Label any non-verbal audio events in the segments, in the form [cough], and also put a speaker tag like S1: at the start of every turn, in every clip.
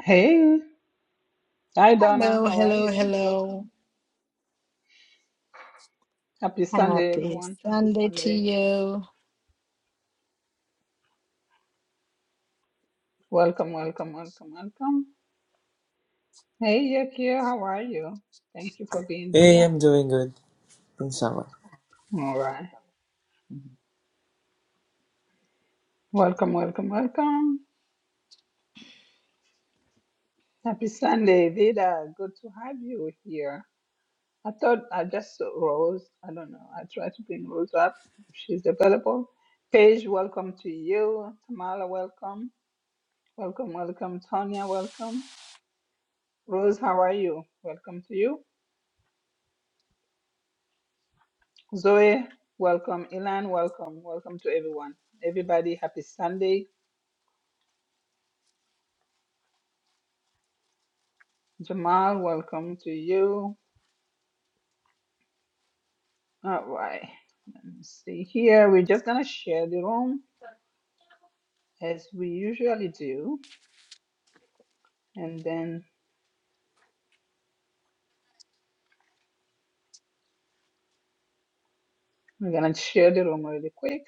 S1: Hey, hi Donna,
S2: Hello,
S1: how are
S2: hello,
S1: you?
S2: hello.
S1: Welcome. Happy Sunday,
S2: Happy
S1: everyone. Happy
S2: Sunday to
S1: Sunday.
S2: you.
S1: Welcome, welcome, welcome, welcome. Hey, Yakia, how are you? Thank you for being
S3: Hey,
S1: here.
S3: I'm doing good. Thanks, how
S1: All right. Welcome, welcome, welcome. Happy Sunday, Vida. Good to have you here. I thought I just saw Rose. I don't know. I tried to bring Rose up if she's available. Paige, welcome to you. Tamala, welcome. Welcome, welcome. Tonya, welcome. Rose, how are you? Welcome to you. Zoe, welcome. Ilan, welcome. Welcome to everyone. Everybody, happy Sunday. Jamal, welcome to you. All right. Let me see here. We're just going to share the room as we usually do. And then we're going to share the room really quick.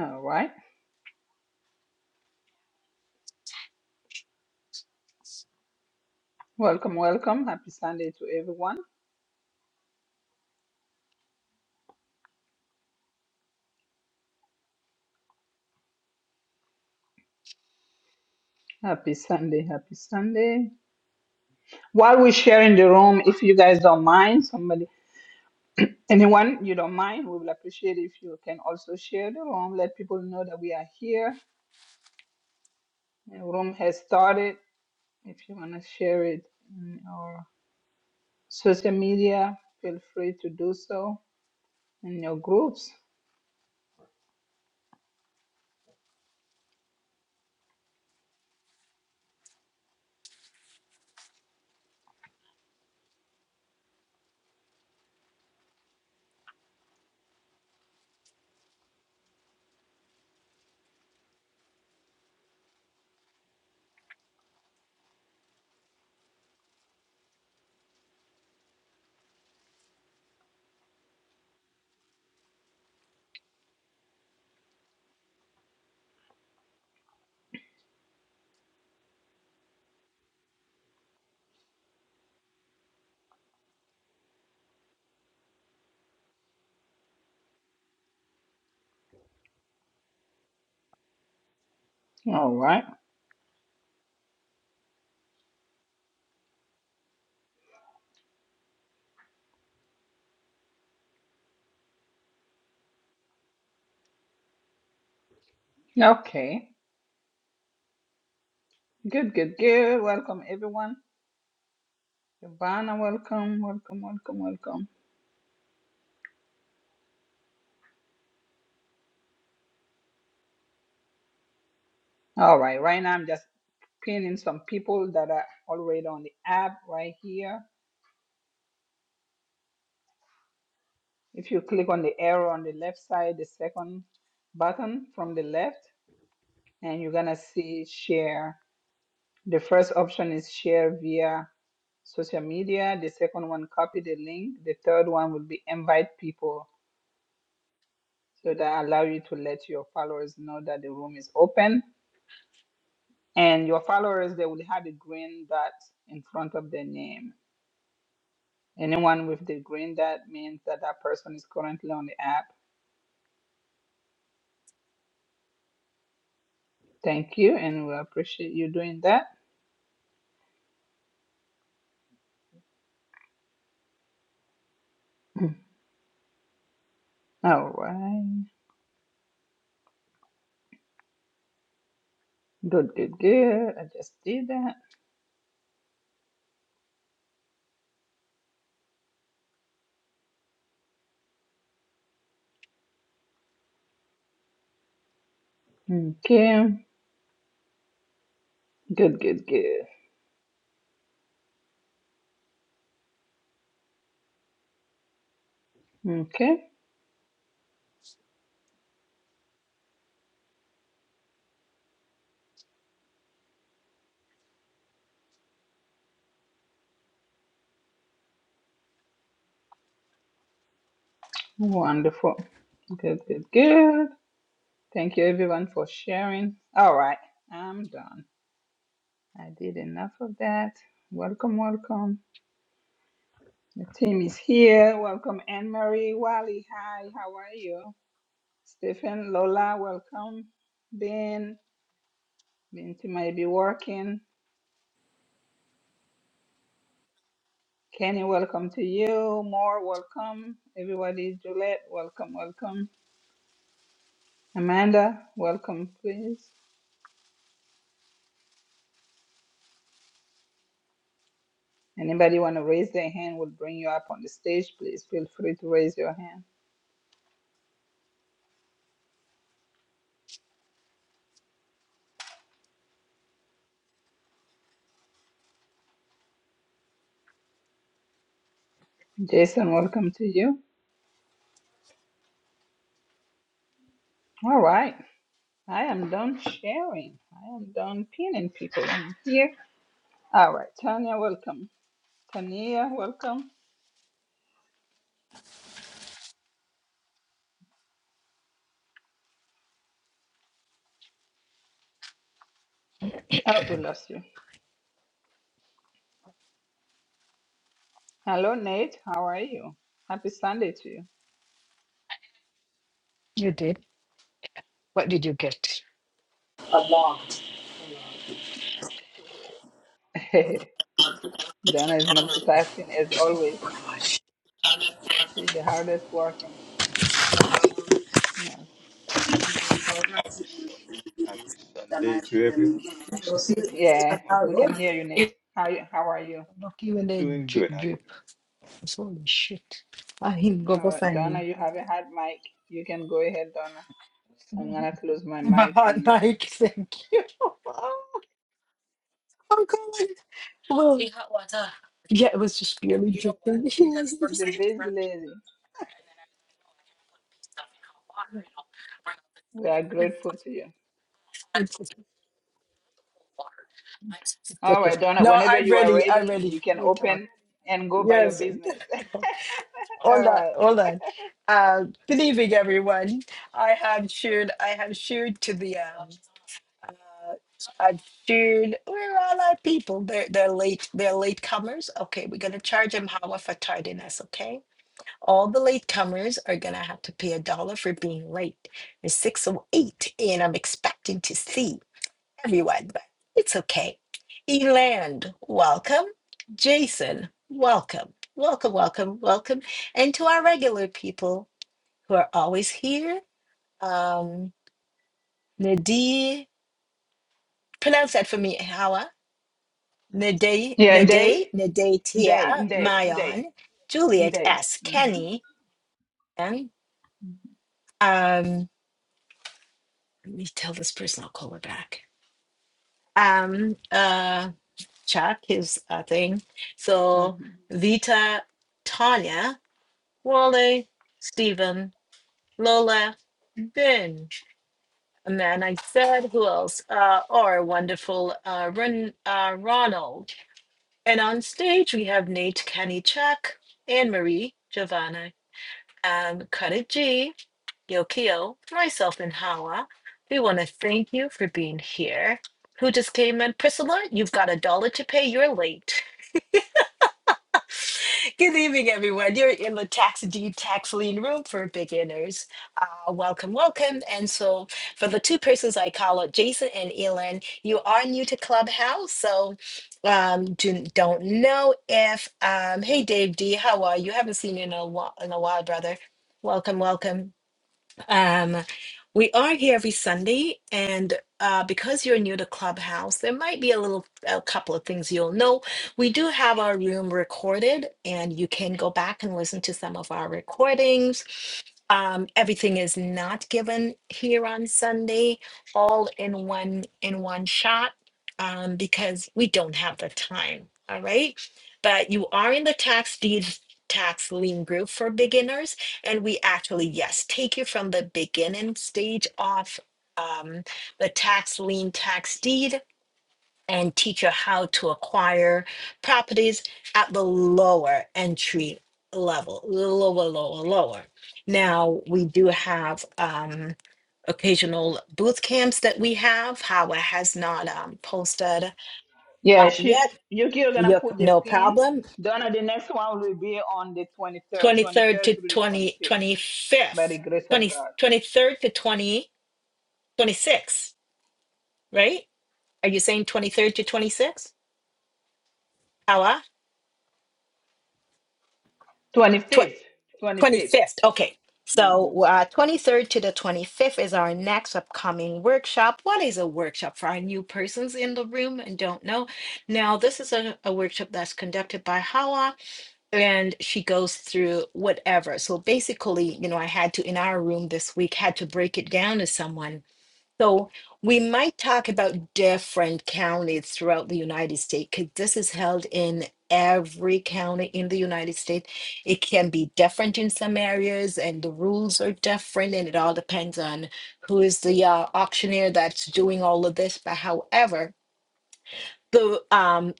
S1: All right. Welcome, welcome. Happy Sunday to everyone. Happy Sunday. Happy Sunday. While we're sharing the room, if you guys don't mind, somebody Anyone you don't mind, we will appreciate if you can also share the room. Let people know that we are here. The room has started. If you want to share it in your social media, feel free to do so in your groups. All right. Okay. Good, good, good. Welcome, everyone. Ivana, welcome, welcome, welcome, welcome. All right. Right now, I'm just pinning some people that are already on the app right here. If you click on the arrow on the left side, the second button from the left, and you're gonna see share. The first option is share via social media. The second one, copy the link. The third one will be invite people. So that allow you to let your followers know that the room is open. And your followers, they will have a green dot in front of their name. Anyone with the green dot means that that person is currently on the app. Thank you, and we appreciate you doing that. All right. Good, good, good. I just did that. Okay. Good, good, good. Okay. Wonderful. Good, good, good. Thank you everyone for sharing. All right. I'm done. I did enough of that. Welcome, welcome. The team is here. Welcome, Anne Marie, Wally. Hi, how are you? Stephen, Lola, welcome. Ben, Binti might be working. Kenny, welcome to you. More, welcome. Everybody, Juliet, welcome, welcome. Amanda, welcome, please. Anybody want to raise their hand, we'll bring you up on the stage. Please feel free to raise your hand. Jason, welcome to you. All right. I am done sharing. I am done pinning people in here. All right. Tanya, welcome. Tania, welcome. Oh, we lost you. Hello, Nate. How are you? Happy Sunday to
S2: You did? What did you get?
S1: you. [laughs] Donna is multitasking as always. She the hardest working. Yes.
S4: Happy Sunday to everyone. Happy Sunday
S2: Lucky
S4: to you.
S1: Yeah,
S4: Well,
S1: we can hear you, Nate. How you, how are you?
S2: when they
S4: doing
S2: drip
S4: good. How you
S2: drip.
S4: doing?
S2: It's holy shit. I him go go
S1: Uh,
S2: sign me.
S1: Donna, you haven't had mic. You can go ahead, Donna. I'm gonna close my
S2: I'm a
S1: mic
S2: hot
S1: and let
S2: Nike, thank you. [laughs] I'm coming. Well, Yeah, it was just barely You dripping. [laughs]
S1: it's the best lady. We are grateful to you. All
S2: Take it.
S1: right, Donna,
S2: No,
S1: whenever
S2: I'm
S1: you are
S2: ready. I'm
S1: ready,
S2: ready.
S1: you can
S2: You talk.
S1: open and go by your
S2: Yes.
S1: business. [laughs] All
S2: Hold on,
S1: right.
S2: hold on. Uh, good evening, everyone. I have shared. I have shared to the. Um, uh, I've shared. Where are all our people? They're they're late. They're latecomers. Okay, we're gonna charge them however for tardiness. Okay, all the latecomers are gonna have to pay a dollar for being late. It's six oh eight, and I'm expecting to see everyone, but it's okay. Eland, welcome. Jason, welcome. Welcome, welcome, welcome. And to our regular people who are always here, um, Nadi, pronounce that for me, Hawa. Nade,
S1: Yeah, Nday,
S2: Nade, Nade
S1: Nday,
S2: Tia,
S1: Nday, Nday,
S2: Mayon, Juliet
S1: Nday.
S2: S.
S1: Mm-hmm.
S2: Kenny, and um, let me tell this person I'll call her back. Um, uh, Chuck, his uh, thing. So
S1: Mm-hmm.
S2: Vita, Tanya. Wally, Stephen, Lola, Ben, and then I said, who else? Uh, our wonderful uh, Ron, uh, Ronald. And on stage, we have Nate Kenny Chuck, Anne Marie, Giovanna, um, Cuddy G, Yokio, myself, and Hawa. We want to thank you for being here. Who just came in? Priscilla, you've got a dollar to pay. You're late. Good evening, everyone. You're in the Tax Deed Tax Lien Room for beginners. Uh, welcome, welcome. And so, for the two persons I call out, Jason and Elin, you are new to Clubhouse, so um, do, don't know if. Um, hey, Dave D, how are you? Haven't seen you in a while, in a while, brother. Welcome, welcome. Um, we are here every Sunday, and uh, because you're new to Clubhouse, there might be a little, a couple of things you'll know. We do have our room recorded, and you can go back and listen to some of our recordings. Um, everything is not given here on Sunday, all in one in one shot, um, because we don't have the time. All right, but you are in the tax deeds tax lien group for beginners and we actually yes take you from the beginning stage of um, the tax lien tax deed and teach you how to acquire properties at the lower entry level lower lower lower now we do have um, occasional boot camps that we have howard has not um, posted uh,
S1: Yeah, she
S2: yet
S1: Yuki, you're gonna
S2: Yuck,
S1: put the
S2: no
S1: pin.
S2: problem
S1: Donna, the next one will be on the 23rd, 23rd
S2: 23rd to
S1: through the
S2: twenty
S1: 25th,
S2: twenty
S1: by the
S2: fifth.
S1: grace of
S2: Twenty
S1: God.
S2: twenty third to 20 26, right? Are you saying 23rd to 26th? Ella? Tw-
S1: 25th,
S2: 25th.
S1: 25th.
S2: Okay. So, uh, 23rd to the 25th is our next upcoming workshop. What is a workshop for our new persons in the room and don't know? Now, this is a, a workshop that's conducted by Hawa, and she goes through whatever. So, basically, you know, I had to, in our room this week, had to break it down to someone So we might talk about different counties throughout the United States because this is held in every county in the United States. It can be different in some areas, and the rules are different, and it all depends on who is the uh, auctioneer that's doing all of this. But however, the um,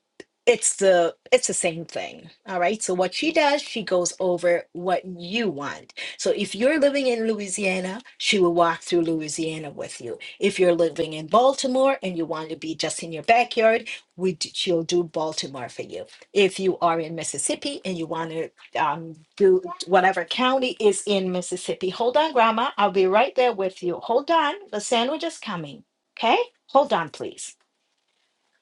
S2: it's the it's the same thing all right so what she does she goes over what you want so if you're living in louisiana she will walk through louisiana with you if you're living in baltimore and you want to be just in your backyard we d- she'll do baltimore for you if you are in mississippi and you want to um, do whatever county is in mississippi hold on grandma i'll be right there with you hold on the sandwich is coming okay hold on please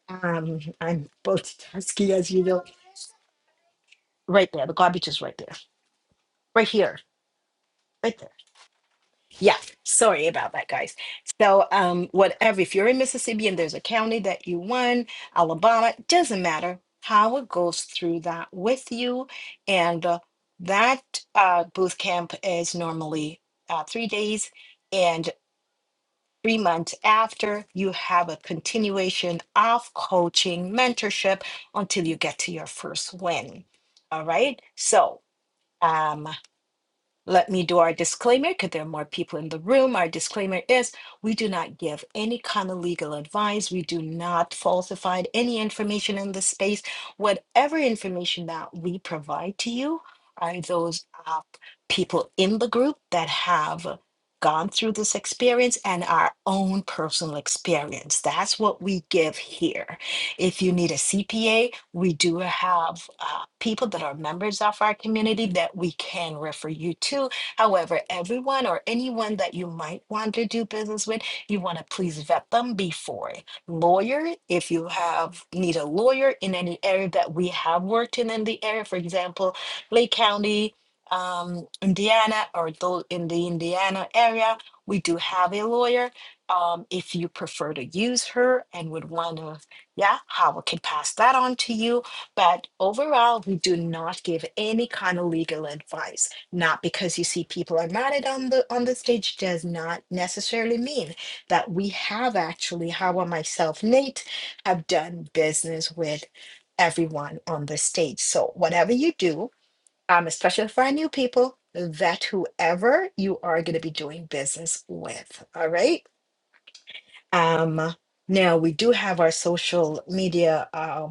S2: um, I'm multitasking, as you know. Right there, the garbage is right there, right here, right there. Yeah, sorry about that, guys. So, um, whatever, if you're in Mississippi and there's a county that you won, Alabama, doesn't matter how it goes through that with you. And uh, that uh, booth camp is normally uh, three days. And. three months after, you have a continuation of coaching, mentorship until you get to your first win. All right. So, um, let me do our disclaimer because there are more people in the room. Our disclaimer is we do not give any kind of legal advice. We do not falsify any information in this space. Whatever information that we provide to you are those uh, people in the group that have gone through this experience and our own personal experience. That's what we give here. If you need a CPA, we do have uh, people that are members of our community that we can refer you to. However, everyone or anyone that you might want to do business with, you want to please vet them before. Lawyer, if you have need a lawyer in any area that we have worked in in the area, for example, Lake County, um, Indiana, or those in the Indiana area, we do have a lawyer um, if you prefer to use her and would want to yeah, Howard can pass that on to you. But overall, we do not give any kind of legal advice. Not because you see people are married on the on the stage does not necessarily mean that we have actually, Howard, myself, Nate, have done business with everyone on the stage. So whatever you do, um, especially for our new people, vet whoever you are going to be doing business with. All right. Um, now we do have our social media. Um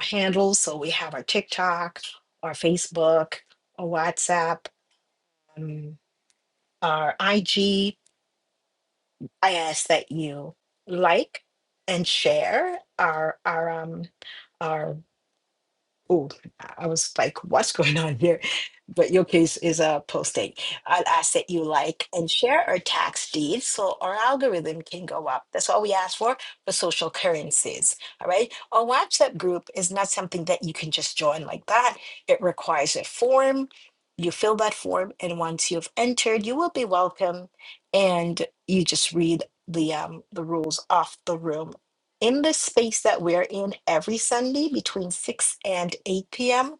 S2: handles. So we have our TikTok, our Facebook, our WhatsApp, um, our IG. I ask that you like and share our our um our. oh, I was like, what's going on here? But your case is a posting an asset you like and share or tax deeds so our algorithm can go up. That's all we ask for for social currencies. All right. A WhatsApp group is not something that you can just join like that. It requires a form. You fill that form, and once you've entered, you will be welcome, and you just read the um the rules of the room in the space that we're in every Sunday between 6 and 8 p.m.,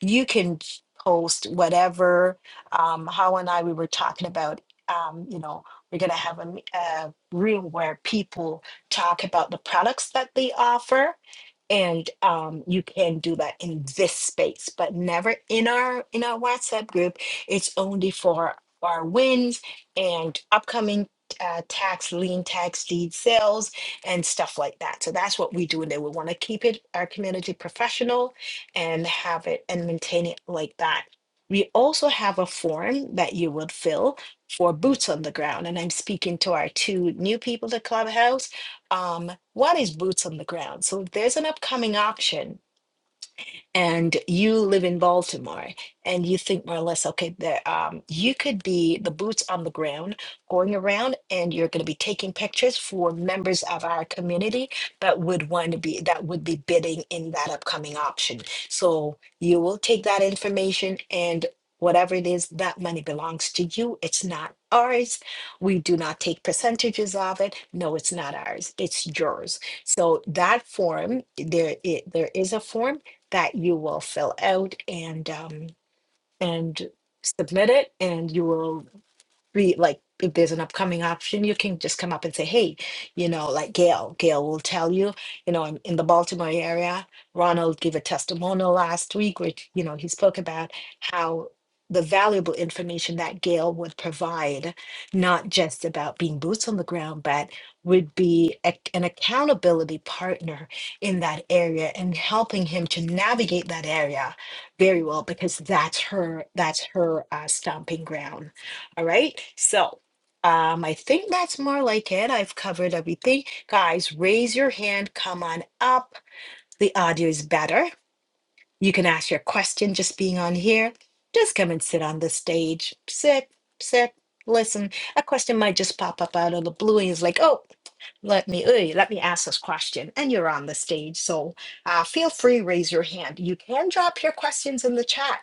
S2: you can post whatever. Um, How and I, we were talking about, um, you know, we're going to have a, me- a room where people talk about the products that they offer. And um, you can do that in this space, but never in our in our WhatsApp group. It's only for our wins and upcoming uh, tax lien tax deed sales and stuff like that. So that's what we do and there. We want to keep it our community professional and have it and maintain it like that. We also have a form that you would fill for boots on the ground. And I'm speaking to our two new people to Clubhouse. Um, what is boots on the ground? So if there's an upcoming auction and you live in Baltimore and you think more or less, okay, that um, you could be the boots on the ground going around and you're going to be taking pictures for members of our community that would want to be that would be bidding in that upcoming auction. So you will take that information and whatever it is, that money belongs to you. It's not ours. We do not take percentages of it. No, it's not ours. It's yours. So that form, there, it, there is a form that you will fill out and um, and submit it, and you will be like if there's an upcoming option, you can just come up and say, hey, you know, like Gail, Gail will tell you, you know, in, in the Baltimore area, Ronald gave a testimonial last week, which, you know, he spoke about how the valuable information that Gail would provide, not just about being boots on the ground, but would be a, an accountability partner in that area and helping him to navigate that area very well because that's her that's her uh, stomping ground all right. So um, I think that's more like it. I've covered everything. Guys, raise your hand. Come on up. The audio is better. You can ask your question just being on here. Just come and sit on the stage. Sit, sit, listen. A question might just pop up out of the blue and it's like, oh, let me, uy, let me ask this question. And you're on the stage. So uh, feel free, raise your hand. You can drop your questions in the chat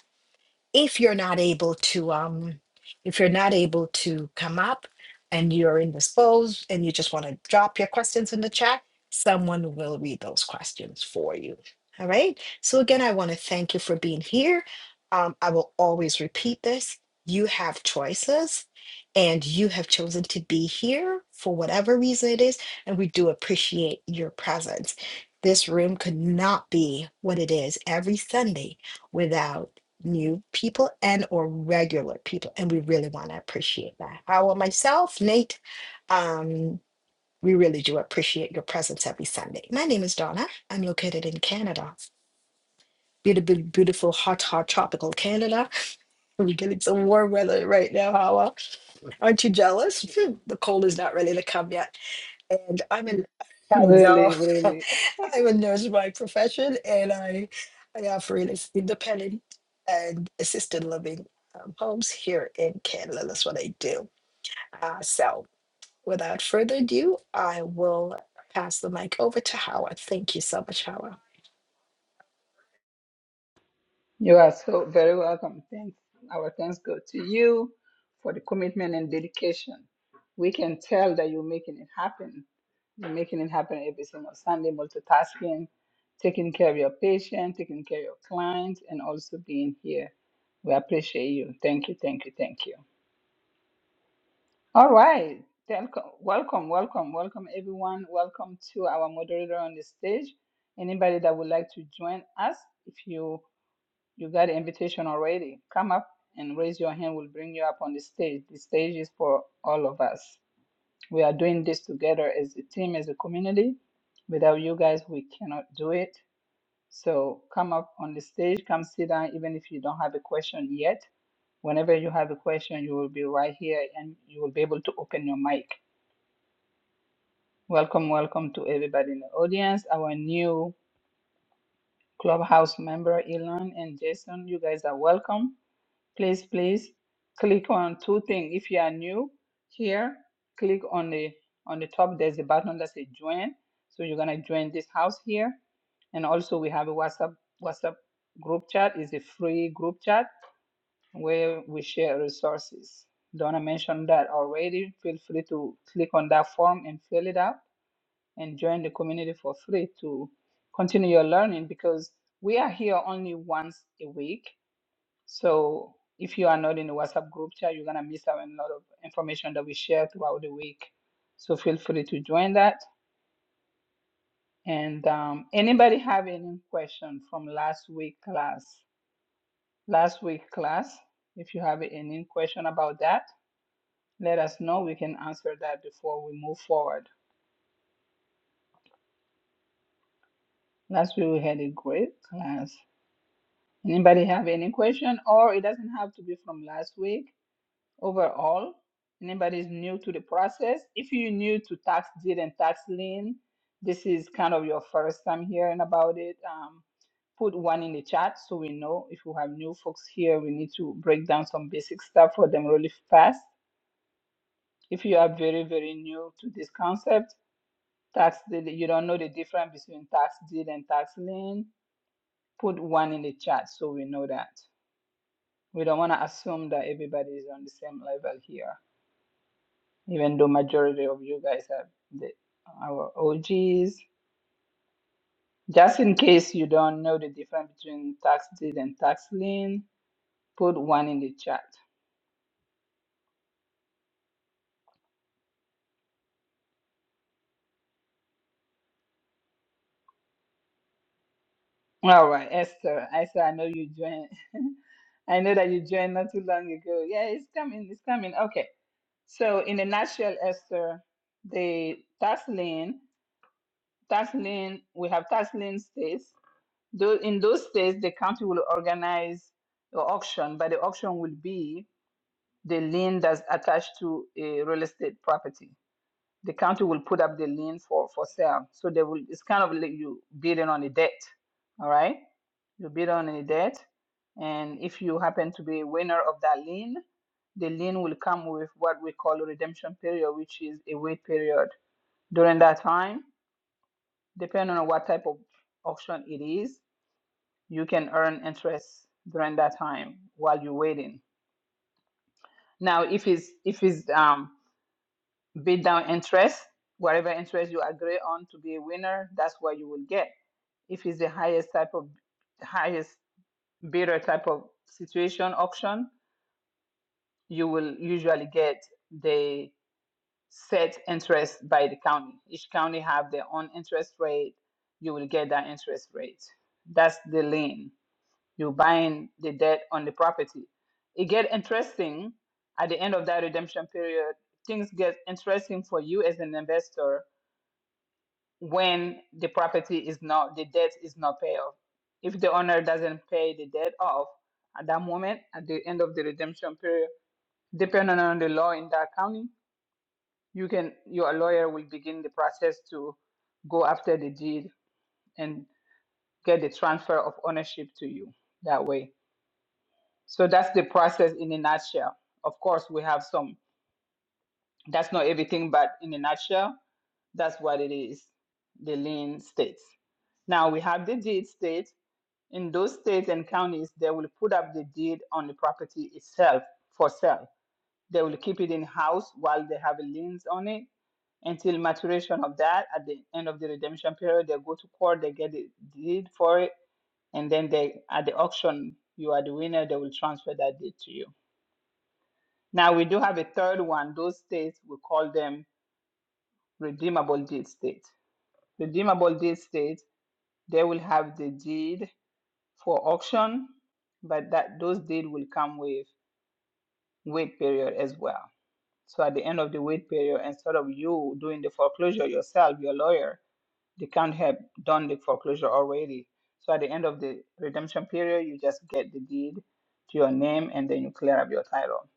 S2: if you're not able to um if you're not able to come up and you're indisposed and you just want to drop your questions in the chat someone will read those questions for you all right so again i want to thank you for being here um, i will always repeat this you have choices and you have chosen to be here for whatever reason it is and we do appreciate your presence this room could not be what it is every sunday without new people and or regular people and we really want to appreciate that how uh, myself nate um we really do appreciate your presence every sunday my name is donna i'm located in canada beautiful beautiful hot hot tropical canada [laughs] we're getting some warm weather right now Hawa. aren't you jealous [laughs] Hmm, the cold is not ready to come yet and I'm an I know
S1: Really,
S2: [laughs]
S1: really,
S2: I'm a nurse by profession, and I I operate as independent and assisted living um, homes here in Canada. That's what I do. Uh, so, without further ado, I will pass the mic over to Howard. Thank you so much, Howard.
S1: you are so very welcome. Thanks. Our thanks go to you for the commitment and dedication. We can tell that you're making it happen. You're making it happen every single Sunday, multitasking, taking care of your patient, taking care of your clients, and also being here. We appreciate you. Thank you, thank you, thank you. All right. Telco- Welcome, welcome, welcome, everyone. Welcome to our moderator on the stage. Anybody that would like to join us, if you You got an invitation already. Come up and raise your hand. We'll bring you up on the stage. The stage is for all of us. We are doing this together as a team, as a community. Without you guys, we cannot do it. So come up on the stage, come sit down, even if you don't have a question yet. Whenever you have a question, you will be right here and you will be able to open your mic. Welcome, welcome to everybody in the audience, our new clubhouse member, Elon and Jason. You guys are welcome. please please click on two things if you are new here click on the on the top there's a button that says join so you're going to join this house here and also we have a whatsapp whatsapp group chat It's a free group chat where we share resources donna mentioned that already feel free to click on that form and fill it out and join the community for free to continue your learning because we are here only once a week so if you are not in the WhatsApp group chat, you're gonna miss out on a lot of information that we share throughout the week. So feel free to join that. And um, anybody have any question from last week class? Last week class, if you have any question about that, let us know. We can answer that before we move forward. Last week we had a great class. Anybody have any question, or it doesn't have to be from last week overall. Anybody's new to the process. If you're new to tax deed and tax lien, this is kind of your first time hearing about it. Um, put one in the chat so we know if we have new folks here, we need to break down some basic stuff for them really fast. If you are very, very new to this concept, tax deed, you don't know the difference between tax deed and tax lien, put one in the chat so we know that. We don't want to assume that everybody is on the same level here. even though majority of you guys are the, our OGs. Just in case you don't know the difference between tax deed and tax lien, put one in the chat. All right, Esther. Esther, I know you joined. [laughs] I know that you joined not too long ago. Yeah, it's coming. It's coming. Okay. So, in a nutshell, Esther, the tax lien, tax lien, we have tax lien states. Though in those states, the county will organize the auction, but the auction will be the lien that's attached to a real estate property. The county will put up the lien for, for sale. So they will, it's kind of like you bidding on a debt. All right. You bid on a debt. And if you happen to be a winner of that lien, the lien will come with what we call a redemption period, which is a wait period. During that time, depending on what type of auction it is, you can earn interest during that time while you're waiting. Now, if it's if it's um, bid down interest, whatever interest you agree on to be a winner, that's what you will get. If it's the highest type of highest bidder type of situation auction, you will usually get the set interest by the county. Each county have their own interest rate. You will get that interest rate. That's the lien. You're buying the debt on the property. It get interesting at the end of that redemption period. Things get interesting for you as an investor when the property is not the debt is not paid off. If the owner doesn't pay the debt off at that moment, at the end of the redemption period, depending on the law in that county, you can your lawyer will begin the process to go after the deed and get the transfer of ownership to you that way. So that's the process in a nutshell. Of course, we have some. That's not everything, but in a nutshell, that's what it is. The lien states. Now we have the deed state In those states and counties, they will put up the deed on the property itself for sale. They will keep it in house while they have a liens on it until maturation of that. At the end of the redemption period, they go to court, they get the deed for it, and then they at the auction, you are the winner, they will transfer that deed to you. Now we do have a third one. Those states we call them redeemable deed states. Redeemable deed states, they will have the deed for auction, but that those deed will come with wait period as well. So at the end of the wait period, instead of you doing the foreclosure yourself, your lawyer, they can't have done the foreclosure already. So at the end of the redemption period, you just get the deed to your name and then you clear up your title.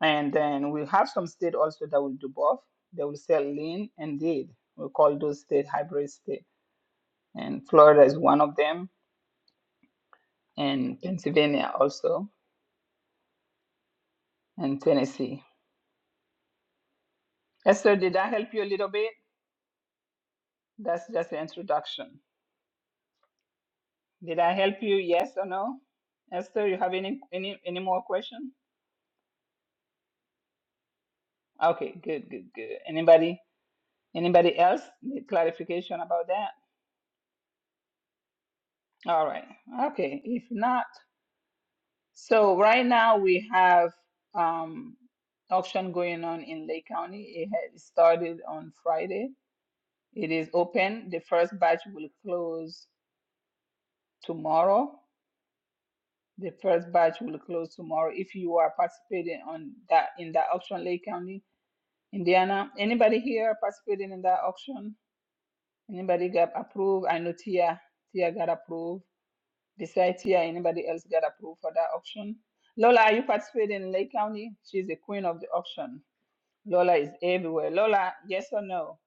S1: And then we have some state also that will do both. They will sell lien and deed. We call those state hybrid state. And Florida is one of them, and Pennsylvania also, and Tennessee. Esther, did I help you a little bit? That's just the introduction. Did I help you? Yes or no? Esther, you have any any any more question? Okay, good, good, good. Anybody anybody else need clarification about that? All right. Okay. If not, so right now we have um auction going on in Lake County. It has started on Friday. It is open. The first batch will close tomorrow. The first batch will close tomorrow. If you are participating on that in that auction Lake County, Indiana, anybody here participating in that auction? Anybody got approved? I know Tia, Tia got approved. Besides Tia, anybody else got approved for that auction? Lola, are you participating in Lake County? She's the queen of the auction. Lola is everywhere. Lola, yes or no?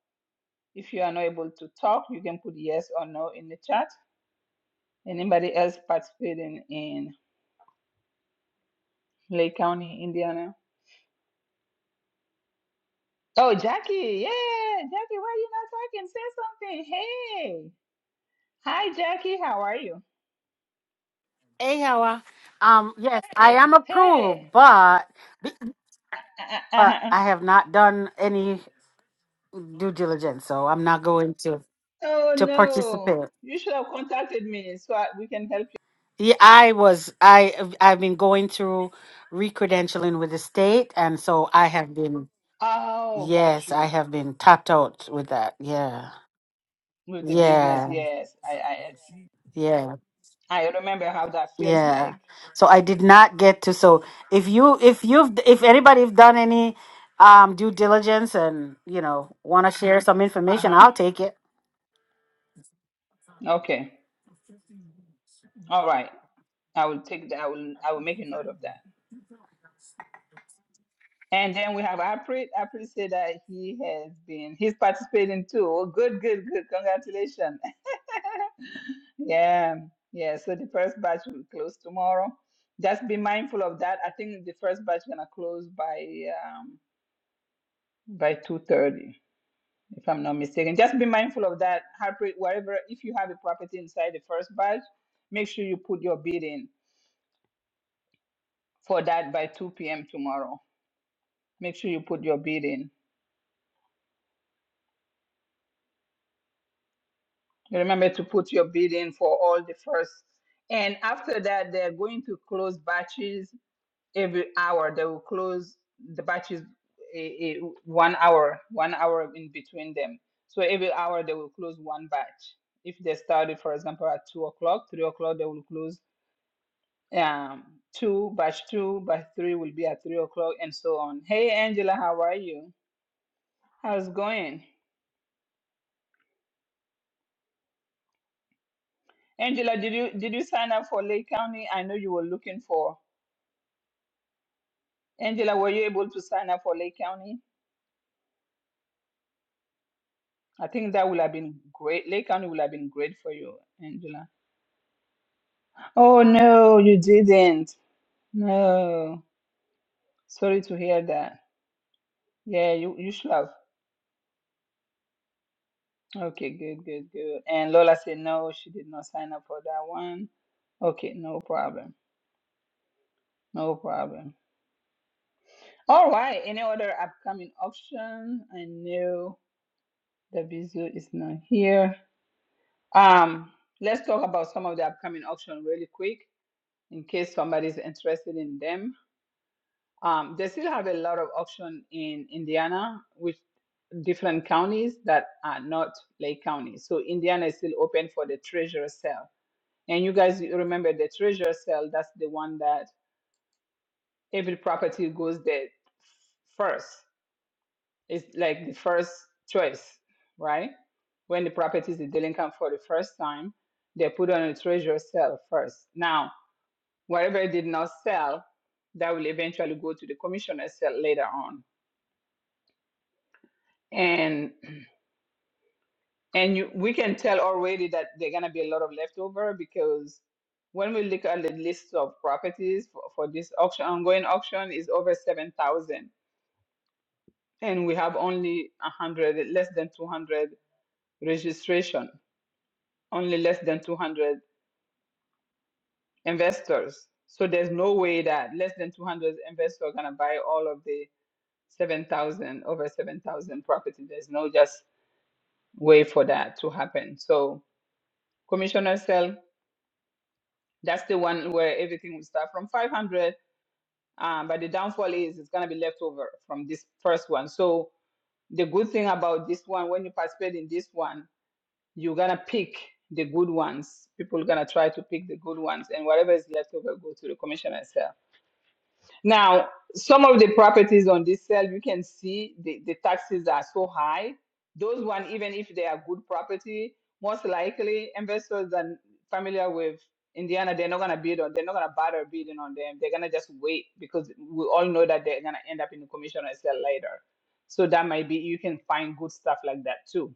S1: If you are not able to talk, you can put yes or no in the chat. Anybody else participating in Lake County, Indiana? Oh, Jackie, yeah, Jackie, why are you not talking? Say something. Hey, hi, Jackie, how are you?
S5: Hey, Yawa. Um, yes, I am
S1: Hey,
S5: approved, but
S1: [laughs] uh, uh,
S5: but
S1: uh.
S5: I have not done any due diligence, so I'm not going to
S1: oh
S5: to
S1: no,
S5: participate.
S1: you should have contacted me so I, we can help you.
S5: Yeah, I was I I've been going through recredentialing with the state, and so I have been
S1: Oh, got
S5: yes, I
S1: you
S5: have been tapped out with that. Yeah,
S1: with the business.
S5: yeah,
S1: Yes, I,
S5: yeah.
S1: I, I remember how that feels
S5: Yeah.
S1: like.
S5: So I did not get to. So if you, if you've, if anybody's done any um due diligence and you know want to share some
S1: Uh
S5: information,
S1: huh.
S5: I'll take it.
S1: Okay. All right. I will take that. I will, I will make a note of that. And then we have Aprit. Aprit said that he has been, he's participating too. Oh, good, good, good. Congratulations. [laughs] Yeah, yeah. So the first batch will close tomorrow. Just be mindful of that. I think the first batch gonna close by um, by two thirty, if I'm not mistaken. Just be mindful of that. Harpreet, wherever if you have a property inside the first batch, make sure you put your bid in for that by two p.m. tomorrow. Make sure you put your bid in. Remember to put your bid in for all the first. And after that, they're going to close batches every hour they will close the batches a, a, one hour one hour in between them so every hour they will close one batch if they started for example at two o'clock three o'clock they will close um two batch two batch three will be at three o'clock and so on hey angela how are you how's it going angela did you did you sign up for lake county i know you were looking for angela were you able to sign up for lake county i think that would have been great lake county would have been great for you angela Oh no, you didn't. No. Sorry to hear that. Yeah, you, you should have. Okay, good, good, good. And Lola said no, she did not sign up for that one. Okay, no problem. No problem. All right, any other upcoming option? I know the visual is not here. Um, let's talk about some of the upcoming option really quick in case somebody's interested in them. Um, they still have a lot of auction in Indiana, which. different counties that are not Lake County. So Indiana is still open for the treasurer sale. And you guys remember the treasurer sale, that's the one that every property goes there first. It's like the first choice, right? When the property is delinquent for the first time, they put on a treasurer sale first. Now, whatever it did not sell, that will eventually go to the commissioner sale later on. And And you, we can tell already that there are going to be a lot of leftover because when we look at the list of properties for, for this auction, ongoing auction is over 7,000. And we have only 100, less than 200 registration, only less than 200 investors. So there's no way that less than 200 investors are going to buy all of the 7,000, over 7,000 properties. There's no just way for that to happen. So Commissioner Sell That's the one where everything will start from 500. Um, but the downfall is it's going to be left over from this first one. So the good thing about this one, when you participate in this one, you're going to pick the good ones. People are going to try to pick the good ones, and whatever is left over go to the commissioner itself. Now, some of the properties on this sale, you can see the, the taxes are so high. Those one, even if they are good property, most likely investors are familiar with Indiana, they're not gonna bid on, they're not gonna bother bidding on them. They're gonna just wait because we all know that they're gonna end up in the commissioner sale later. So that might be you can find good stuff like that too.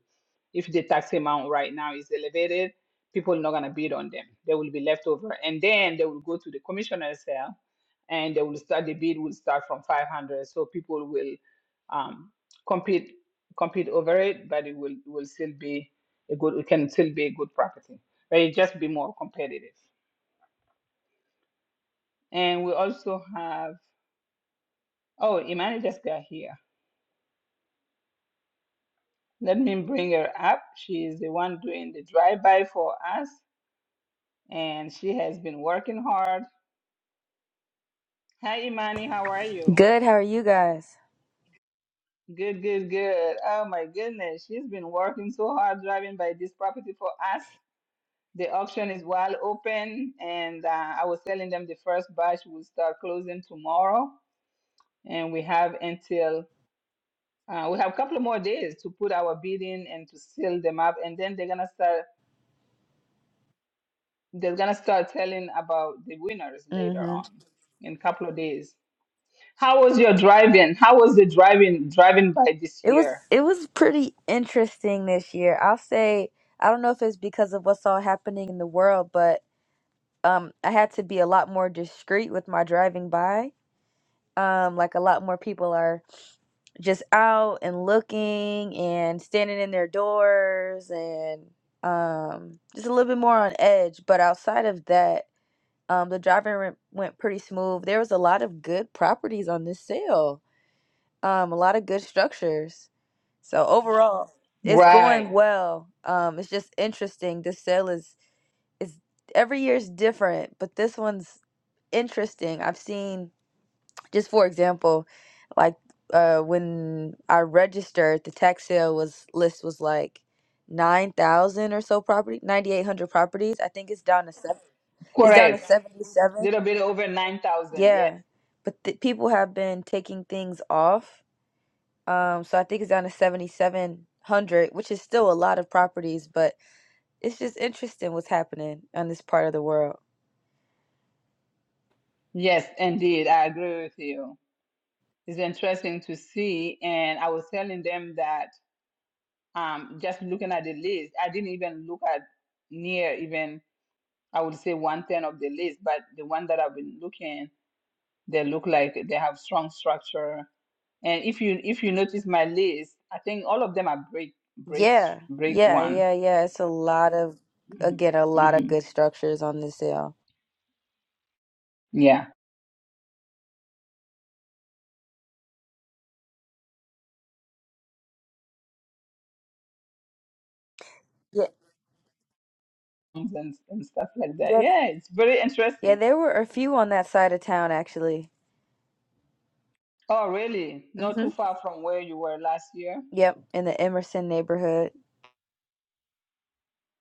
S1: If the tax amount right now is elevated, people are not gonna bid on them. They will be left over, and then they will go to the commissioner sale and they will start the bid will start from 500 so people will um, compete compete over it but it will will still be a good it can still be a good property but it just be more competitive and we also have oh imani just got here let me bring her up she is the one doing the drive-by for us and she has been working hard hi imani how are you
S6: Good. How are you guys?
S1: good good good oh my goodness she's been working so hard driving by this property for us The auction is wide open, and uh, I was telling them the first batch will start closing tomorrow, and we have until uh, we have a couple of more days to put our bid in and to seal them up, and then they're gonna start. They're gonna start telling about the winners later
S6: hmm
S1: on in a couple of days. How was your driving? How was the driving driving by this
S6: It
S1: year?
S6: was it was pretty interesting this year. I'll say I don't know if it's because of what's all happening in the world, but um, I had to be a lot more discreet with my driving by. Um, like a lot more people are just out and looking and standing in their doors and um, just a little bit more on edge. But outside of that, um, the driving went went pretty smooth. There was a lot of good properties on this sale. Um, a lot of good structures So overall, it's going
S1: Right,
S6: well. Um, it's just interesting. This sale is is every year is different, but this one's interesting. I've seen just for example, like uh, when I registered, the tax sale was list was like nine thousand or so property, ninety eight hundred properties. I think it's down to seven. It's down to
S1: correct.
S6: seventy seven.
S1: Little bit over nine thousand. Yes,
S6: Yeah, but th- people have been taking things off um, so I think it's down to 7,700, which is still a lot of properties, but it's just interesting what's happening on this part of the world.
S1: yes, indeed. I agree with you. It's interesting to see. And I was telling them that um, just looking at the list, I didn't even look at near even, I would say, one tenth of the list, but the one that I've been looking, they look like they have strong structure. And if you if you notice my list, I think all of them are break breaks
S6: Yeah,
S1: break
S6: yeah,
S1: one.
S6: yeah, yeah. It's a lot of, again, a
S1: hmm
S6: lot of
S1: hmm
S6: good structures on this sale.
S1: Yeah.
S6: Yeah,
S1: And, and stuff like that.
S6: that's,
S1: Yeah, it's very
S6: yeah,
S1: interesting.
S6: there were a few on that side of town actually.
S1: Oh, really? Not too
S6: Mm-hmm.
S1: far from where you were last year?
S6: Yep, in the Emerson neighborhood,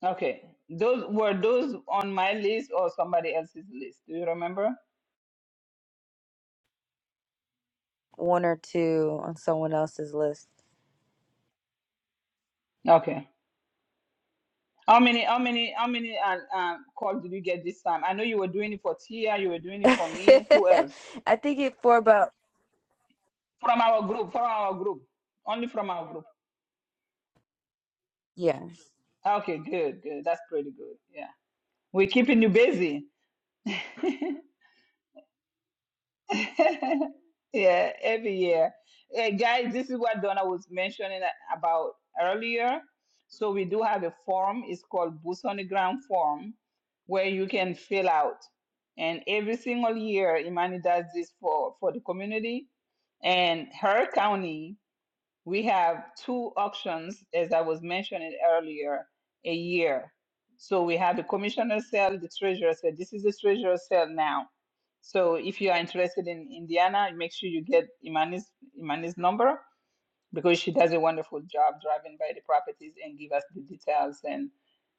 S1: Okay. Those were those on my list or somebody else's list? Do you remember?
S6: one or two on someone else's list.
S1: Okay. How many how many how many uh, uh, calls did you get this time? I know you were doing it for Tia, you were doing
S6: [laughs]
S1: it for me. Who else?
S6: I think it for about,
S1: From our group, from our group. Only from our group.
S6: yeah,
S1: Okay, good, good. That's pretty good. Yeah. We're keeping you busy. [laughs] [laughs] yeah, every year. Eh, guys, this is what Donna was mentioning a- about earlier. So we do have a form. It's called Boots on the Ground form, where you can fill out. And every single year, Imani does this for, for the community. And her county we have two auctions, as I was mentioning earlier, a year. So we have the commissioner sale, the treasurer sale. This is the treasurer sale now. So if you are interested in Indiana, make sure you get Imani's Imani's number because she does a wonderful job driving by the properties and give us the details and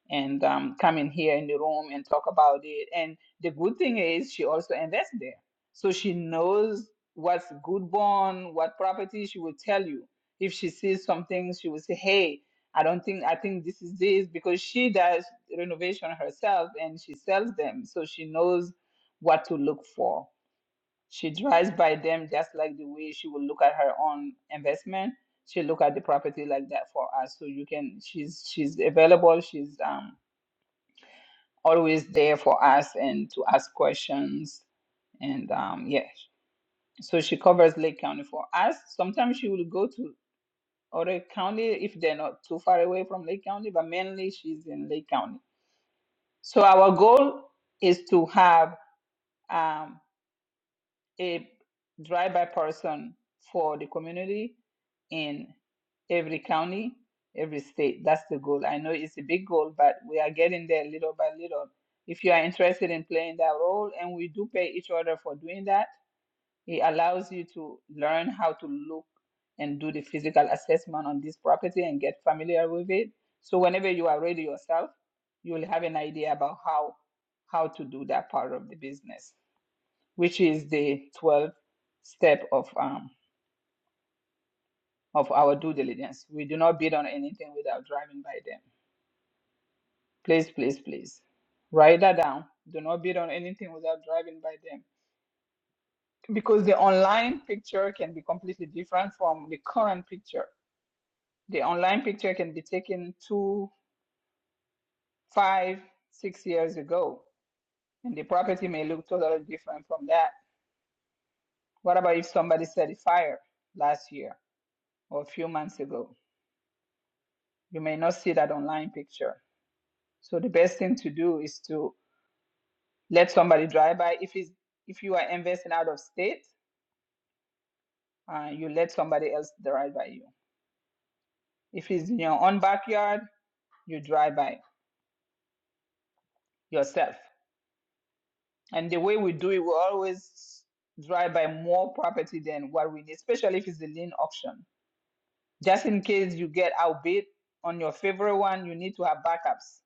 S1: and um, come in here in the room and talk about it. And the good thing is she also invests there. So she knows what's good bond, what property she will tell you. If she sees something, she will say, Hey, I don't think I think this is this because she does renovation herself and she sells them. So she knows what to look for. She drives by them just like the way she will look at her own investment. She look at the property like that for us. So you can she's she's available. She's um always there for us and to ask questions. And um, yeah, so she covers Lake County for us. Sometimes she will go to other county if they're not too far away from Lake County, but mainly she's in Lake County. So our goal is to have um, a drive-by person for the community in every county, every state. That's the goal. I know it's a big goal, but we are getting there little by little. If you are interested in playing that role, and we do pay each other for doing that, it allows you to learn how to look and do the physical assessment on this property and get familiar with it. So whenever you are ready yourself, you will have an idea about how how to do that part of the business which is the 12th step of um of our due diligence. We do not bid on anything without driving by them. Please, please, please. Write that down. Do not bid on anything without driving by them. Because the online picture can be completely different from the current picture. The online picture can be taken two, five, six years ago, and the property may look totally different from that. What about if somebody set a fire last year or a few months ago? You may not see that online picture So the best thing to do is to let somebody drive by. If it's if you are investing out of state, uh, you let somebody else drive by you. If it's in your own backyard, you drive by yourself. And the way we do it, we always drive by more property than what we need, especially if it's a lien auction. Just in case you get outbid on your favorite one, you need to have backups.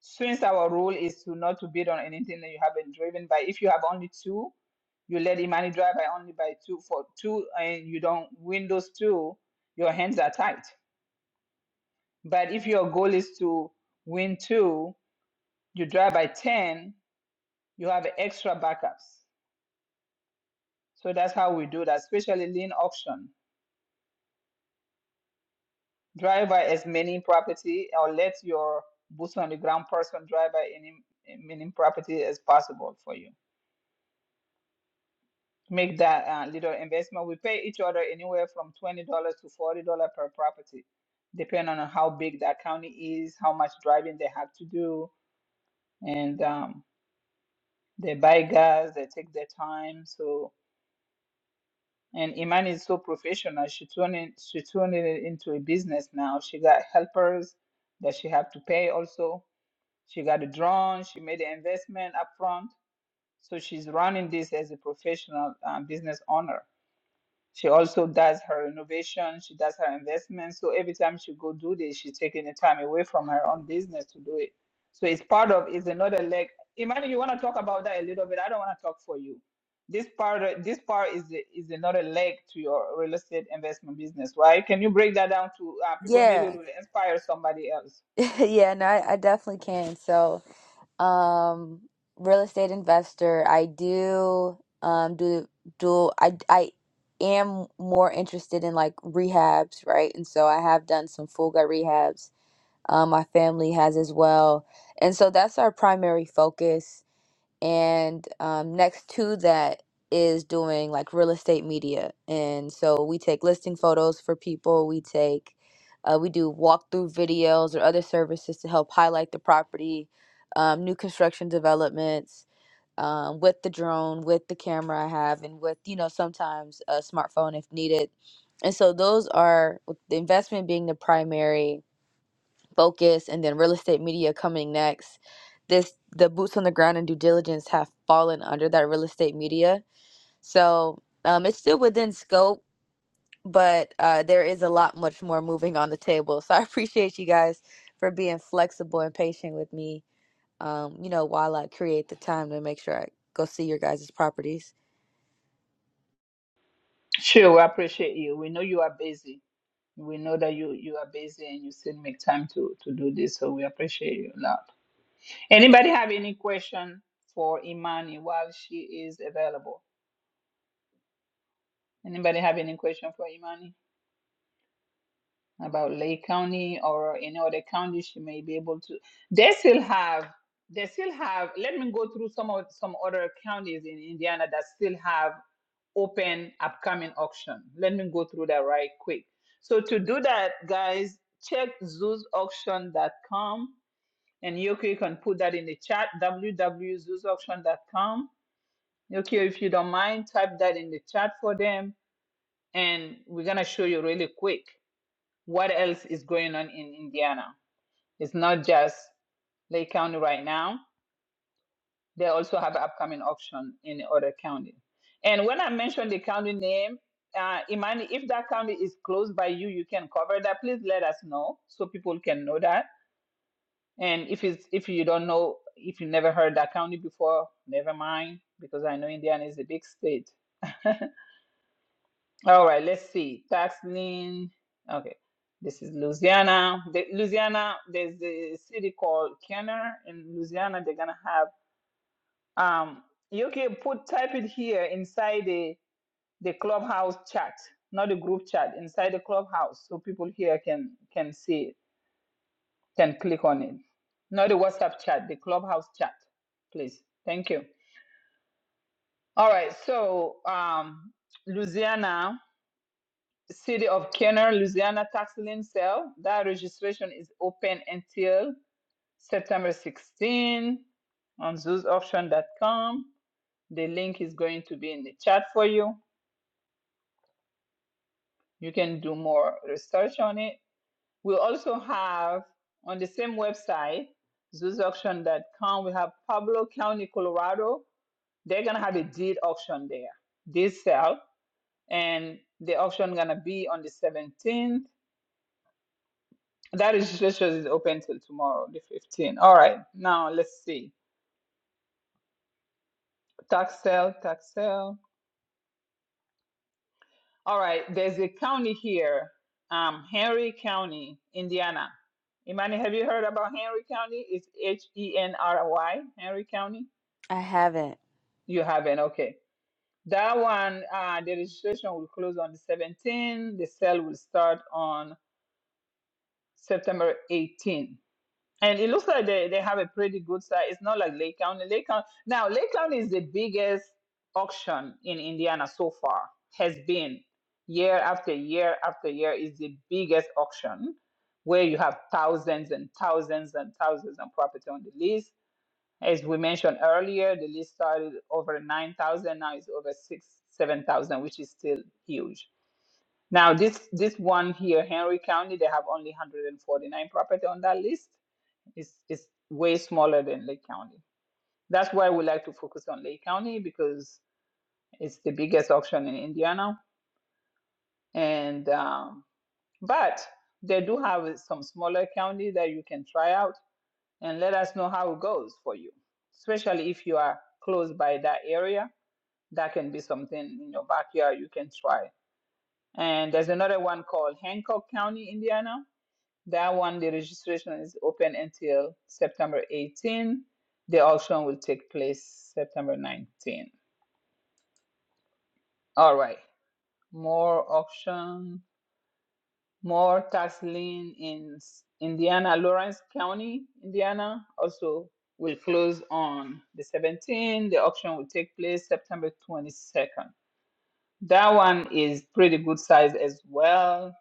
S1: Since our rule is to not to bid on anything that you haven't driven by, if you have only two, you let Imani drive by only by two for two, and you don't win those two, your hands are tight. But if your goal is to win two, you drive by ten, you have extra backups. So that's how we do that, especially lean auction. Drive by as many property, or let your boots on the ground person drive by any many property as possible for you. make that uh, little investment. We pay each other anywhere from twenty dollars to forty dollars per property, depending on how big that county is, how much driving they have to do, and um, they buy gas, they take their time. So and Iman is so professional. She turned it, she turned it into a business now. She got helpers that she have to pay also. She got a drone. She made an investment upfront. So she's running this as a professional uh, business owner. She also does her renovation, she does her investment. So every time she go do this, she's taking the time away from her own business to do it. So it's part of it's another leg. Imagine you want to talk about that a little bit. I don't want to talk for you. This part this part is is another leg to your real estate investment business, right? Can you break that down to uh, people? Maybe it
S6: yeah,
S1: will inspire somebody else.
S6: [laughs] yeah. No, I, I definitely can. So. um real estate investor. I do um do do I I am more interested in like rehabs, right? And so I have done some full gut rehabs. Um, my family has as well. And so that's our primary focus and um, next to that is doing like real estate media and so we take listing photos for people we take uh, we do walkthrough videos or other services to help highlight the property um, new construction developments um, with the drone with the camera i have and with you know sometimes a smartphone if needed and so those are with the investment being the primary focus and then real estate media coming next this the boots on the ground and due diligence have fallen under that real estate media so um, it's still within scope but uh, there is a lot much more moving on the table so i appreciate you guys for being flexible and patient with me um, you know while i create the time to make sure i go see your guys' properties
S1: Sure, we appreciate you. We know you are busy. We know that you you are busy and you still make time to to do this. So we appreciate you a lot. Anybody have any question for Imani while she is available? Anybody have any question for Imani about Lake County or any other county she may be able to? They still have, they still have, let me go through some of some other counties in Indiana that still have open upcoming auction. Let me go through that right quick. So to do that, guys, check zoosauction.com and Yoko, you can put that in the chat, www.zoosauction.com Okay, if you don't mind, type that in the chat for them, and we're gonna show you really quick what else is going on in Indiana. It's not just Lake County right now. They also have upcoming auction in other county. And when I mention the county name, uh, Imani, if that county is close by you, you can cover that. Please let us know so people can know that. And if it's if you don't know, if you never heard that county before, never mind because I know Indiana is a big state. [laughs] All right, let's see. Taxling. Okay, this is Louisiana. The, Louisiana, there's a city called Kenner in Louisiana. They're gonna have um. You can put type it here inside the the clubhouse chat, not the group chat, inside the clubhouse, so people here can can see it, can click on it. Not the WhatsApp chat, the clubhouse chat, please. Thank you. All right, so um, Louisiana. City of Kenner, Louisiana tax lien sale. That registration is open until September 16 on zoosauction.com. The link is going to be in the chat for you. You can do more research on it. We also have on the same website, zoosauction.com, we have Pablo County, Colorado. They're going to have a deed auction there, deed sale. And the auction going to be on the 17th That registration is open till tomorrow, the 15th. All right, now let's see. Tax sale, tax sale. All right, there's a county here, um, Henry County, Indiana. Imani, have you heard about Henry County? It's H E N R Y, Henry County.
S6: i haven't
S1: You haven't, okay. That one, uh, the registration will close on the 17th. The sale will start on September 18th. And it looks like they, they have a pretty good size. It's not like Lake County. Lake County now Lake County is the biggest auction in Indiana so far, has been year after year after year is the biggest auction where you have thousands and thousands and thousands of property on the list. As we mentioned earlier, the list started over nine thousand, now it's over six, seven thousand, which is still huge. Now this this one here, Henry County, they have only 149 property on that list it's it's way smaller than Lake County. That's why we like to focus on Lake County because it's the biggest auction in Indiana. And um, but they do have some smaller county that you can try out and let us know how it goes for you, especially if you are close by that area. That can be something in your backyard you can try. And there's another one called Hancock County, Indiana. That one, the registration is open until September 18. The auction will take place September 19. All right, more auction, more tax lien in Indiana, Lawrence County, Indiana, also will close on the 17. The auction will take place September 22nd. That one is pretty good size as well.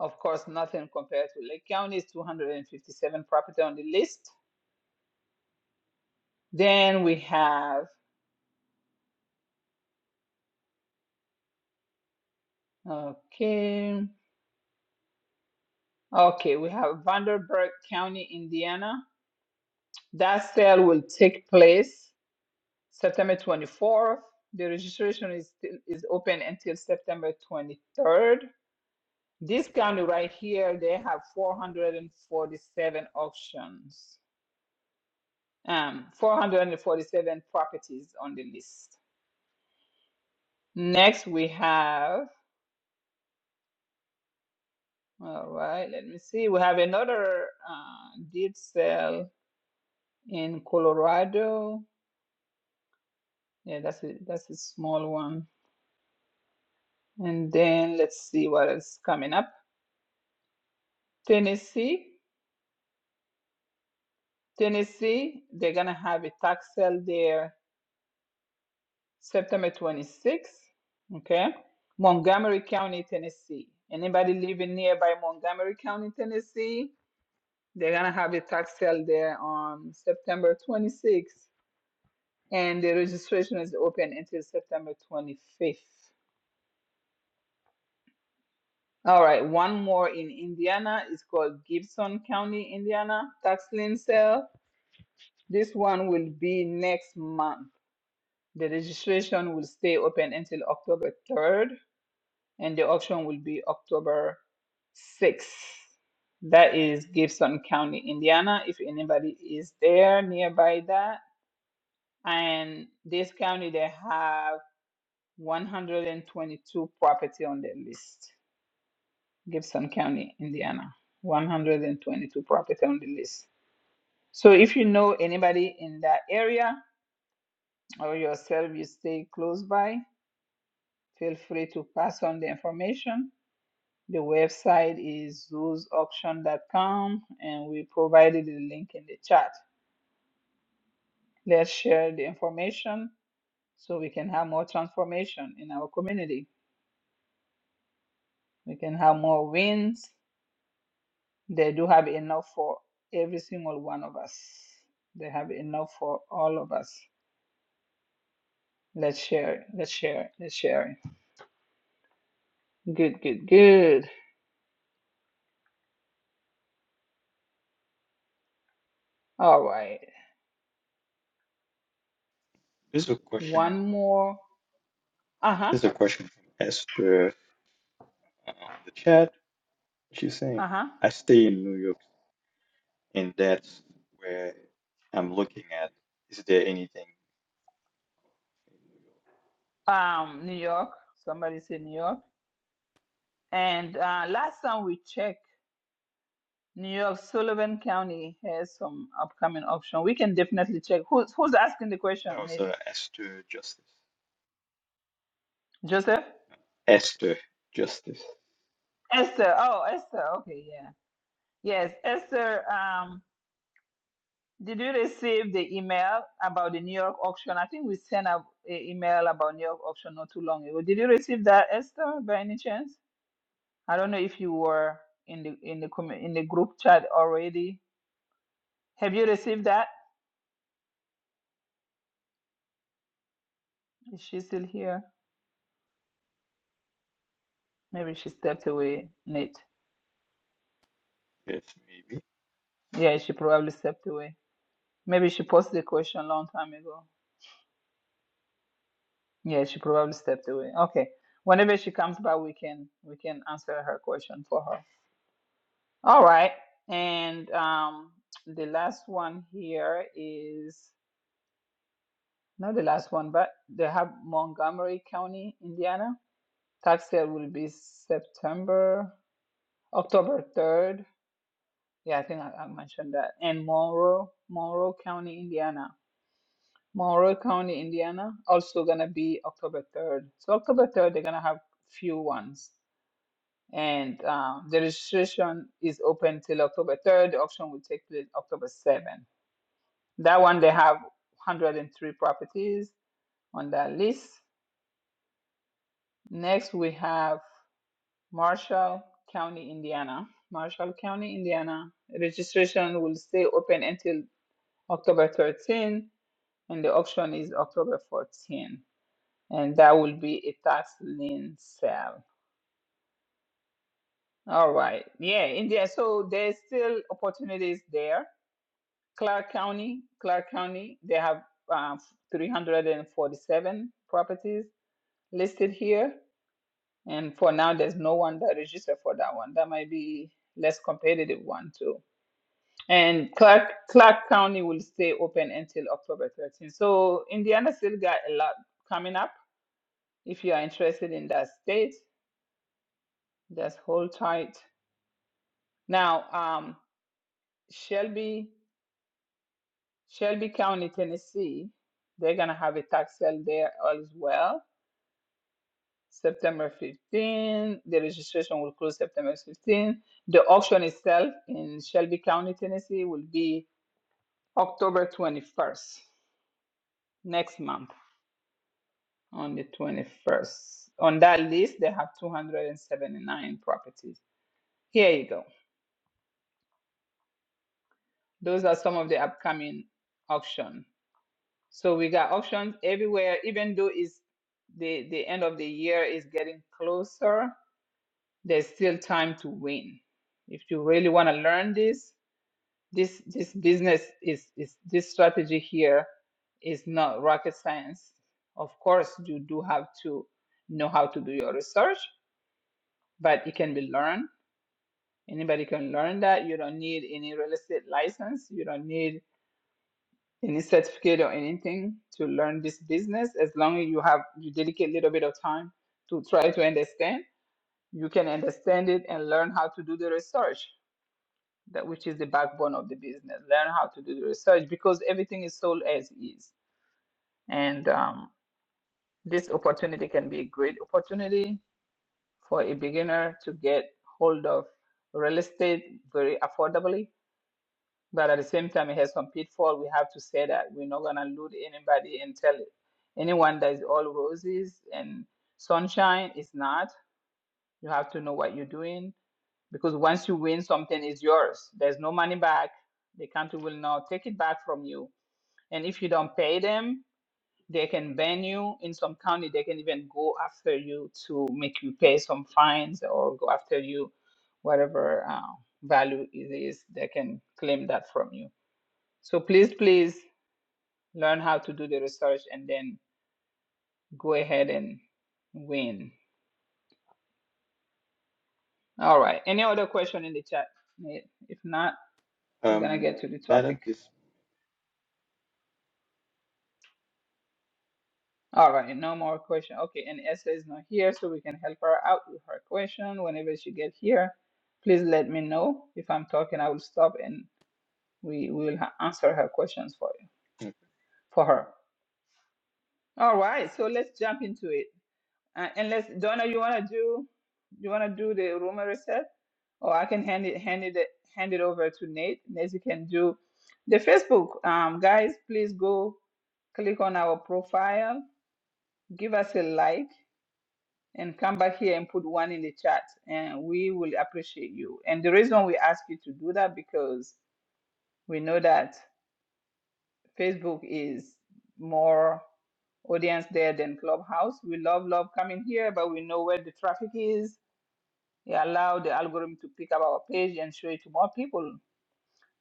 S1: Of course, nothing compared to Lake County. It's 257 property on the list Then we have, okay, okay, we have Vanderburgh County, Indiana. That sale will take place September 24th. The registration is still, is open until September 23rd. This county right here, they have 447 auctions, um, 447 properties on the list. Next, we have, all right, let me see, we have another uh, deed sale in Colorado. Yeah, that's a that's a small one. And then let's see what is coming up. Tennessee. Tennessee, they're gonna have a tax sale there September 26th. Okay. Montgomery County, Tennessee. Anybody living nearby Montgomery County, Tennessee? They're gonna have a tax sale there on September 26th. And the registration is open until September 25th. All right, one more in Indiana. It's called Gibson County, Indiana tax lien sale. This one will be next month. The registration will stay open until October 3rd, and the auction will be October 6th. That is Gibson County, Indiana. If anybody is there nearby that, and this county they have 122 property on their list. Gibson County, Indiana, 122 property on the list. So if you know anybody in that area or yourself you stay close by, feel free to pass on the information. The website is zoos auction dot Com, and we provided the link in the chat. Let's share the information so we can have more transformation in our community. We can have more wins They do have enough for every single one of us. They have enough for all of us. Let's share it. Let's share it. Let's share it. Good, good, good. All right.
S4: There's a question on.
S1: One more. Uh huh.
S4: There's a question from Esther uh, on the chat. She's saying,
S1: Uh
S4: "I stay in New York, and that's where I'm looking at. Is there anything?"
S1: huh. Um, New York. Somebody said New York. And uh, last time we checked, New York, Sullivan County has some upcoming option. We can definitely check. Who's who's asking the question?
S4: That was
S1: Nate?
S4: uh, Esther Justice.
S1: Joseph?
S4: Esther Justice.
S1: Esther. Oh, Esther. Okay, yeah. Yes, Esther. Um, Did you receive the email about the New York auction? I think we sent out an email about New York auction not too long ago. Did you receive that, Esther, by any chance? I don't know if you were in the in the commu- in the group chat already. Have you received that? Is she still here? Maybe she stepped away, Nate.
S4: Yes, maybe.
S1: Yeah, she probably stepped away. Maybe she posted the question a long time ago. Yeah, she probably stepped away. Okay. Whenever she comes back, we can we can answer her question for her. All right. And um, the last one here is not the last one, but they have Montgomery County, Indiana. Tax sale will be September, October 3rd. Yeah, I think I, I mentioned that. And Monroe, Monroe County, Indiana. Monroe County, Indiana, also gonna be October 3rd. So October 3rd, they're gonna have few ones. And uh, the registration is open till October 3rd. The auction will take place October 7th. That one, they have 103 properties on that list. Next, we have Marshall County, Indiana. Marshall County, Indiana. Registration will stay open until October thirteenth, and the auction is October 14, and that will be a tax lien sale. All right. Yeah, India. So there's still opportunities there. Clark County, Clark County, they have um, 347 properties listed here. And for now, there's no one that registered for that one. That might be less competitive one too. And Clark Clark County will stay open until October 13th. So Indiana still got a lot coming up. If you are interested in that state, just hold tight. Now, um, Shelby Shelby County, Tennessee, they're gonna have a tax sale there as well. September 15. The registration will close September 15. The auction itself in Shelby County, Tennessee will be October 21st, next month, on the 21st. On that list, they have 279 properties. Here you go. Those are some of the upcoming auction. So we got auctions everywhere, even though it's the, the end of the year is getting closer, there's still time to win. If you really want to learn this, This this business is is this strategy here is not rocket science. Of course, you do have to know how to do your research, but it can be learned. Anybody can learn that. You don't need any real estate license. You don't need any certificate or anything to learn this business. As long as you have you dedicate a little bit of time to try to understand, you can understand it and learn how to do the research. that which is the backbone of the business. Learn how to do the research because everything is sold as is. And um, this opportunity can be a great opportunity for a beginner to get hold of real estate very affordably. But at the same time, it has some pitfall. We have to say that we're not gonna loot anybody and tell anyone that is all roses and sunshine. It's not. You have to know what you're doing because once you win something is yours there's no money back the country will not take it back from you and if you don't pay them they can ban you in some county they can even go after you to make you pay some fines or go after you whatever uh, value it is they can claim that from you so please please learn how to do the research and then go ahead and win all right any other question in the chat if not we're gonna
S4: Um,
S1: get to the
S4: not
S1: topic
S4: at this.
S1: All right, no more question. Okay, and Esther is not here, so we can help her out with her question whenever she get here. Please let me know if I'm talking. I will stop and we will ha- answer her questions for you, for her. All right, so let's jump into it. Uh, unless Donna, you wanna do, you wanna do the room reset, or I can hand it hand it hand it over to Nate. Nate, you can do the Facebook. Um, guys, please go click on our profile, give us a like and come back here and put one in the chat and we will appreciate you and the reason we ask you to do that because we know that facebook is more audience there than clubhouse we love love coming here but we know where the traffic is we allow the algorithm to pick up our page and show it to more people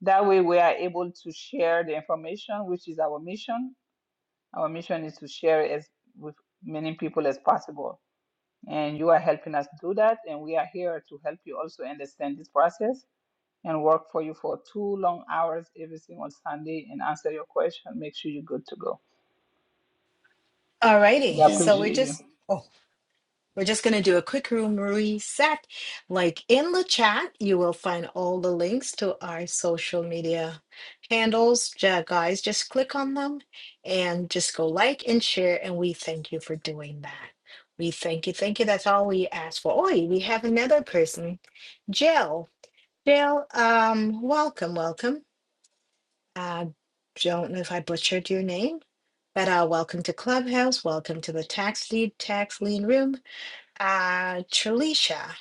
S1: that way we are able to share the information which is our mission our mission is to share as with many people as possible and you are helping us do that. And we are here to help you also understand this process and work for you for two long hours every single Sunday and answer your question. Make sure you're good to go. We
S2: Alrighty. So
S4: Indeed.
S2: we're
S1: appreciate you.
S2: just. oh, We're just going to do a quick room reset. Like in the chat, you will find all the links to our social media handles. Ja- Guys, just click on them and just go like and share. And we thank you for doing that. We thank you. Thank you. That's all we ask for. Oi, we have another person, Jill. Jill, um, welcome, welcome. I don't know if I butchered your name, but uh, welcome to Clubhouse. Welcome to the Tax Lead Tax Lean Room uh Trilisha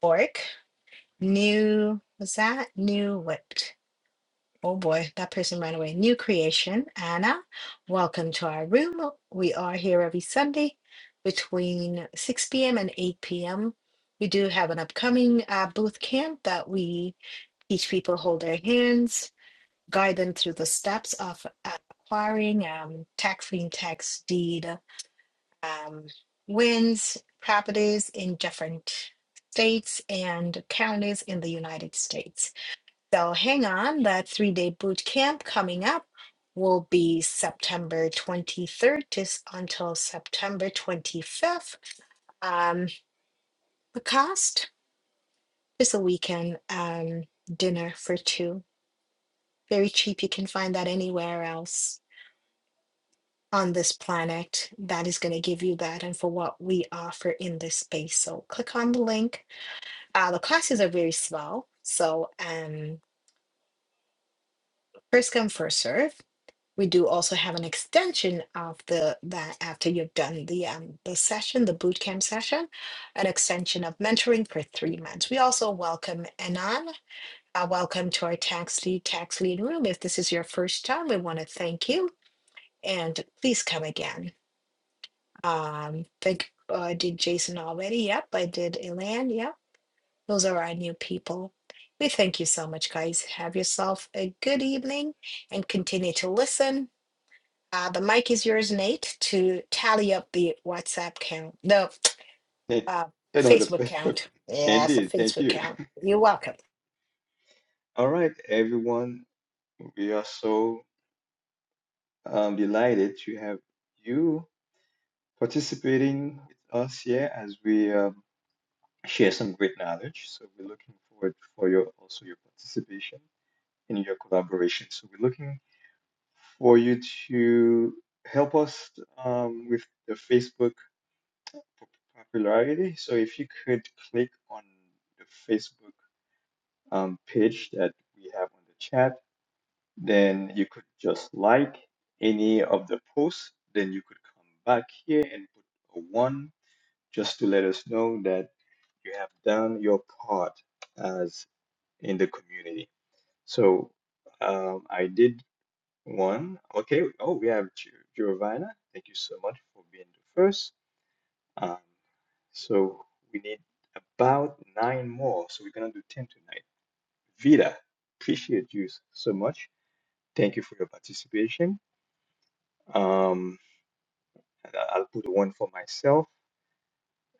S2: Bork, new what's that? New what? Oh boy, that person ran away. New creation. Anna, welcome to our room. We are here every Sunday between 6 p.m. and 8 p.m. We do have an upcoming uh, booth camp that we teach people hold their hands, guide them through the steps of uh, acquiring um, tax free tax deed um, wins properties in different states and counties in the United States. So hang on, that three day boot camp coming up will be September 23rd to, s- until September 25th. Um, the cost is a weekend um, dinner for two. Very cheap. You can find that anywhere else. on this planet that is going to give you that and for what we offer in this space. So click on the link. Uh, the classes are very small. So um, first come, first serve. We do also have an extension of the that after you've done the um, the session, the bootcamp session, an extension of mentoring for three months. We also welcome Anon. Uh, welcome to our tax lead tax lead room. If this is your first time, we want to thank you and please come again. Um, think uh, I did Jason already. Yep, I did Elan. Yep, those are our new people. We thank you so much, guys. Have yourself a good evening and continue to listen. Uh, the mic is yours, Nate, to tally up the WhatsApp count. No,
S4: Thank-
S2: uh,
S4: You know the
S2: Facebook
S4: Facebook.
S2: count. Yes, a
S4: Indeed. Thank
S2: Facebook
S4: you.
S2: count. You're welcome.
S4: All right, everyone. We are so I'm delighted to have you participating with us here as we um, share some great knowledge. So we're looking forward for your also your participation and your collaboration. So we're looking for you to help us um, with the Facebook pop- popularity. So if you could click on the Facebook um, page that we have on the chat Then you could just like any of the posts. Then you could come back here and put a one just to let us know that you have done your part as in the community. So um, I did one. Okay. Oh, we have Gio- Giovanna. Thank you so much for being the first. Um, so we need about nine more. So we're gonna do ten tonight. Vida, appreciate you so much. Thank you for your participation. Um, and I- I'll put one for myself.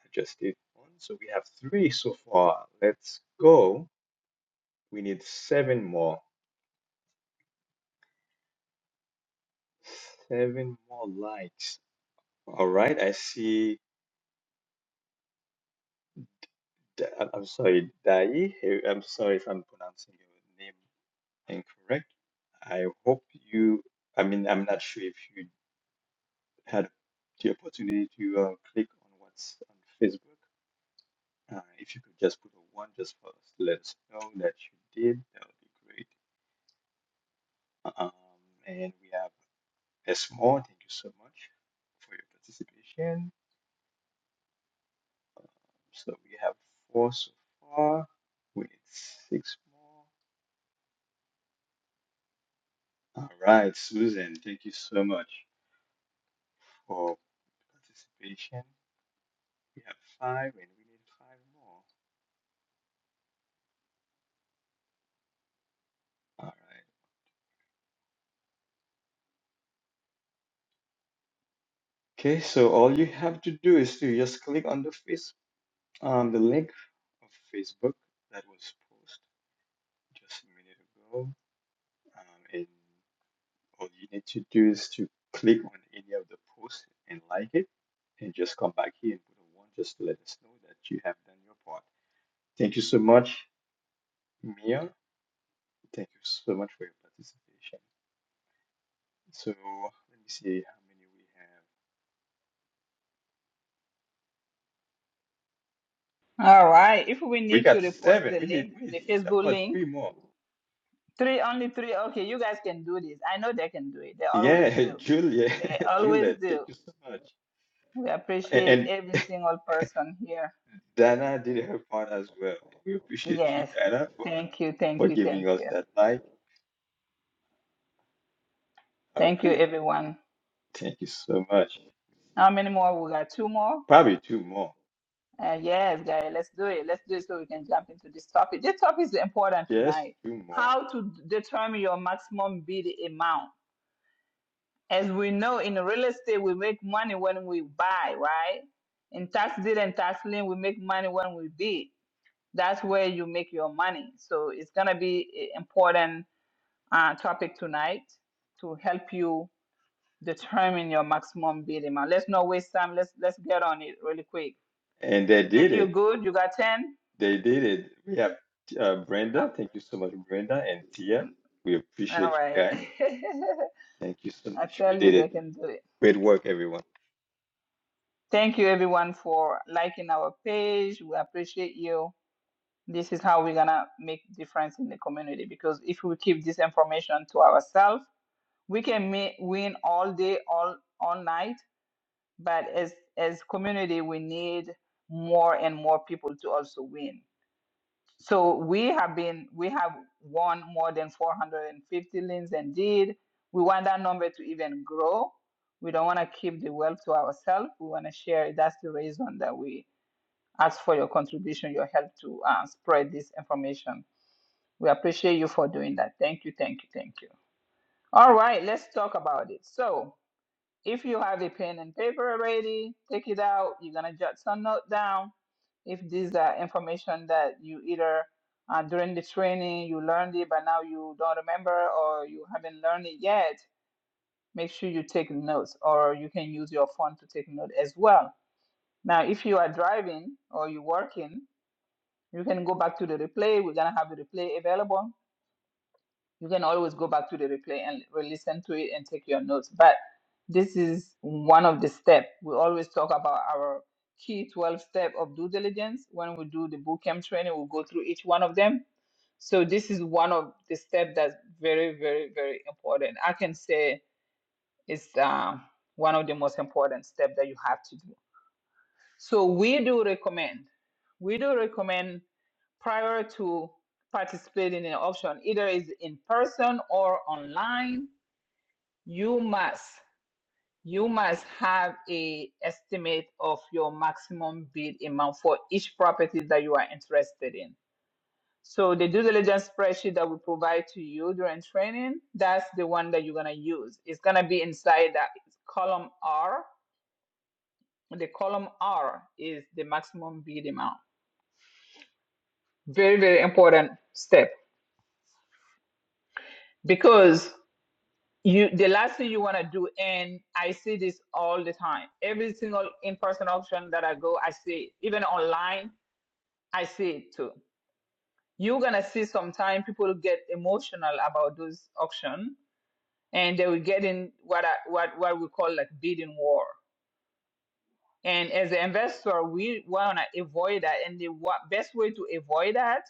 S4: I just did one. So we have three so far. Let's go. We need seven more. Seven more likes. All right. I see. Da- I'm I'm sorry, Dai. Hey, I'm sorry if I'm pronouncing your name incorrect. I hope you, I mean, I'm not sure if you had the opportunity to uh, click on what's on Facebook. Uh, if you could just put a one just for us to let us know that you did, that would be great. Um, and we have S more. Thank you so much for your participation. So we have four so far. We need six more. All right, Susan, thank you so much for participation. We have five and we need five more. All right. Okay, so all you have to do is to just click on the face um, the link of Facebook that was posted just a minute ago. Um, and All you need to do is to click on any of the posts and like it, and just come back here and put a one just to let us know that you have done your part. Thank you so much, Mia. Thank you so much for your participation. So let me see how many we have.
S1: All right. If we
S4: We
S1: need to
S4: got
S1: repost
S4: seven.
S1: the
S4: We need
S1: link,
S4: we need
S1: the Facebook
S4: about
S1: link,
S4: three more.
S1: three only three. Okay, you guys can do this. I know they can do it. They always
S4: Yeah, [laughs]
S1: do.
S4: Julia,
S1: They
S4: [laughs]
S1: always
S4: Juliet, thank
S1: do.
S4: you so much.
S1: We appreciate
S4: And,
S1: every
S4: and
S1: single person here.
S4: [laughs] Dana did her part as well. We appreciate you,
S1: Yes.
S4: Dana, for,
S1: Thank you. Thank
S4: for
S1: you.
S4: giving
S1: Thank
S4: us
S1: you.
S4: that like. All
S1: Thank you,
S4: right.
S1: everyone.
S4: Thank you so much. We
S1: How many
S4: got
S1: more? We got two more.
S4: Probably two more,
S1: Uh, yes, Gary, let's do it. Let's do it so we can jump into this topic. This topic is important
S4: just
S1: tonight.
S4: two more.
S1: How to determine your maximum bid amount. As we know, in real estate, we make money when we buy, right? In tax deed and tax lien, we make money when we bid. That's where you make your money. So it's gonna be an important uh, topic tonight to help you determine your maximum bid amount. Let's not waste time. Let's let's get on it really quick.
S4: And they
S1: Nate,
S4: did
S1: you
S4: it.
S1: good? You got ten?
S4: They did it. We have uh,
S1: Oh.
S4: Brenda. Thank you so much, Brenda and Tia. We
S1: All
S4: appreciate you
S1: right.
S4: guys.
S1: [laughs]
S4: Thank you so
S1: I
S4: much. We
S1: tell you,
S4: did
S1: they
S4: it.
S1: can do it.
S4: Great work, everyone.
S1: Thank you, everyone, for liking our page. We appreciate you. This is how we're gonna make difference in the community because if we keep this information to ourselves, we can ma- win all day, all all night. But as as community, we need more and more people to also win. So we have been we have won more than 450 liens indeed. We want that number to even grow. We don't want to keep the wealth to ourselves. We want to share. it. That's the reason that we ask for your contribution, your help to uh, spread this information. We appreciate you for doing that. Thank you, thank you, thank you. All right, let's talk about it. So if you have a pen and paper already, take it out. You're gonna jot some note down. If these are information that you either uh, during the training you learned it, but now you don't remember or you haven't learned it yet, make sure you take notes or you can use your phone to take note as well. Now, if you are driving or you're working, you can go back to the replay. We're gonna have the replay available you can always go back to the replay and re-listen to it and take your notes. But this is one of the steps. We always talk about our key 12 step of due diligence. When we do the bootcamp training, we'll go through each one of them. So this is one of the steps that's very, very, very important. I can say it's uh, one of the most important steps that you have to do. So we do recommend. We do recommend prior to participating in an option, either is in person or online, you must you must have a estimate of your maximum bid amount for each property that you are interested in. So the due diligence spreadsheet that we provide to you during training, that's the one that you're gonna use. It's gonna be inside that column R. The column R is the maximum bid amount. Very, very important step because you the last thing you want to do and i see this all the time every single in-person auction that i go i see it. even online i see it too you're gonna see sometime people get emotional about those auction and they will get in what I, what what we call like bidding war and as an investor we want to avoid that and the wa- best way to avoid that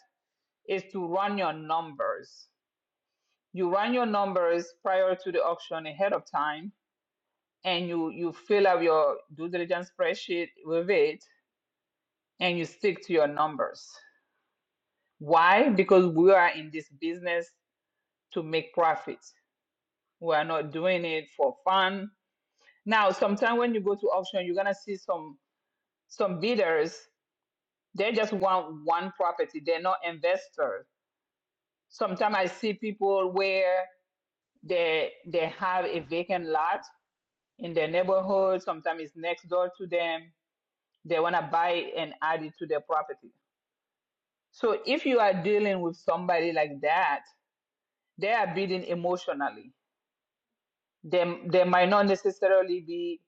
S1: is to run your numbers you run your numbers prior to the auction ahead of time and you you fill out your due diligence spreadsheet with it and you stick to your numbers why because we are in this business to make profits we are not doing it for fun now sometimes when you go to auction you're gonna see some some bidders they just want one property they're not investors sometimes i see people where they they have a vacant lot in their neighborhood sometimes it's next door to them they want to buy it and add it to their property So if you are dealing with somebody like that, they are beaten emotionally. They, they might not necessarily be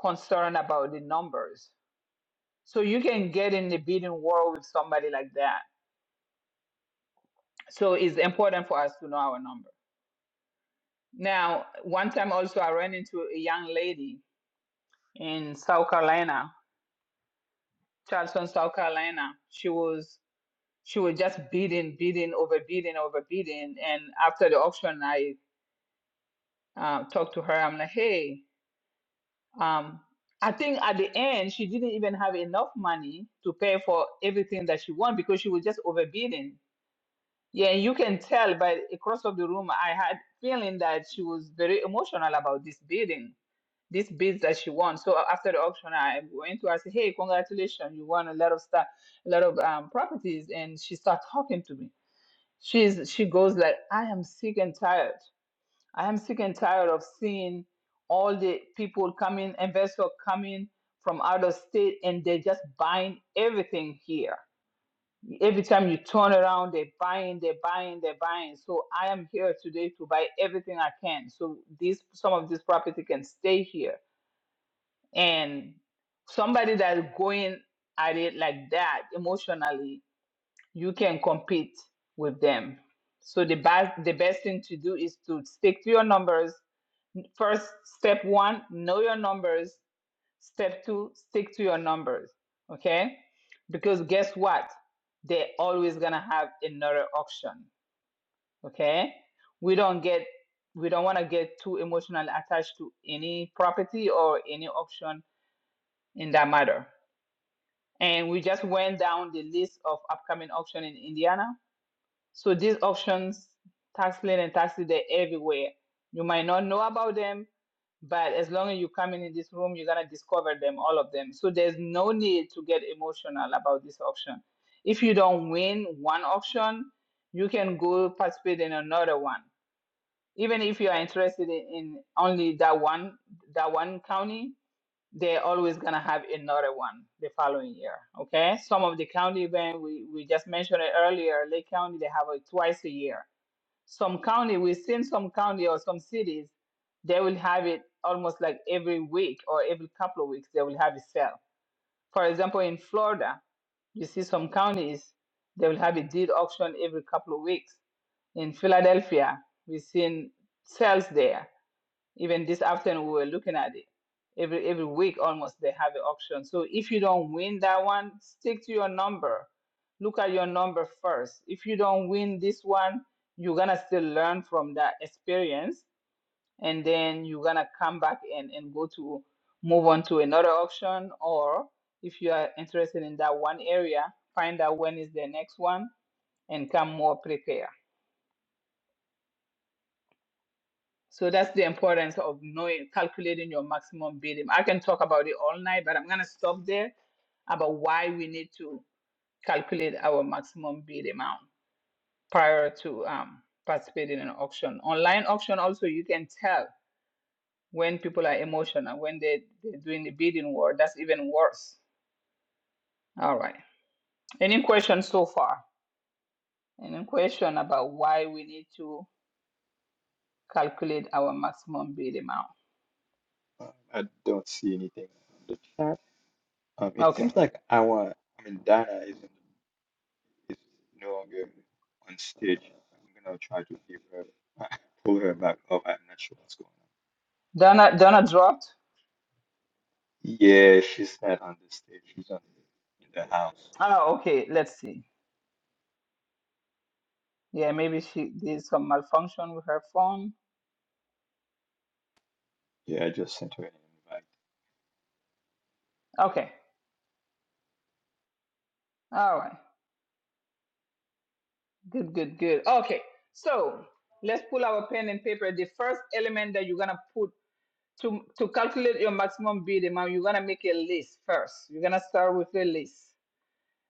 S1: concerned about the numbers. So you can get in the bidding war with somebody like that. So it's important for us to know our number. Now, one time also I ran into a young lady in South Carolina, Charleston, South Carolina. She was she was just bidding, bidding, overbidding, overbidding. And after the auction, I uh, talked to her. I'm like, hey, Um, I think at the end, she didn't even have enough money to pay for everything that she wanted because she was just overbidding. Yeah, and you can tell by across of the room, I had feeling that she was very emotional about this bidding, these bids that she won. So after the auction, I went to her, I said, hey, congratulations, you won a lot of stuff, a lot of um, properties. And she started talking to me. She's, she goes like, I am sick and tired. I am sick and tired of seeing all the people coming, investors coming from out of state, and they're just buying everything here. Every time you turn around, they're buying, they're buying, they're buying. So I am here today to buy everything I can. So these some of this property can stay here. And somebody that is going at it like that emotionally, you can compete with them. So the best the best thing to do is to stick to your numbers First, step one, know your numbers. Step two, stick to your numbers. Okay? Because guess what? They're always gonna have another auction. Okay? We don't get we don't want to get too emotionally attached to any property or any auction in that matter. And we just went down the list of upcoming auction in Indiana So these options, tax lien and taxi, they're everywhere. You might not know about them, but as long as you come in this room, you're gonna discover them, all of them. So there's no need to get emotional about this option. If you don't win one option, you can go participate in another one. Even if you are interested in, in only that one, that one county, they're always going to have another one the following year. Okay. Some of the county event, we, we just mentioned it earlier, Lake County, they have it twice a year. Some county, we've seen some county or some cities, they will have it almost like every week or every couple of weeks, they will have a sale. For example, in Florida, you see some counties, they will have a deed auction every couple of weeks. In Philadelphia, we've seen sales there even this afternoon, we were looking at it. Every every week, almost they have an auction. So if you don't win that one, stick to your number. Look at your number first. If you don't win this one, you're gonna still learn from that experience, and then you're gonna come back and and go to move on to another auction. Or if you are interested in that one area, find out when is the next one and come more prepared. So that's the importance of knowing, calculating your maximum bidding. I can talk about it all night, but I'm gonna stop there about why we need to calculate our maximum bid amount prior to um, participating in an auction. Online auction also, you can tell when people are emotional, when they, they're doing the bidding war, that's even worse. All right. Any questions so far? Any question about why we need to calculate our maximum bid amount?
S4: Um, I don't see anything on the chat. Um, it
S1: Okay.
S4: seems like our, I mean, Dana is, is no longer on stage. I'm gonna try to give her, [laughs] pull her back up. I'm not sure what's going on.
S1: Donna, Donna dropped.
S4: Yeah, she's not on the stage. She's on the, in the house.
S1: Oh, okay. Let's see. Yeah, maybe she did some malfunction with her phone.
S4: Yeah, I just sent her an invite.
S1: Okay. All right. Good, good, good. Okay. So let's pull our pen and paper. The first element that you're gonna put to to calculate your maximum bid amount, you're gonna make a list first. You're gonna start with a list.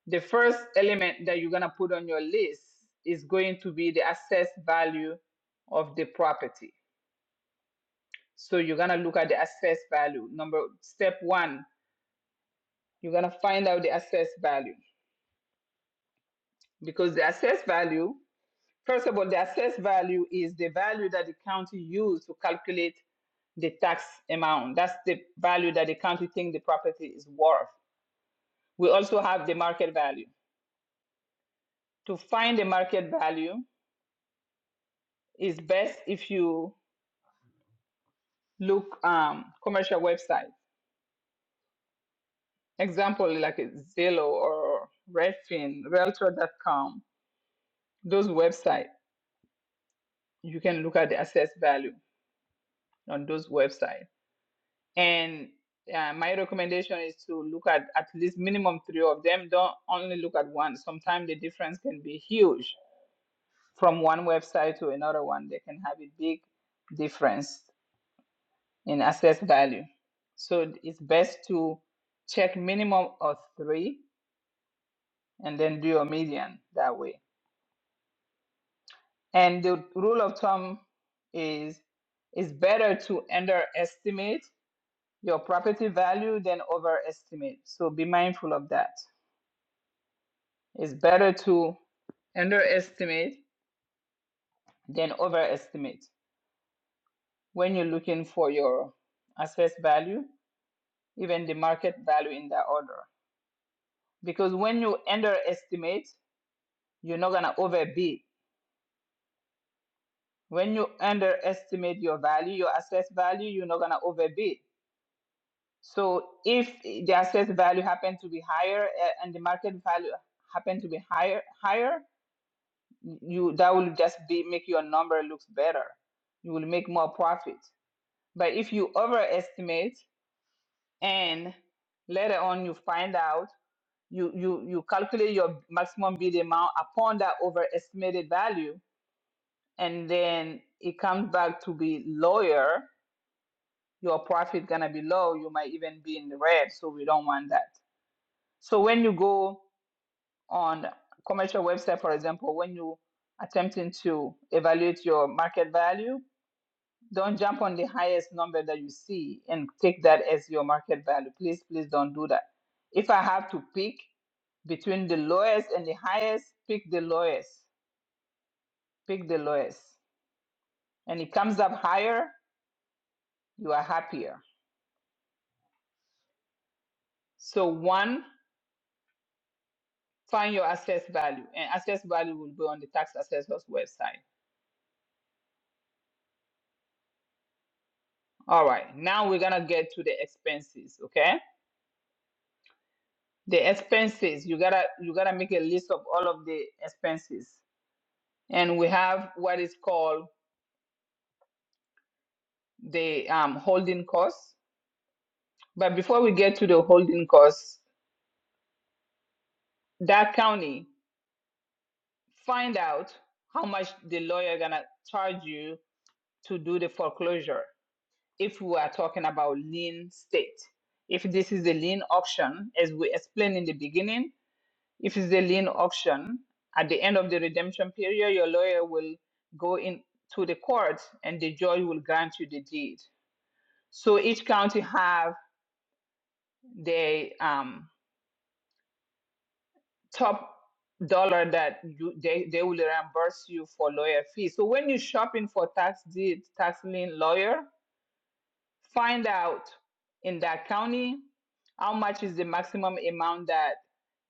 S1: The first element that you're gonna put on your list is going to be the assessed value of the property. So you're gonna look at the assessed value. Number step one, you're gonna find out the assessed value because the assessed value, first of all, the assessed value is the value that the county used to calculate the tax amount. That's the value that the county think the property is worth. We also have the market value. To find the market value is best if you look um, commercial websites. Example like Zillow or Redfin, Realtor.com. Those websites you can look at the assessed value on those websites. And uh, my recommendation is to look at at least minimum three of them. Don't only look at one. Sometimes the difference can be huge from one website to another one. They can have a big difference in asset value. So it's best to check minimum of three and then do your median that way. And the rule of thumb is it's better to underestimate your property value than overestimate. So be mindful of that. It's better to underestimate than overestimate when you're looking for your assessed value, even the market value in that order. Because when you underestimate, you're not going to overbid. When you underestimate your value, your assessed value, you're not going to overbid. So if the assessed value happen to be higher eh, and the market value happen to be higher, higher, you that will just be make your number looks better. You will make more profit But if you overestimate and later on you find out, you, you, you calculate your maximum bid amount upon that overestimated value, and then it comes back to be lower, your profit gonna be low. You might even be in the red, so we don't want that. So when you go on commercial website, for example, when you attempting to evaluate your market value Don't jump on the highest number that you see and take that as your market value. Please, please don't do that. If I have to pick between the lowest and the highest, pick the lowest. Pick the lowest. And it comes up higher, you are happier. So, one, find your assessed value, and assessed value will be on the tax assessor's website. All right, now we're gonna get to the expenses, okay? The expenses, you gotta you gotta make a list of all of the expenses. And we have what is called the um, holding costs. But before we get to the holding costs, that county find out how much the lawyer gonna charge you to do the foreclosure. If we are talking about lien state, if this is the lien auction, as we explained in the beginning, if it's the lien auction, at the end of the redemption period, your lawyer will go in to the court and the judge will grant you the deed. So each county have their um. top dollar that you they, they will reimburse you for lawyer fees. So when you're shopping for tax deed, tax lien lawyer, find out in that county how much is the maximum amount that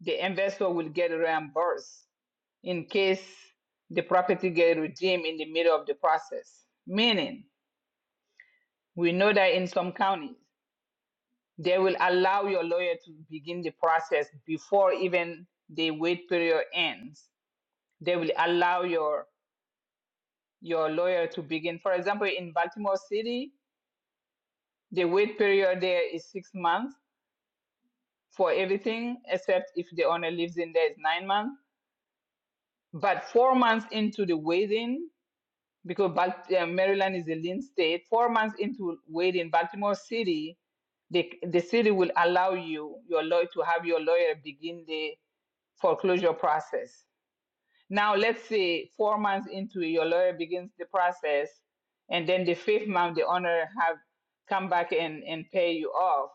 S1: the investor will get reimbursed in case the property get redeemed in the middle of the process. Meaning, we know that in some counties, they will allow your lawyer to begin the process before even the wait period ends they will allow your your lawyer to begin. For example, in Baltimore City, the wait period there is six months for everything, except if the owner lives in there is nine months. But four months into the waiting, because uh, Maryland is a lien state, four months into waiting, Baltimore City, the the city will allow you your lawyer to have your lawyer begin the foreclosure process. Now, let's say four months into it, your lawyer begins the process, and then the fifth month, the owner have come back and, and pay you off.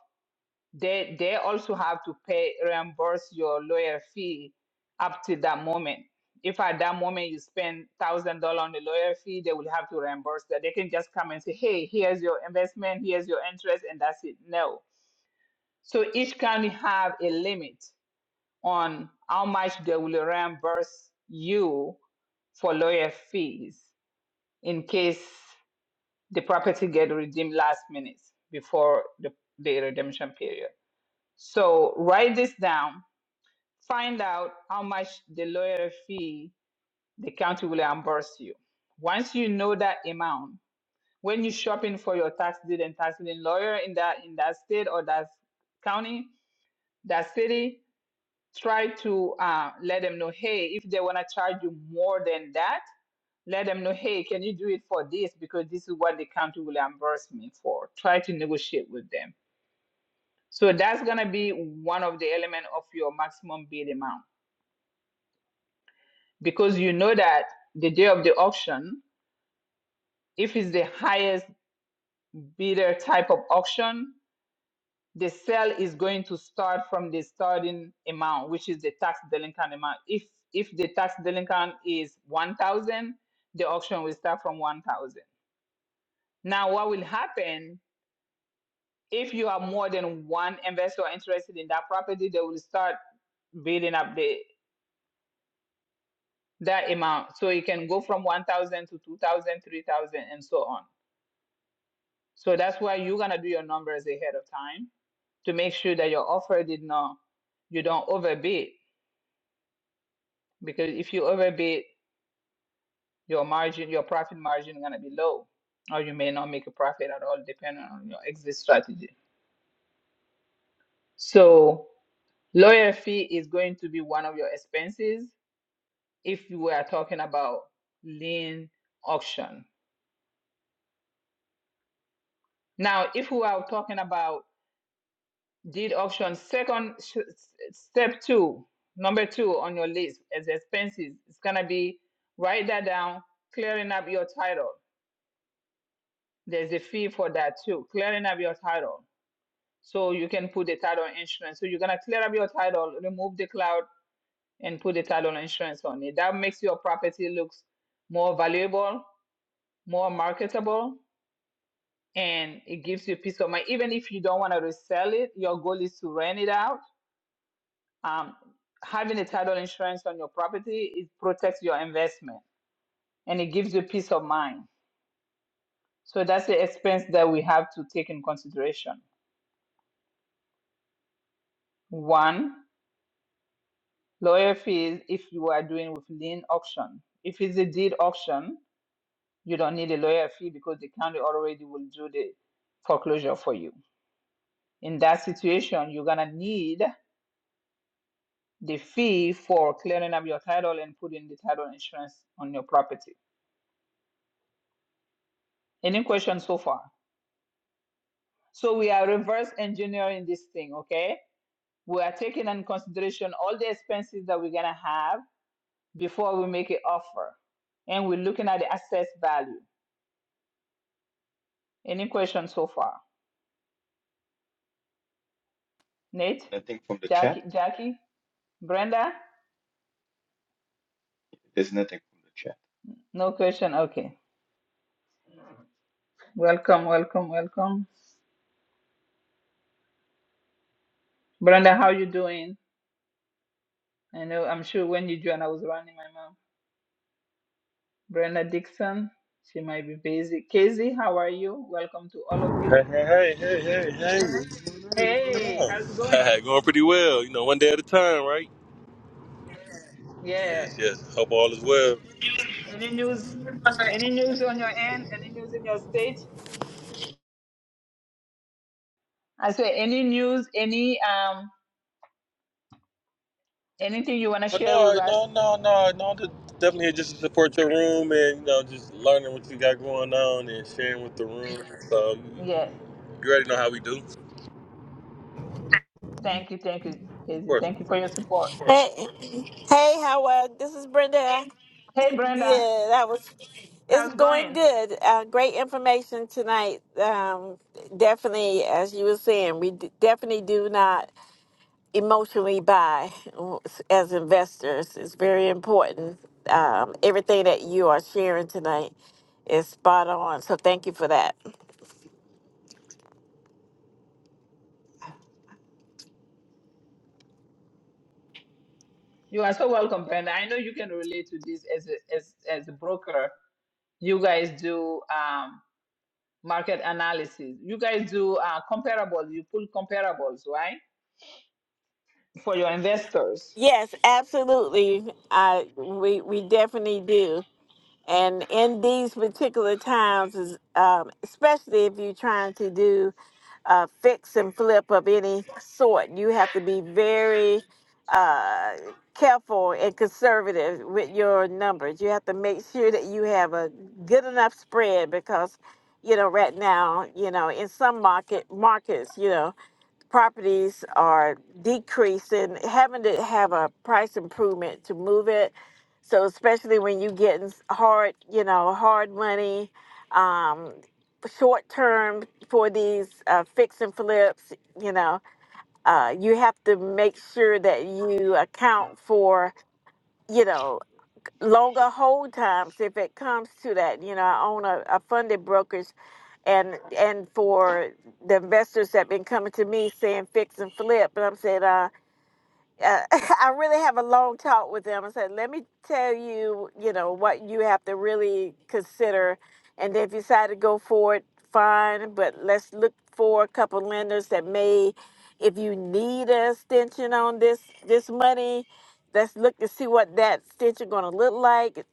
S1: They they also have to pay reimburse your lawyer fee up to that moment. If at that moment you spend thousand dollar on the lawyer fee, they will have to reimburse that. They can just come and say, "Hey, here's your investment, here's your interest," and that's it. No. So each county have a limit on how much they will reimburse you for lawyer fees in case the property get redeemed last minute before the, the redemption period. So write this down, find out how much the lawyer fee the county will reimburse you. Once you know that amount, when you're shopping for your tax deed and tax lien lawyer in that in that state or that county, that city, try to uh, let them know, hey, if they want to charge you more than that, let them know, hey, can you do it for this? Because this is what the county will reimburse me for. Try to negotiate with them. So that's going to be one of the element of your maximum bid amount because you know that the day of the auction, if it's the highest bidder type of auction, the sale is going to start from the starting amount, which is the tax delinquent amount. If if the tax delinquent is one thousand, the auction will start from one thousand. Now, what will happen if you have more than one investor interested in that property? They will start building up the that amount, so it can go from one thousand to 2,000, 3,000, and so on. So that's why you're gonna do your numbers ahead of time to make sure that your offer did not you don't overbid because if you overbid Your margin, your profit margin gonna be low, or you may not make a profit at all, depending on your exit strategy. So lawyer fee is going to be one of your expenses if we are talking about lien auction. Now, if we are talking about deed auction, second sh- step two, number two on your list as expenses, it's gonna be write that down, clearing up your title. There's a fee for that too, clearing up your title. So you can put the title insurance. So you're gonna clear up your title, remove the cloud, and put the title insurance on it. That makes your property looks more valuable, more marketable, and it gives you peace of mind. Even if you don't want to resell it, your goal is to rent it out. Um, having a title insurance on your property it protects your investment and it gives you peace of mind. So that's the expense that we have to take in consideration. One. Lawyer fees if you are doing with lien auction. If it's a deed auction, you don't need a lawyer fee because the county already will do the foreclosure for you. In that situation, you're gonna need the fee for clearing up your title and putting the title insurance on your property. Any questions so far? So we are reverse engineering this thing, okay? We are taking in consideration all the expenses that we're gonna have before we make an offer. And we're looking at the assessed value. Any questions so far? Nate,
S4: Nothing from the chat?
S1: Jackie, Jackie, Brenda.
S4: There's nothing from the chat.
S1: No question. Okay. Welcome, welcome, welcome. Brenda, how you doing? I know. I'm sure when you joined, I was running my mom. Brenda Dixon. She might be busy. Casey, how are you? Welcome to all of you.
S7: Hey, hey, hey, hey, hey. hey. What's going
S1: Hey, how's it going?
S7: on? [laughs] going pretty well. You know, one day at a time, right?
S1: Yeah.
S7: Yes, yes. Hope all is well.
S1: Any news? Any news on your end? Any news in your state? I say any news, any um anything you wanna
S7: But
S1: share with
S7: no,
S1: us?
S7: no, no, no, no. I'm just definitely here just to support your room and, you know, just learning what you got going on and sharing with the room. So,
S1: Yes.
S7: you already know how we do. Of
S1: Thank you, thank you, Casey.
S7: course, Of
S1: Thank
S7: course.
S1: you for your support.
S8: Hey, hey, Howard. This is Brenda.
S1: Hey Brenda.
S8: Good. That was. It's
S1: How's it
S8: going
S1: going?
S8: good. Uh, great information tonight. Um, definitely, as you were saying, we d- definitely do not emotionally buy as investors. It's very important. Um, everything that you are sharing tonight is spot on. So thank you for that.
S1: You are so welcome, Brenda. I know you can relate to this as a, as as a broker. You guys do um, market analysis. You guys do uh, comparables. You pull comparables, right, for your investors.
S8: Yes, absolutely. I we we definitely do. And in these particular times, is, um, especially if you're trying to do a fix and flip of any sort, you have to be very uh, careful and conservative with your numbers. You have to make sure that you have a good enough spread because, you know, right now, you know, in some market markets, you know, properties are decreasing, having to have a price improvement to move it so especially when you getting s- hard, you know, hard money, um, short term for these uh, fix and flips, you know, uh, you have to make sure that you account for, you know, longer hold times if it comes to that. You know, I own a, a funded brokerage, and and for the investors that been coming to me saying fix and flip, and I'm saying, uh, uh, [laughs] I really have a long talk with them. I said, let me tell you, you know, what you have to really consider. And if you decide to go for it, fine. But let's look for a couple lenders that may, if you need an extension on this this money, let's look to see what that extension going to look like.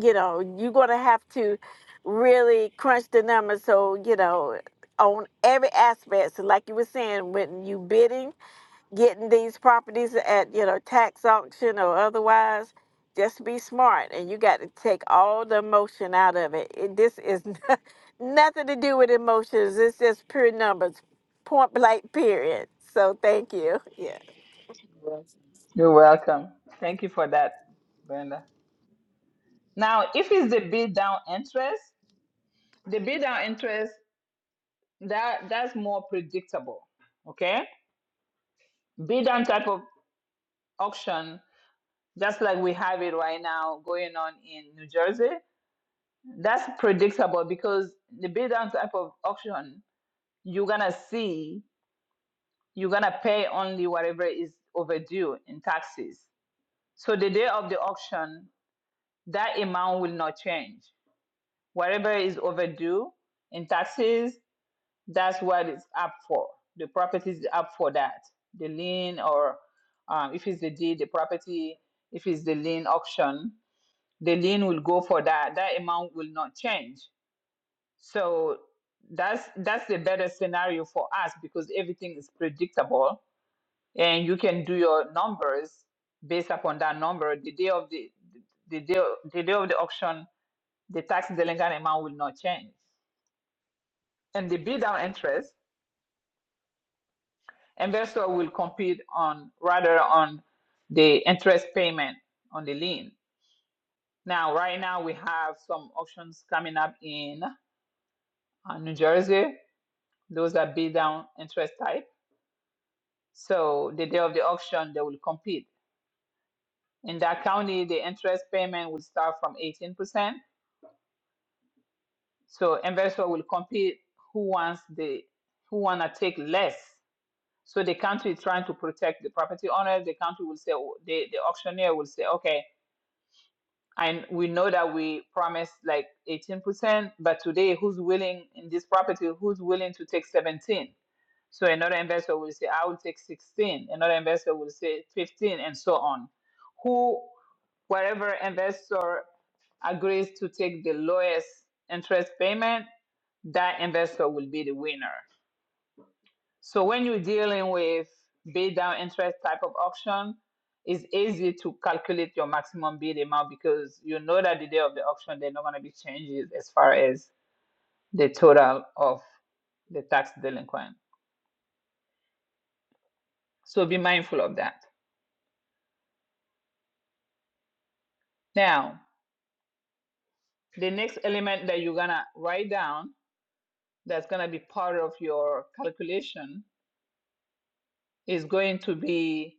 S8: You know, you're going to have to really crunch the numbers. So, you know, on every aspect. So, like you were saying, when you bidding, getting these properties at you know tax auction or otherwise just be smart and you got to take all the emotion out of it, it this is [laughs] nothing to do with emotions it's just pure numbers point blank period so thank you yeah
S1: You're welcome. Thank you for that, Brenda. Now, if it's the bid down interest, the bid down interest that that's more predictable. Okay, bid down type of auction, just like we have it right now going on in New Jersey. that's predictable because the bid down type of auction, you're gonna see, you're gonna pay only whatever is overdue in taxes. So the day of the auction, that amount will not change. Whatever is overdue in taxes, that's what it's up for. The property is up for that. The lien, or um, if it's the deed, the property, if it's the lien auction, the lien will go for that. That amount will not change. So that's that's the better scenario for us because everything is predictable and you can do your numbers based upon that number. The day of the the day, the day of the auction, the tax delinquent amount will not change. And the bid down interest, investor will compete on rather on the interest payment on the lien. Now, right now we have some auctions coming up in uh, New Jersey. Those are bid down interest type So the day of the auction, they will compete. In that county, the interest payment will start from 18%. So investor will compete who wants the who wanna take less. So the country is trying to protect the property owner. The country will say oh, the, the auctioneer will say, okay, and we know that we promised like 18%, but today who's willing in this property, who's willing to take 17? So another investor will say, I will take 16. Another investor will say 15, and so on. Who, whatever investor agrees to take the lowest interest payment, that investor will be the winner. So when you're dealing with bid down interest type of auction, it's easy to calculate your maximum bid amount because you know that the day of the auction there are not going to be changes as far as the total of the tax delinquent. So be mindful of that. Now, The next element that you're gonna write down that's gonna be part of your calculation is going to be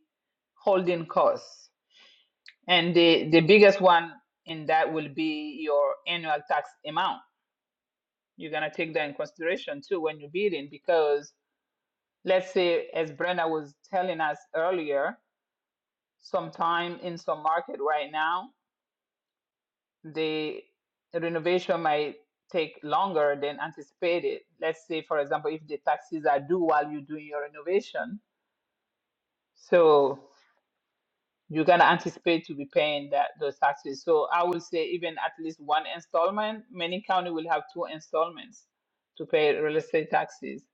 S1: holding costs. And the, the biggest one in that will be your annual tax amount. You're gonna take that in consideration too when you're bidding because let's say as Brenda was telling us earlier, sometime in some market right now, the renovation might take longer than anticipated. Let's say, for example, if the taxes are due while you're doing your renovation, so you're gonna anticipate to be paying that those taxes. So I would say even at least one installment. Many county will have two installments to pay real estate taxes.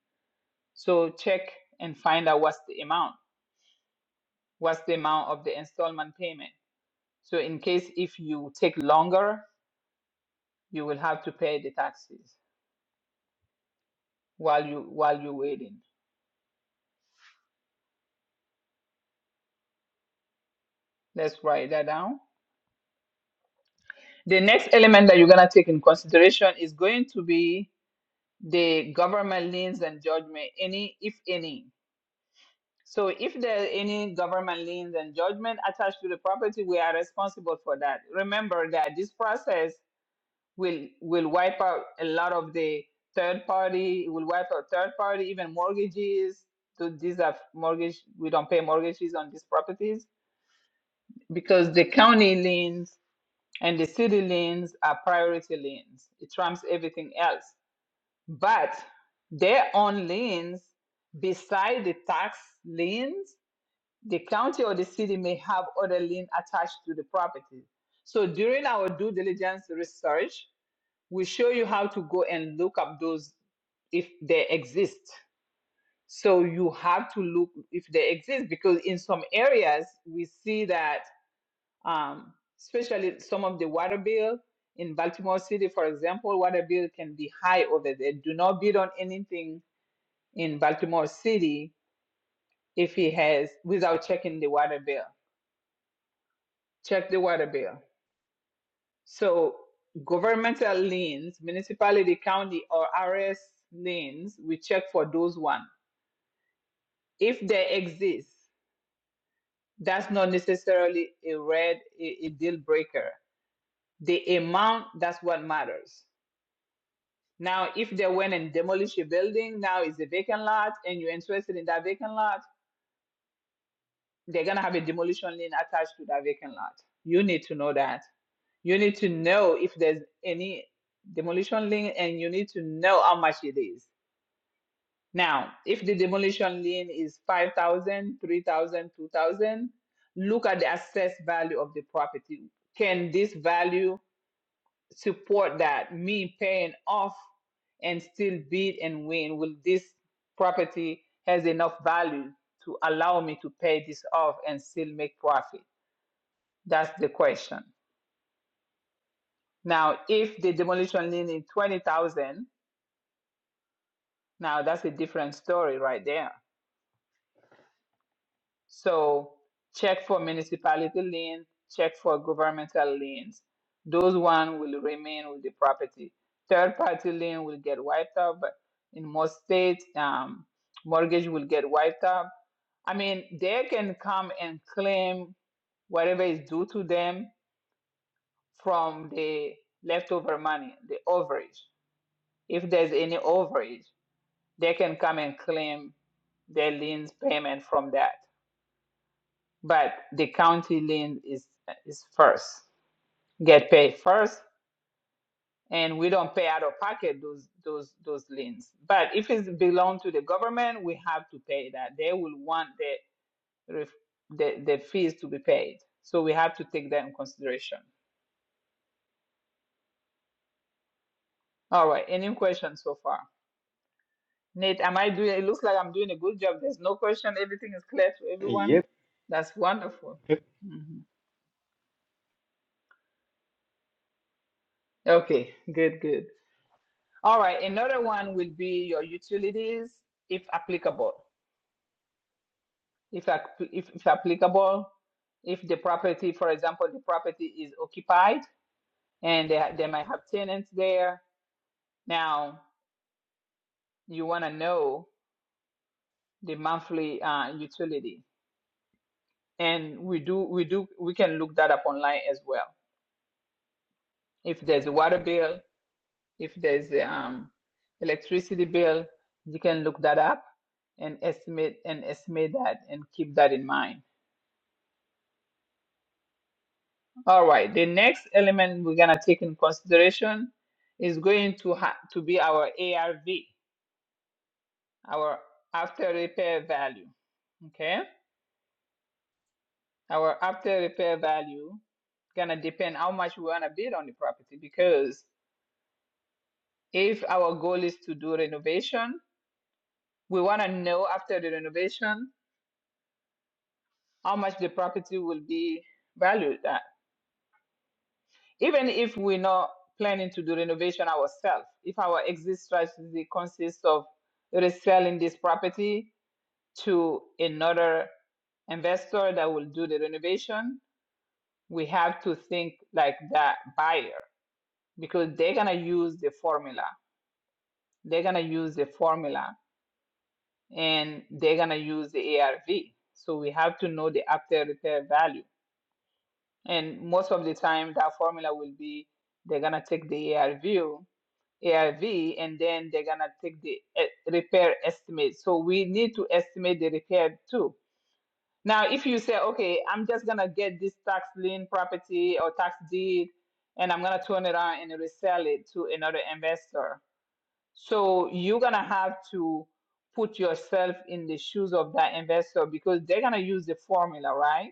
S1: So check and find out what's the amount. What's the amount of the installment payment? So in case if you take longer, you will have to pay the taxes while you while you're waiting. Let's write that down. The next element that you're going to take in consideration is going to be the government liens and judgment, any, if any. So, if there are any government liens and judgment attached to the property, we are responsible for that. Remember that this process will will wipe out a lot of the third party. It will wipe out third party, even mortgages. So these are mortgage. We don't pay mortgages on these properties because the county liens And the city lanes are priority lanes. It trumps everything else. But their own lanes, beside the tax lanes, the county or the city may have other lane attached to the property. So during our due diligence research, we show you how to go and look up those if they exist. So you have to look if they exist because in some areas we see that um, especially some of the water bill in Baltimore City, for example, water bill can be high over there. Do not bid on anything in Baltimore City if he has without checking the water bill. Check the water bill. So governmental liens, municipality, county, or RS liens, we check for those one. If they exist, that's not necessarily a red a, a deal breaker. The amount that's what matters Now, if they went and demolished a building, now it's a vacant lot, and you're interested in that vacant lot, they're gonna have a demolition lien attached to that vacant lot. You need to know that. You need to know if there's any demolition lien, and you need to know how much it is. Now, if the demolition lien is 5,000, 3,000, 2,000, look at the assessed value of the property. Can this value support that me paying off and still bid and win will this property has enough value to allow me to pay this off and still make profit that's the question now if the demolition lien is 20000 now that's a different story right there So check for municipality liens, check for governmental liens. Those one will remain with the property. Third party lien will get wiped out, but in most states, um, mortgage will get wiped out. I mean, they can come and claim whatever is due to them from the leftover money, the overage. If there's any overage, they can come and claim their liens payment from that. but the county lien is is first get paid first and we don't pay out of pocket those those those liens but if it belong to the government we have to pay that they will want the ref- the, the fees to be paid so we have to take that in consideration all right any questions so far nate am i doing it looks like i'm doing a good job there's no question everything is clear to everyone
S4: Yep.
S1: that's wonderful
S4: Yep.
S1: Mhm. okay good good All right, another one will be your utilities, if applicable. If, if, if applicable, if the property, for example, the property is occupied and they, they might have tenants there. Now, you want to know the monthly uh, utility. And we do, we do, we can look that up online as well. If there's a water bill, if there's um, electricity bill, you can look that up and estimate and estimate that and keep that in mind. All right. The next element we're gonna take in consideration is going to ha- to be our ARV, our after repair value. Okay. Our after repair value gonna depend how much we wanna bid on the property because if our goal is to do renovation, we wanna know after the renovation how much the property will be valued even if we're not planning to do renovation ourselves, if our exit strategy consists of reselling this property to another investor that will do the renovation, we have to think like that buyer because they're gonna use the formula. They're gonna use the formula and they're gonna use the ARV. So we have to know the after repair value. And most of the time that formula will be they're gonna take the ARV ARV, and then they're gonna take the e- repair estimate. So we need to estimate the repair too. Now, if you say, okay, I'm just gonna get this tax lien property or tax deed, and I'm gonna turn it around and resell it to another investor, so you're gonna have to put yourself in the shoes of that investor because they're gonna use the formula, right?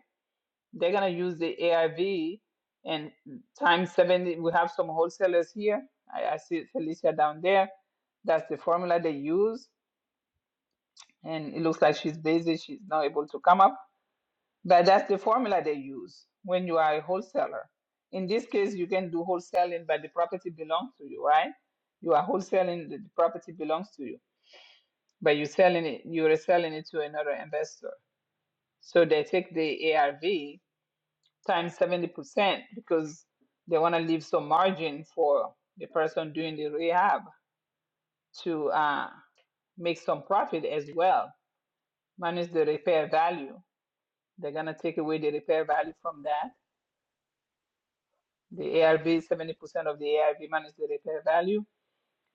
S1: They're gonna use the AIV and times 70. We have some wholesalers here. I, I see Felicia down there. That's the formula they use. And it looks like she's busy. She's not able to come up. But that's the formula they use when you are a wholesaler. In this case, you can do wholesaling, but the property belongs to you, right? You are wholesaling, the the property belongs to you, but you're selling it, you're selling it to another investor. So they take the ARV times 70% because they want to leave some margin for the person doing the rehab to uh, make some profit as well, minus the repair value. They're going to take away the repair value from that. The ARV, 70% of the ARV minus the repair value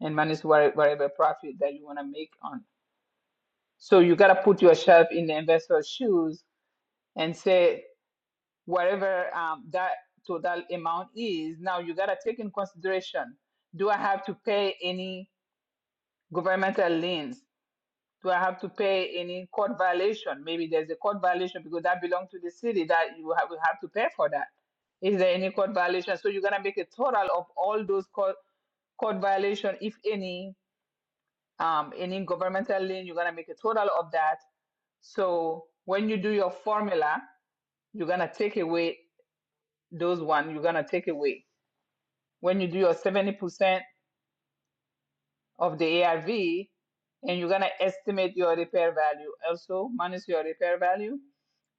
S1: and minus wha- whatever profit that you want to make on. So you got to put yourself in the investor's shoes and say whatever um, that total amount is. Now you gotta take in consideration: do I have to pay any governmental liens? Do I have to pay any court violation? Maybe there's a court violation because that belongs to the city that you have, will have to pay for that. Is there any court violation? So you're gonna make a total of all those court court violation, if any, um, any governmental lien. You're gonna make a total of that. So when you do your formula, you're gonna take away those one. You're gonna take away. when you do your 70% of the ARV and you're going to estimate your repair value also minus your repair value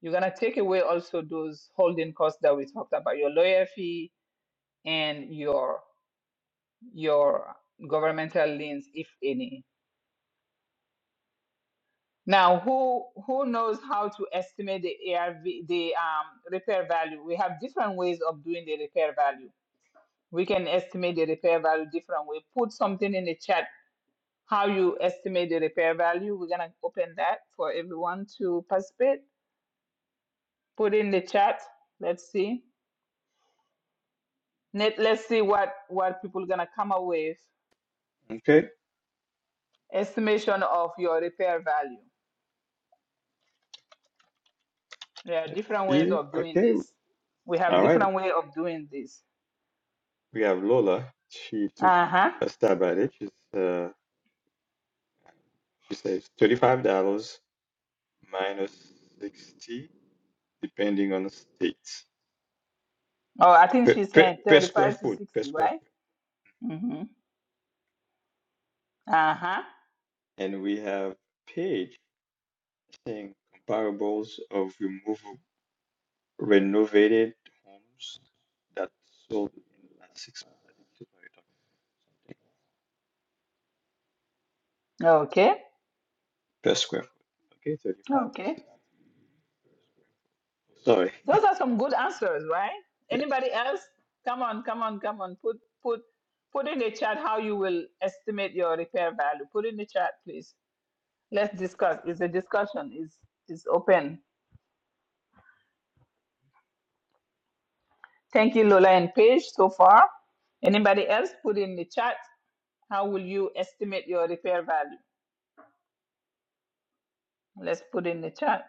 S1: you're going to take away also those holding costs that we talked about your lawyer fee and your your governmental liens if any now who who knows how to estimate the arv the um, repair value we have different ways of doing the repair value we can estimate the repair value different way put something in the chat how you estimate the repair value. We're gonna open that for everyone to participate. Put in the chat. Let's see. Let, let's see what what people are gonna come up with.
S4: Okay.
S1: Estimation of your repair value. There are
S4: Let's
S1: different ways
S4: see.
S1: of doing
S4: Okay.
S1: this. We have
S4: All right.
S1: different way of doing this.
S4: We have Lola. She took
S1: Uh huh.
S4: a stab at it. She's uh she says thirty-five dollars minus sixty, depending on the states.
S1: Oh, I think
S4: Per,
S1: she's
S4: per,
S1: saying
S4: per square
S1: thirty-five to
S4: foot. Per
S1: sixty,
S4: square
S1: right?
S4: foot.
S1: Mm-hmm. Uh huh.
S4: And we have Paige saying comparables of removable. renovated homes that sold in the last six months. I think people something
S1: Okay.
S4: per square foot. Okay, 35 to
S1: Okay.
S4: 60 per square foot. Sorry. [laughs]
S1: Those are some good answers, right?
S4: Yeah.
S1: Anybody else? Come on, come on, come on. Put put put in the chat how you will estimate your repair value. Put in the chat, please. Let's discuss. It's a discussion. It's it's open. Thank you, Lola and Paige, so far. Anybody else? Put in the chat. How will you estimate your repair value? Let's put in the chat.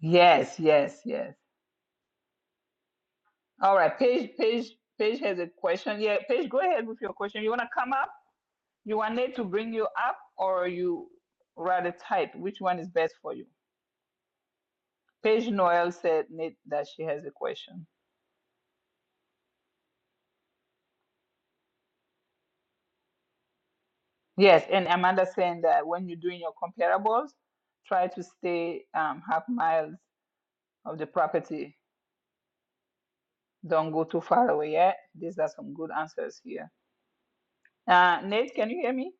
S1: Yes, yes, yes. All right, Paige, Paige, Paige has a question. Yeah, Paige, go ahead with your question. You wanna come up? You want it to bring you up or you rather type? Which one is best for you? Paige Noel said Nate that she has a question. Yes, and Amanda saying that when you're doing your comparables, try to stay um, half miles of the property. Don't go too far away yet. These are some good answers here. Uh, Nate, can you hear me?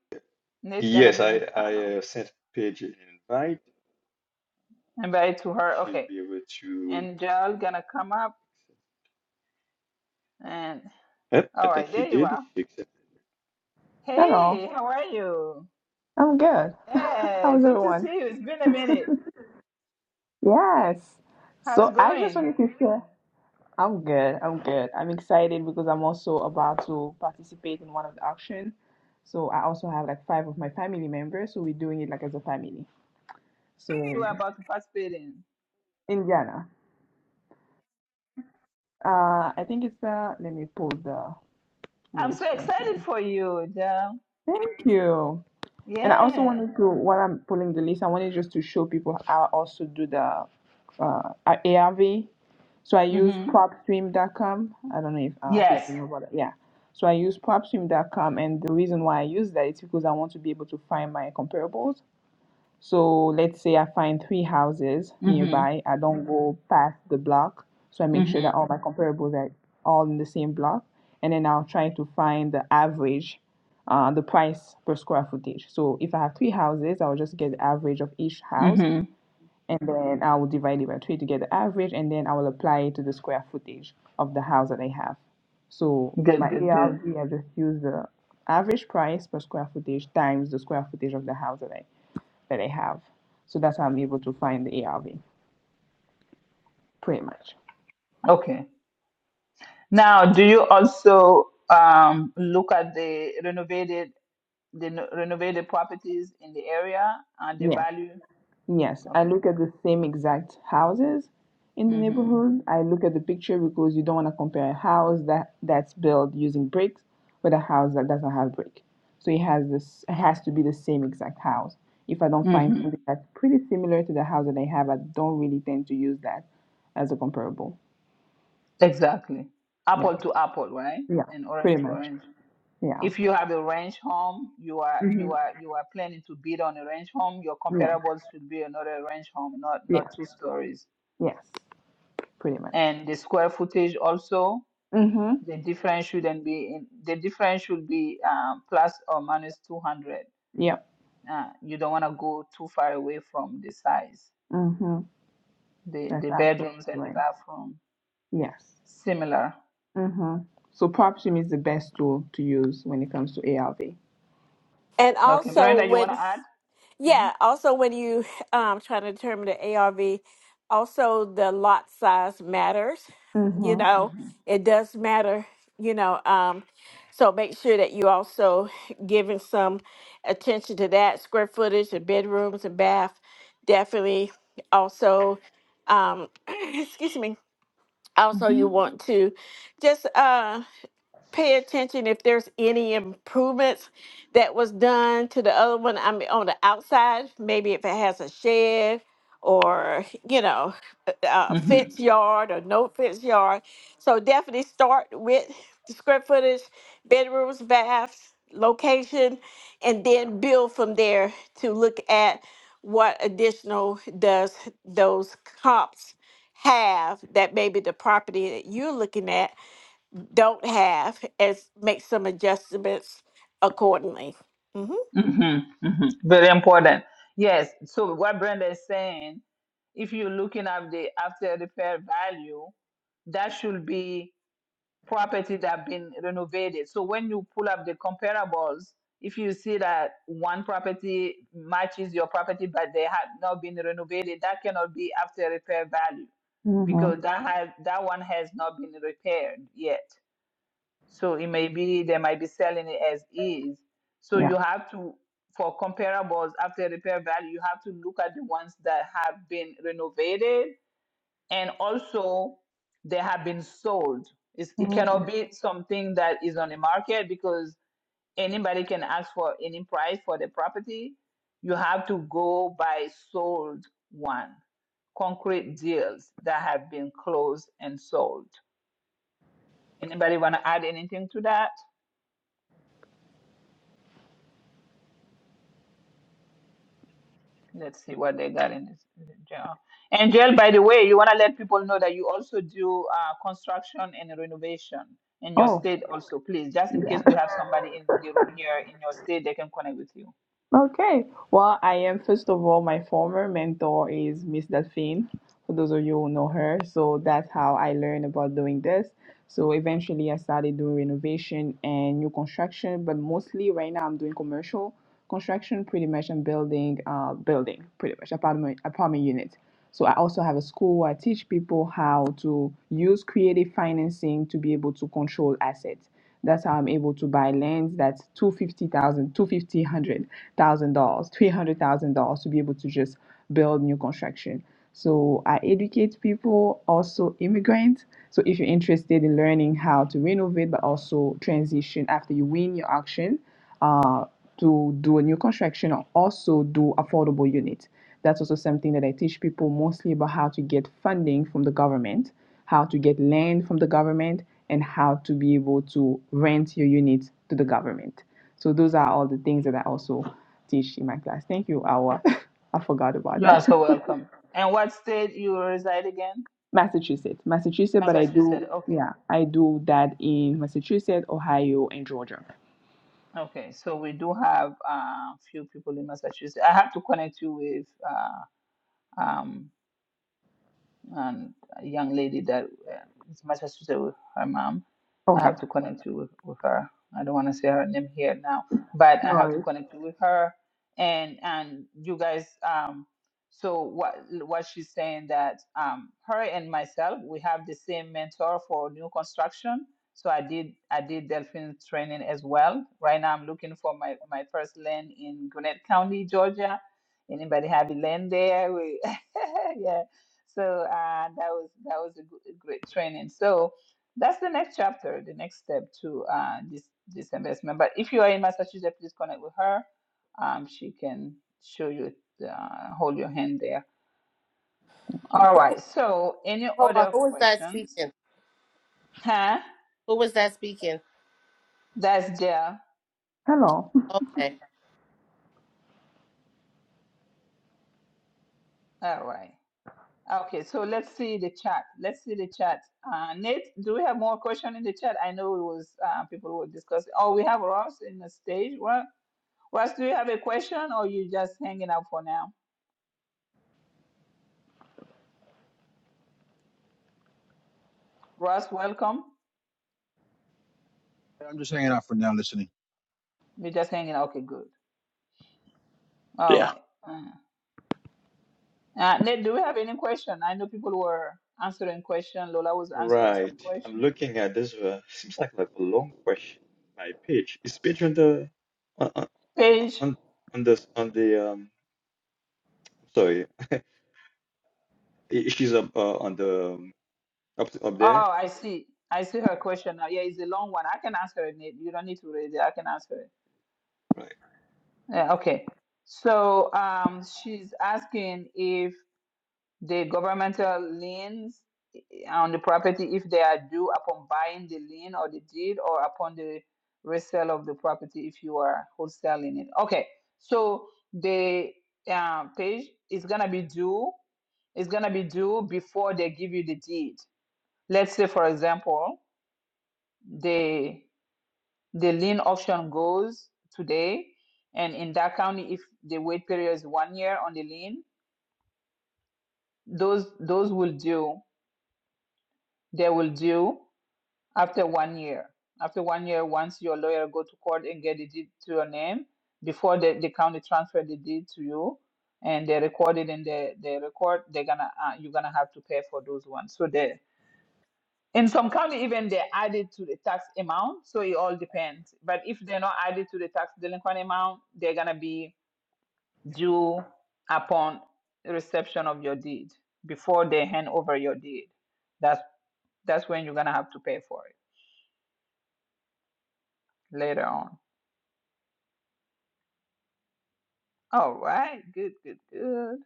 S1: Nate gonna
S4: Yes, I,
S1: bring
S4: I
S1: uh,
S4: uh, sent Paige an invite.
S1: everybody to her.
S4: She'll
S1: Okay,
S4: be able to.
S1: and Joel gonna come up and
S4: Yep, I
S1: all
S4: think
S1: right,
S4: she
S1: there you
S4: did.
S1: are.
S4: She accepted.
S9: Hello,
S1: Hey, how are you?
S9: I'm good. [laughs]
S1: Hey,
S9: How's
S1: good to
S9: everyone?
S1: see you. It's been a minute.
S9: Yes.
S1: How's
S9: So
S1: it
S9: I just
S1: going?
S9: wanted to say I'm good. I'm good. I'm excited because I'm also about to participate in one of the auction. So I also have like five of my family members, so we're doing it like as a family. So
S1: You are about to participate in.
S9: Indiana. Uh, I think it's uh. Let me pull the
S1: I'm
S9: list
S1: so
S9: right
S1: excited
S9: here.
S1: for you, Jam.
S9: Thank you. And I also
S1: Yeah.
S9: wanted to, while I'm pulling the list, I wanted just to show people how I also do the uh, ARV. So I use
S1: Mm-hmm.
S9: propstream.com. I don't know if uh,
S1: Yes.
S9: people know about it. Yeah. So I use propstream.com, and the reason why I use that is because I want to be able to find my comparables. So let's say I find three houses
S1: Mm-hmm.
S9: nearby. I don't go past the block. So I make sure that
S1: Mm-hmm.
S9: all my comparables are all in the same block. And then I'll try to find the average, uh, the price per square footage. So if I have three houses, I'll just get the average of each house
S1: Mm-hmm.
S9: and then I will divide it by three to get the average, and then I will apply it to the square footage of the house that I have. So my
S1: Good, good, good.
S9: ARV, I just use the average price per square footage times the square footage of the house that I that I have. So that's how I'm able to find the ARV, pretty much.
S1: Okay. Now, do you also um, look at the renovated the no- renovated properties in the area and the
S9: Yeah.
S1: value?
S9: Yes, I
S1: Okay.
S9: look at the same exact houses in the
S1: Mm-hmm.
S9: neighborhood. I look at the picture because you don't want to compare a house that that's built using bricks with a house that doesn't have brick. So it has this, it has to be the same exact house. If I don't find
S1: Mm-hmm.
S9: something that's pretty similar to the house that I have, I don't really tend to use that as a comparable.
S1: Exactly.
S9: Yeah,
S1: Apple to apple, right?
S9: yeah,
S1: And
S9: pretty
S1: orange to
S9: much.
S1: orange.
S9: Yeah,
S1: If you have a ranch home, you are
S9: hmm
S1: you are you are planning to build on a ranch home. Your
S9: yeah,
S1: comparables should be another ranch home, not not
S9: yeah,
S1: two stories.
S9: yes, pretty much.
S1: And the square footage also,
S9: Mm-hmm.
S1: the difference shouldn't be in, the difference should be um, plus or minus 200.
S9: Yep.
S1: Uh, you don't want to go too far away from the size,
S9: Mm-hmm.
S1: the
S9: That's
S1: the
S9: absolutely
S1: bedrooms and the
S9: right.
S1: bathroom.
S9: Yes.
S1: Similar.
S9: Mm-hmm. So PropStream is the best tool to use when it comes to ARV.
S8: and
S1: Okay,
S8: also
S1: Brenda, you want
S8: when
S1: to add? Mm-hmm.
S8: Yeah. Also, when you [laughs] um trying to determine the ARV, also the lot size matters. You
S9: Mm-hmm.
S8: know,
S1: Mm-hmm.
S8: it does matter. You know, um, so make sure that you also giving some attention to that square footage and bedrooms and bath. Definitely. Also, um, [clears throat] excuse me. Also, you
S1: Mm-hmm.
S8: want to just uh pay attention if there's any improvements that was done to the other one. I mean, on the outside, maybe if it has a shed or, you know, a a
S1: Mm-hmm.
S8: fence yard or no fence yard. So definitely start with the square footage, bedrooms, baths, location, and then build from there to look at what additional does those comps have that maybe the property that you're looking at don't have as make some adjustments accordingly. Mhm.
S1: Mm-hmm, hmm Very important. Yes. So what Brenda is saying, if you're looking at the after repair value, that should be property that been renovated. So when you pull up the comparables, if you see that one property matches your property but they have not been renovated, that cannot be after repair value because
S9: Mm-hmm.
S1: that has that one has not been repaired yet. So it may be they might be selling it as is. So
S9: Yeah.
S1: you have to for comparables after repair value, you have to look at the ones that have been renovated and also they have been sold. It's, it cannot
S9: Mhm.
S1: be something that is on the market because anybody can ask for any price for the property. You have to go by sold one, concrete deals that have been closed and sold. Anybody want to add anything to that? Let's see what they got in this. Angel, Angel, by the way, you want to let people know that you also do uh, construction and renovation in your
S9: Oh,
S1: state, also, please, just in
S9: yeah.
S1: case we
S9: [laughs]
S1: have somebody in the room here in your state, they can connect with you.
S9: okay. Well, I am, first of all, my former mentor is Miss Delphine. for those of you who know her. So that's how I learned about doing this. So eventually I started doing renovation and new construction, but mostly right now I'm doing commercial construction pretty much and building uh building pretty much apartment apartment units. So I also have a school where I teach people how to use creative financing to be able to control assets. That's how I'm able to buy lands that's two fifty thousand, two fifty hundred thousand dollars, three hundred thousand dollars to be able to just build new construction. So I educate people, also immigrants. So if you're interested in learning how to renovate but also transition after you win your auction uh, to do a new construction or also do affordable units. That's also something that I teach people mostly about how to get funding from the government, how to get land from the government, and how to be able to rent your units to the government. So those are all the things that I also teach in my class. Thank you, Awa. [laughs] I forgot about
S1: You are
S9: that.
S1: so welcome. And what state you reside again?
S9: Massachusetts, Massachusetts, but I do,
S1: Massachusetts. Okay.
S9: yeah, I do that in Massachusetts, Ohio, and Georgia.
S1: Okay. So we do have a uh, few people in Massachusetts. I have to connect you with uh, um, and a young lady that uh, is much associated with her mom. I
S9: Okay.
S1: have to connect you with, with her. I don't want to say her name here now, but
S9: No
S1: I have to
S9: worries.
S1: connect you with her. And and you guys, um, so what what she's saying that um, her and myself we have the same mentor for new construction. So I did I did dolphin training as well. Right now I'm looking for my my first land in Gwinnett County, Georgia. Anybody have a land there? We, [laughs] So uh, that was that was a, good, a great training. So that's the next chapter, the next step to uh, this this investment. But if you are in Massachusetts, please connect with her. Um, she can show you, uh, hold your hand there.
S9: Thank you.
S1: All right. So any
S10: Hold on.
S1: other
S10: Who was that
S1: questions?
S10: speaking?
S1: Huh?
S10: Who was that speaking?
S1: That's there.
S9: Hello.
S10: Okay.
S1: All right. Okay. So let's see the chat. Let's see the chat. Uh, Nate, do we have more question in the chat? I know it was uh, people were discussing. Oh, we have Ross in the stage. Russ, do you have a question or you just hanging out for now? Russ, welcome.
S11: Yeah, I'm just hanging out for now, listening.
S1: You're just hanging out. Okay, good. All right. Uh, uh, Nate, do we have any question? I know people were answering question. Lola was answering
S4: Right.
S1: some
S4: I'm
S1: question.
S4: looking at this. Uh, [laughs] seems like like a long question by Paige. Is Paige on the on on
S1: Paige.
S4: on on the on the um? Sorry, i- she's up uh, on the um, up up there.
S1: Oh, I see. I see her question now. Yeah, it's a long one. I can answer it, Nate. You don't need to read it. I can answer it.
S4: Right.
S1: Yeah, okay. So um, she's asking if the governmental liens on the property if they are due upon buying the lien or the deed or upon the resale of the property if you are wholesaling it. Okay, so the uh, page is gonna be due. It's gonna be due before they give you the deed. Let's say, for example, the the lien auction goes today, and in that county, if the wait period is one year on the lien, those those will due. They will due. after one year. After one year, once your lawyer go to court and get the deed to your name, before the, the county transfer the deed to you, and they record it in the, the record, they're gonna uh, you're gonna have to pay for those ones. So they in some county even they add it to the tax amount. So it all depends. But if they're not added to the tax delinquent amount, they're gonna be due upon reception of your deed before they hand over your deed. That's that's when you're gonna have to pay for it later on. All right, good, good, good.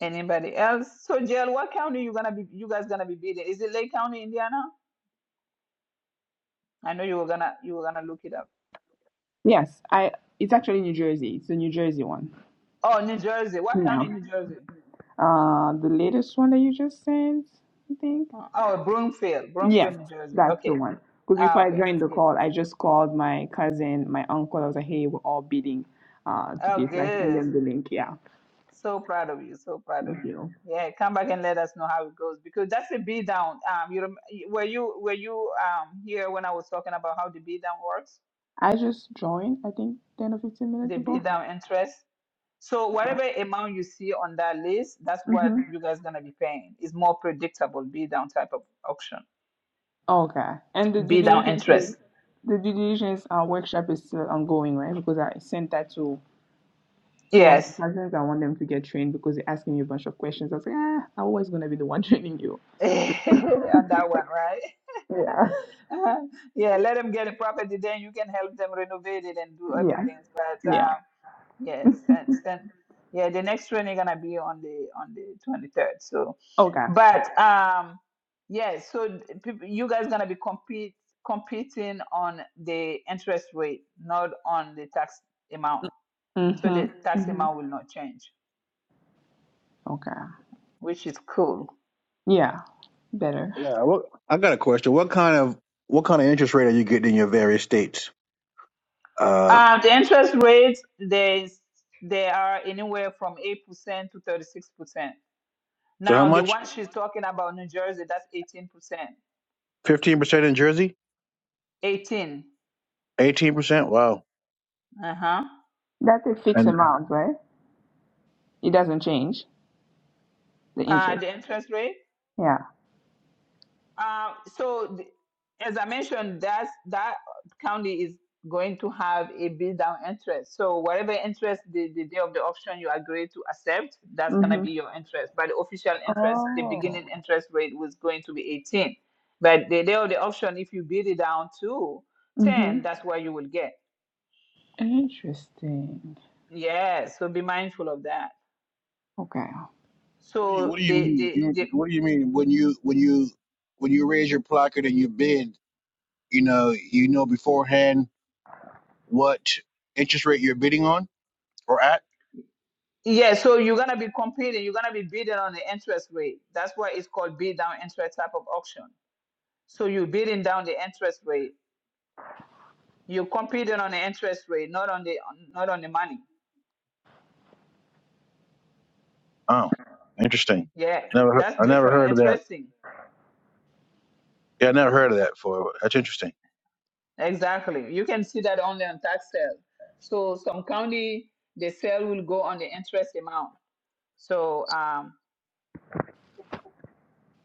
S1: Anybody else? So, Jill, what county you gonna be? You guys gonna be bidding? Is it Lake County, Indiana? I know you were gonna you were gonna look it up.
S9: Yes, I. It's actually New Jersey. It's the New Jersey one.
S1: Oh, New Jersey. What
S9: Yeah.
S1: county, in New Jersey?
S9: Uh, the latest one that you just sent, I think.
S1: Oh, oh, Broomfield, Broomfield,
S9: Yes,
S1: New Jersey.
S9: that's the
S1: Okay.
S9: one. Because before
S1: Ah,
S9: I
S1: okay,
S9: joined the
S1: good.
S9: call, I just called my cousin, my uncle. I was like, "Hey, we're all bidding, uh,
S1: Oh,
S9: today." So I sent
S1: good.
S9: them the link. Yeah.
S1: So proud of you. So proud of
S9: Thank
S1: you.
S9: you.
S1: Yeah, come back and let us know how it goes because that's a beat down. Um, you rem- were you were you um here when I was talking about how the beat down works?
S9: I just joined. I think ten or fifteen minutes
S1: The
S9: ago.
S1: beat down interest. So whatever amount you see on that list, that's
S9: Mhm.
S1: what you guys gonna be paying. It's more predictable bid down type of auction,
S9: Okay. And the due
S1: bid down
S9: diligence, is-
S1: interest.
S9: the due diligence uh, workshop is still ongoing, right? Because I sent that to two of the
S1: Yes,
S9: cousins. I want them to get trained because they're asking me a bunch of questions. I was like, ah, I'm always gonna be the one [laughs] training you.
S1: [laughs]
S9: So, [laughs]
S1: on that one, right?
S9: yeah,
S1: [laughs] yeah, let them get a property, then you can help them renovate it and do other
S9: yeah,
S1: things. But
S9: yeah.
S1: um, Yes, then, then, yeah, the next training gonna be on the on the 23rd. So,
S9: Okay.
S1: but um, yeah, so th- peop- you guys gonna be compete competing on the interest rate, not on the tax amount. So the
S9: Mhm.
S1: tax hmm
S9: Mhm.
S1: amount will not change,
S9: Okay.
S1: which is cool.
S9: Yeah. Better.
S11: Yeah, what I got a question. What kind of what kind of interest rate are you getting in your various states? Uh,
S1: Um, the interest rate there's they are anywhere from 8% to 36%.
S11: so how
S1: Now, the
S11: much?
S1: one she's Oh, talking about, New Jersey, that's 18%.
S11: Fifteen percent in Jersey,
S1: 18.
S11: eighteen percent. Wow.
S1: Uh-huh.
S9: That's a fixed
S11: And
S9: amount, right? It doesn't change the
S1: Uh,
S9: interest.
S1: the interest rate.
S9: Yeah.
S1: Uh, so, the, as I mentioned, that's, that county is going to have a bid down interest. So, whatever interest the, the day of the auction you agree to accept, that's going to
S9: Mhm.
S1: be your interest. But the official interest, the beginning
S9: Oh.
S1: interest rate was going to be 18. But the day of the auction, if you bid it down to 10,
S9: Mhm.
S1: that's what you will get.
S9: Interesting.
S1: Yes. so be mindful of that.
S9: Okay.
S11: What do you
S1: So,
S11: What do you
S1: the,
S11: mean?
S1: the,
S11: You,
S1: the
S11: what do you mean when you when you when you raise your placard and you bid? You know, you know beforehand what interest rate you're bidding on or at.
S1: Yeah, so you're gonna be competing, you're gonna be bidding on the interest rate. That's why it's called bid down interest type of auction. So you're bidding down the interest rate. You're competing on the interest rate, not on the on- not on the money.
S11: oh, interesting.
S1: Yeah,
S11: Never, heard-
S1: that's
S11: I never
S1: different.
S11: heard of that.
S1: Interesting.
S11: Yeah, I never heard of that before. That's interesting.
S1: Exactly. You can see that only on tax sale. So some county the sale will go on the interest amount. So um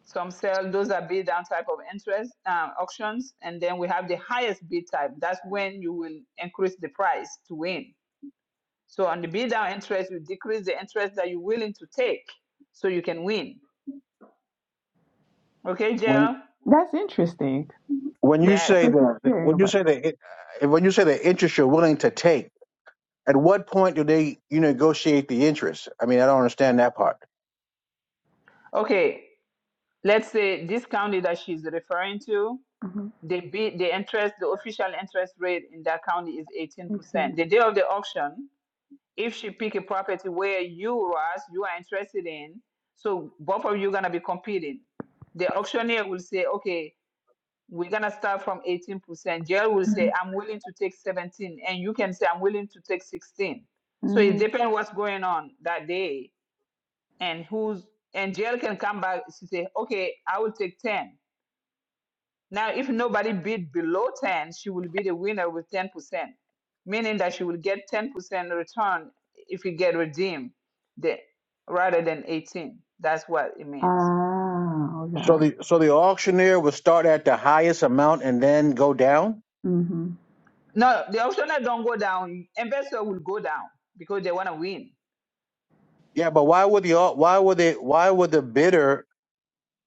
S1: Some sell those are bid down type of interest uh, auctions, and then we have the highest bid type. That's when you will increase the price to win. So on the bid down interest, you decrease the interest that you're willing to take, so you can win. Okay, Jill.
S9: That's interesting.
S11: when you say
S1: Yes.
S9: That's
S11: the
S9: what I'm hearing
S11: when you
S9: about.
S11: say the eh, when you say the interest you're willing to take, at what point do they you negotiate the interest? I mean, I don't understand that part.
S1: Okay. Let's say this county that she's referring to,
S9: Mm-hmm.
S1: the bid, the interest, the official interest rate in that county is
S9: Makes
S1: 18%.
S9: sense.
S1: The day of the auction, if she pick a property where you, Ross, you are interested in, so both of you gonna be competing. The auctioneer will say, okay, we're gonna start from 18%. Jail will say,
S9: Mhm.
S1: I'm willing to take 17, and you can say, I'm willing to take 16. So it
S9: mm
S1: depends what's going on that day and who's and jail can come back to say, okay, I will take 10 now, if nobody bid below 10, she will be the winner with 10%, meaning that she will get 10% return if you get redeemed the, rather than 18. That's what it means.
S9: Ah,
S11: So
S9: okay.
S11: the so the auctioneer would start at the highest amount and then go down.
S9: Mm-hmm.
S1: No, the optional don't go down. Investor will go down because they want to win.
S11: Yeah, but why would the au- why would they why would the bidder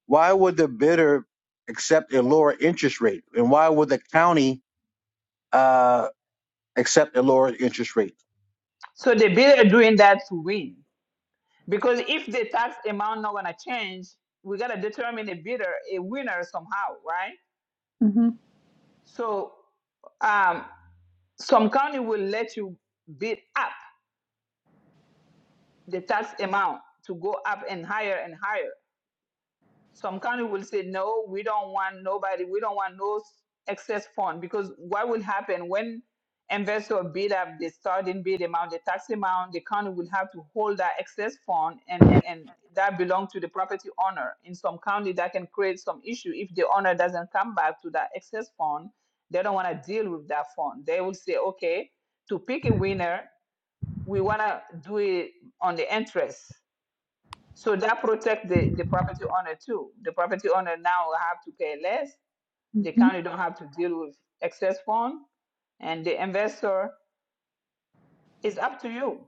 S11: why would the bidder accept a lower interest rate and why would the county uh, accept a lower interest rate?
S1: So the bidder doing that to win. Because if the tax amount not going to change, we got to determine a bidder, a winner somehow, right?
S9: Mm-hmm.
S1: So um, some county will let you bid up the tax amount to go up and higher and higher. Some county will say, no, we don't want nobody, we don't want no excess fund because what will happen when investor bid up the starting bid amount, the tax amount, the county will have to hold that excess fund and, and that belong to the property owner. In some county, that can create some issue if the owner doesn't come back to that excess fund. They don't want to deal with that fund. They will say, okay, to pick a winner, we want to do it on the interest. So that protect the, the property owner too. The property owner now will have to pay less. The
S9: Mm-hmm.
S1: county don't have to deal with excess fund, and the investor is up to you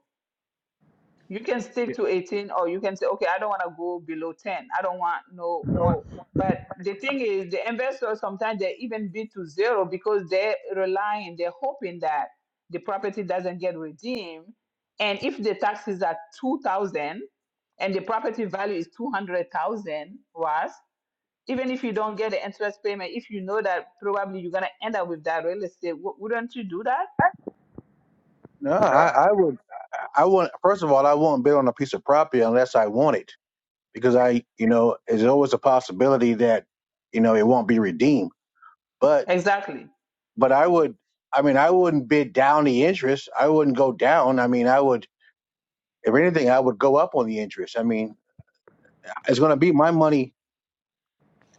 S1: you can stick
S11: Yeah.
S1: to 18 or you can say okay i don't want to go below 10 i don't want no more but the thing is the investors sometimes they even bid to zero because they're relying they're hoping that the property doesn't get redeemed and if the taxes are 2000 and the property value is 200000 was even if you don't get the interest payment if you know that probably you're going to end up with that real estate wou- wouldn't you do that
S11: No, I, I would I I wouldn't. First of all, I will not bid on a piece of property unless I want it. because I, you know, there's always a possibility that, you know, it won't be redeemed. But,
S1: exactly
S11: but I would, I mean, I wouldn't bid down the interest. I wouldn't go down. I mean, I would, if anything, I would go up on the interest. I mean, it's going to be my money,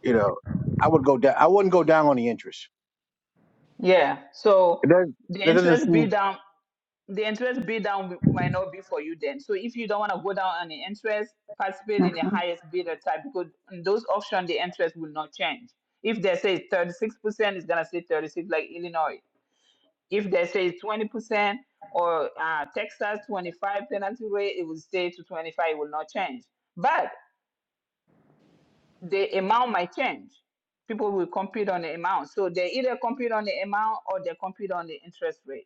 S11: you know, I would go down. I wouldn't go down on the interest.
S1: yeah so
S11: It doesn't,
S1: the
S11: that doesn't
S1: interest bid
S11: seem.
S1: down the interest bid down might not be for you then. So if you don't want to go down on the interest, participate in the
S9: Mm-hmm.
S1: highest bidder type because in those auction the interest will not change. If they say thirty six percent, it's gonna say thirty six like Illinois. If they say twenty percent or uh, Texas twenty five penalty rate, it will stay to twenty five. It will not change, but the amount might change. People will compete on the amount, so they either compete on the amount or they compete on the interest rate.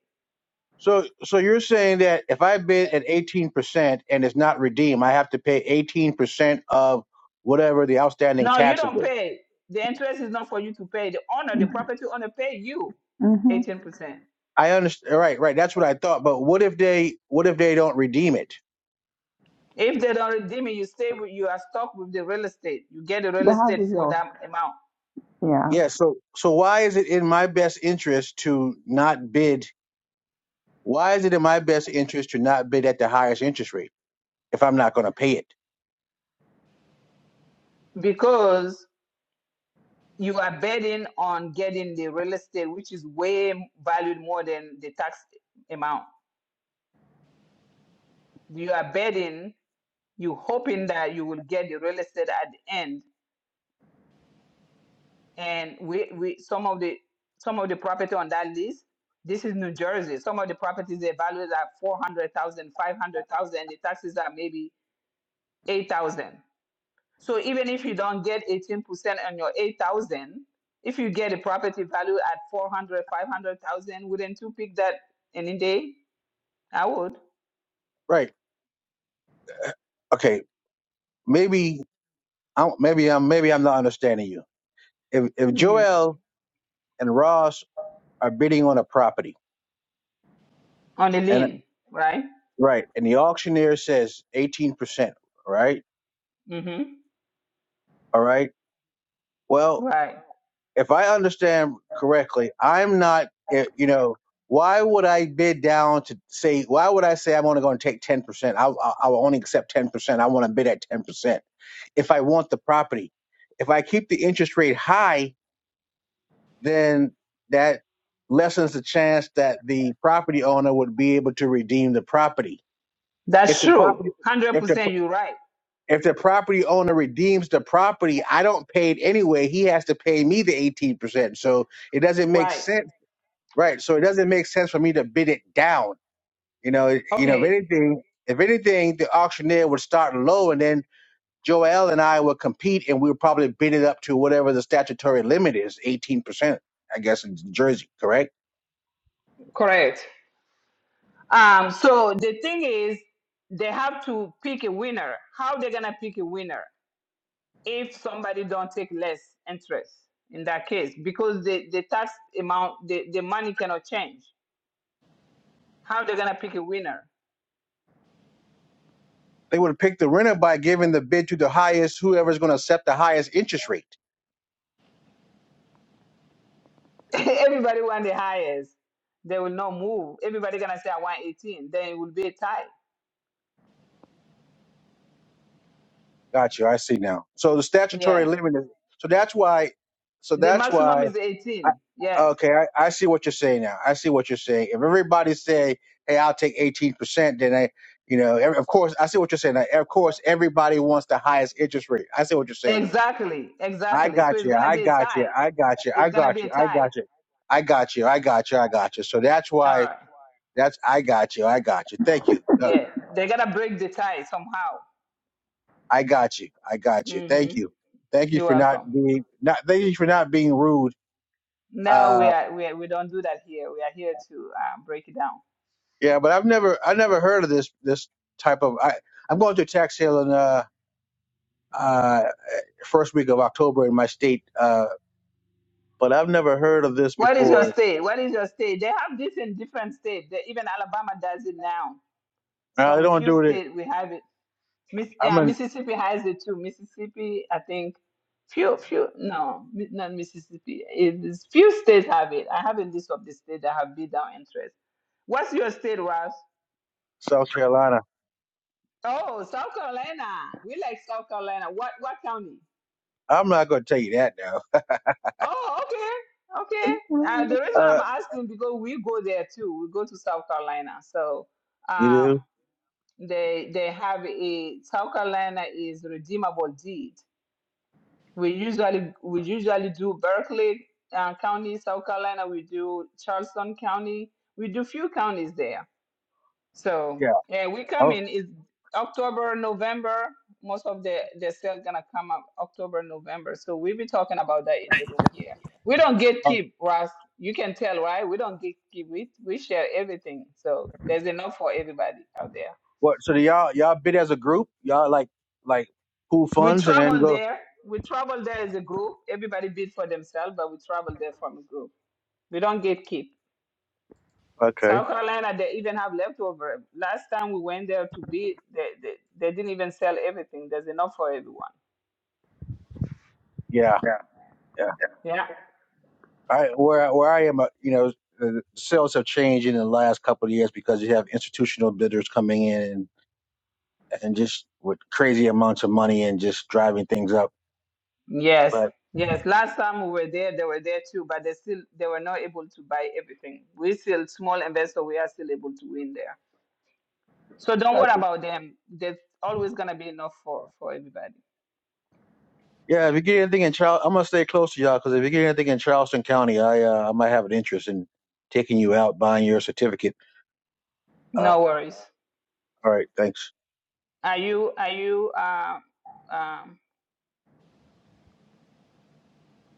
S11: So, so you're saying that if I bid at 18% and it's not redeemed, I have to pay 18% of whatever the outstanding
S1: No, you
S11: taxes
S1: don't
S11: is.
S1: pay. The interest is not for you to pay. The owner, the property owner, pay you
S9: Mm-hmm.
S1: 18%.
S11: I understand. Right, right. That's what I thought. But what if they? What if they don't redeem it?
S1: If they don't redeem it, you stay with, you are stuck with the real estate. You get the real
S9: The house
S1: estate
S9: is
S1: for
S9: yours.
S1: that amount
S9: Yeah.
S11: Yeah. So, so why is it in my best interest to not bid? Why is it in my best interest to not bid at the highest interest rate if I'm not going to pay it?
S1: because you are betting on getting the real estate, which is way m- valued more than the tax amount. You are betting, you hoping that you will get the real estate at the end and we, we some of the some of the property on that list this is new jersey some of the properties they valued at 400000, 500000. the taxes are maybe 8000 so even if you don't get 18% on your 8000 if you get a property value at four hundred, five hundred thousand, wouldn't you pick that any day i would
S11: Right. Okay. Maybe I'm. Maybe I'm. Maybe I'm not understanding you. If if
S1: hmm
S11: Joel and Ross are bidding on a property,
S1: on a
S11: and
S1: lien right
S11: right, and the auctioneer says eighteen percent. Right.
S1: hmm
S11: All right. Well,
S1: right
S11: if I understand correctly, I'm not, eh, you know, why would I bid down to say, why would I say I'm only going to take 10%? I, I, I will only accept 10%. I want to bid at 10% if I want the property. If I keep the interest rate high, then that lessens the chance that the property owner would be able to redeem the property. If
S1: that's
S11: the
S1: true
S11: property, if the,
S1: 100% you're right
S11: if the property owner redeems the property, I don't pay it anyway. He has to pay me the 18%. So it doesn't make
S1: right
S11: sense Right. So it doesn't make sense for me to bid it down. You know, it- you know, if
S1: okay
S11: anything, if anything, the auctioneer would start low and then Joel and I would compete and we would probably bid it up to whatever the statutory limit is, 18%, I guess, in Jersey, correct?
S1: correct Um, so the thing is, they have to pick a winner. How they gonna pick a winner if somebody don't take less interest in that case? Because the, the tax amount, the, the money cannot change. How they gonna pick a winner?
S11: They would pick the renter by giving the bid to the highest, whoever's going to accept the highest interest rate.
S1: [laughs] Everybody want the highest. They will not move. Everybody gonna say I want 18. Then it will be a tie.
S11: Gotcha. I see now. So the statutory
S1: Yeah.
S11: limit is, so that's why, so
S1: The
S11: that's
S1: maximum
S11: why
S1: is
S11: I,
S1: 18. Yes.
S11: okay, I, I see what you're saying now. I see what you're saying. If everybody say, "Hey, I'll take 18 percent," then I, you know, ev- of course, I see what you're saying. Now. Of course, everybody wants the highest interest rate. I see what you're saying.
S1: Exactly.
S11: I
S1: Exactly. So
S11: got
S1: it's
S11: you.
S1: gonna
S11: I
S1: be a
S11: got you.
S1: tie.
S11: I got you.
S1: It's
S11: I
S1: gonna be
S11: got
S1: a
S11: you. I
S1: tie.
S11: got you. I got you. I got you. I got you. So that's
S1: All
S11: why.
S1: right.
S11: That's I got you. I got you. Thank you. No,
S1: Yeah, they gotta break the tie somehow.
S11: I got you. I got you. Thank
S1: hmm
S11: you. Thank you
S1: You're
S11: for not
S1: welcome.
S11: being not. Thank you for not being rude.
S1: No,
S11: uh,
S1: we are we are, we don't do that here. We are here to uh, break it down.
S11: Yeah, but I've never I never heard of this this type of I I'm going to a tax sale in uh uh first week of October in my state uh but I've never heard of this
S1: What is your
S11: before.
S1: state? What is your state? They have this in different states. They, even Alabama does it now.
S11: Now they
S1: Some
S11: don't
S1: few
S11: do it.
S1: states we have it. Miss,
S11: I'm
S1: yeah,
S11: in
S1: Mississippi has it too. Mississippi, I think. Few, few, no, mi- not Mississippi. It is few states have it. I haven't listed of the state that have bid down interest. What's your state, Ross?
S11: South Carolina.
S1: Oh, South Carolina. We like South Carolina. What what county?
S11: I'm not going to tell you that now.
S1: Oh, okay. Okay. Uh, the
S11: [laughs]
S1: reason
S11: Uh
S1: I'm asking because we go there too. We go to South Carolina. So
S11: you
S1: um
S11: do?
S1: they they have a South Carolina is redeemable deed. We usually we usually do Berkeley uh, County, South Carolina, we do Charleston County. We do few counties there So
S11: Yeah.
S1: yeah, we come
S11: Oh,
S1: in is October, November. Most of the the sale gonna come up October, November. So we'll be talking about that in the room here. We don't gatekeep,
S11: oh.
S1: keep, Ross. You can tell, right? We don't gatekeep. We we share everything. So there's enough for everybody out there.
S11: What so do y'all y'all bid as a group? Y'all like like pool
S1: We
S11: funds and then
S1: travel
S11: go
S1: there. We travel there as a group. Everybody bid for themselves, but we travel there from a group. We don't gatekeep.
S11: Okay.
S1: South Carolina, they even have leftover. Last time we went there to be, they, they, they didn't even sell everything. There's enough for everyone.
S11: Yeah.
S9: Yeah.
S11: yeah.
S1: Yeah.
S11: I where where I am, uh, you know, the sales have changed in the last couple of years because you have institutional bidders coming in and, and just with crazy amounts of money and just driving things up.
S1: Yes.
S11: But
S1: Yes. Last time we were there, they were there too, but they still they were not able to buy everything. We still small investor. We are still able to win there. So don't
S11: got
S1: worry
S11: you.
S1: about them. There's always gonna be enough for for everybody.
S11: Yeah, if you get anything in Charleston, I'm gonna stay close to y'all because if you get anything in Charleston County, I uh, I might have an interest in taking you out, buying your certificate. Uh,
S1: No worries.
S11: all right, thanks.
S1: Are you are you uh, um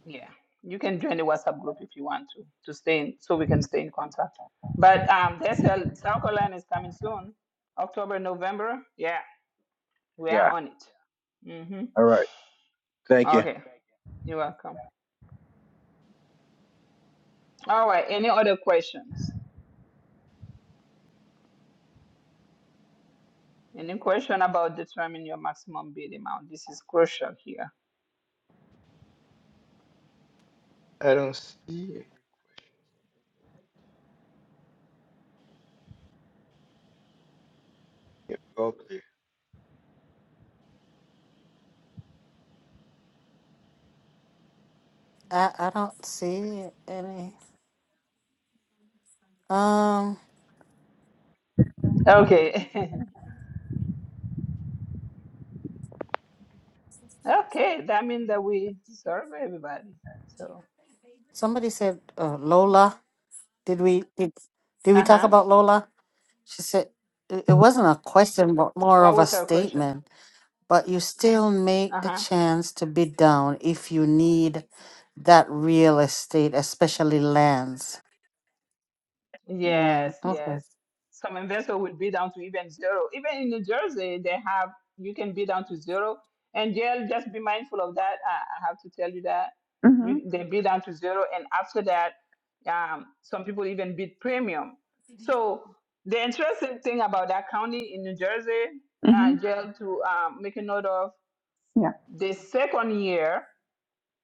S1: Yeah, you can join the WhatsApp group if you want to, to stay in, so we can stay in contact. But um, there's a South Carolina is coming soon, October, November. Yeah, we are
S11: Yeah,
S1: on it. Mm-hmm.
S11: all right, thank you.
S1: Okay, you're welcome. All right, any other questions? Any question about determining your maximum bid amount? This is crucial here.
S4: I don't see any. Yep.
S5: I, I don't see any. Um,
S1: Okay, [laughs] okay, that means that we serve everybody. So,
S5: somebody said uh, Lola. Did we did, did we
S1: uh
S5: talk
S1: huh.
S5: about Lola? She said it, it wasn't a question, but more
S1: What
S5: of a
S1: was her question?
S5: statement. But you still make
S1: Uh
S5: the
S1: huh.
S5: chance to bid down if you need that real estate, especially lands. Yeah.
S1: Yes,
S5: Okay.
S1: yes. Some investor will bid down to even zero. Even in New Jersey, they have you can bid down to zero. And JL, just be mindful of that. I, I have to tell you that
S9: Mm-hmm.
S1: you they bid down to zero, and after that, um, some people even bid premium. So the interesting thing about that county in New Jersey, uh,
S9: Mm-hmm.
S1: JL, to um, make a note of
S9: Yeah.
S1: the second year.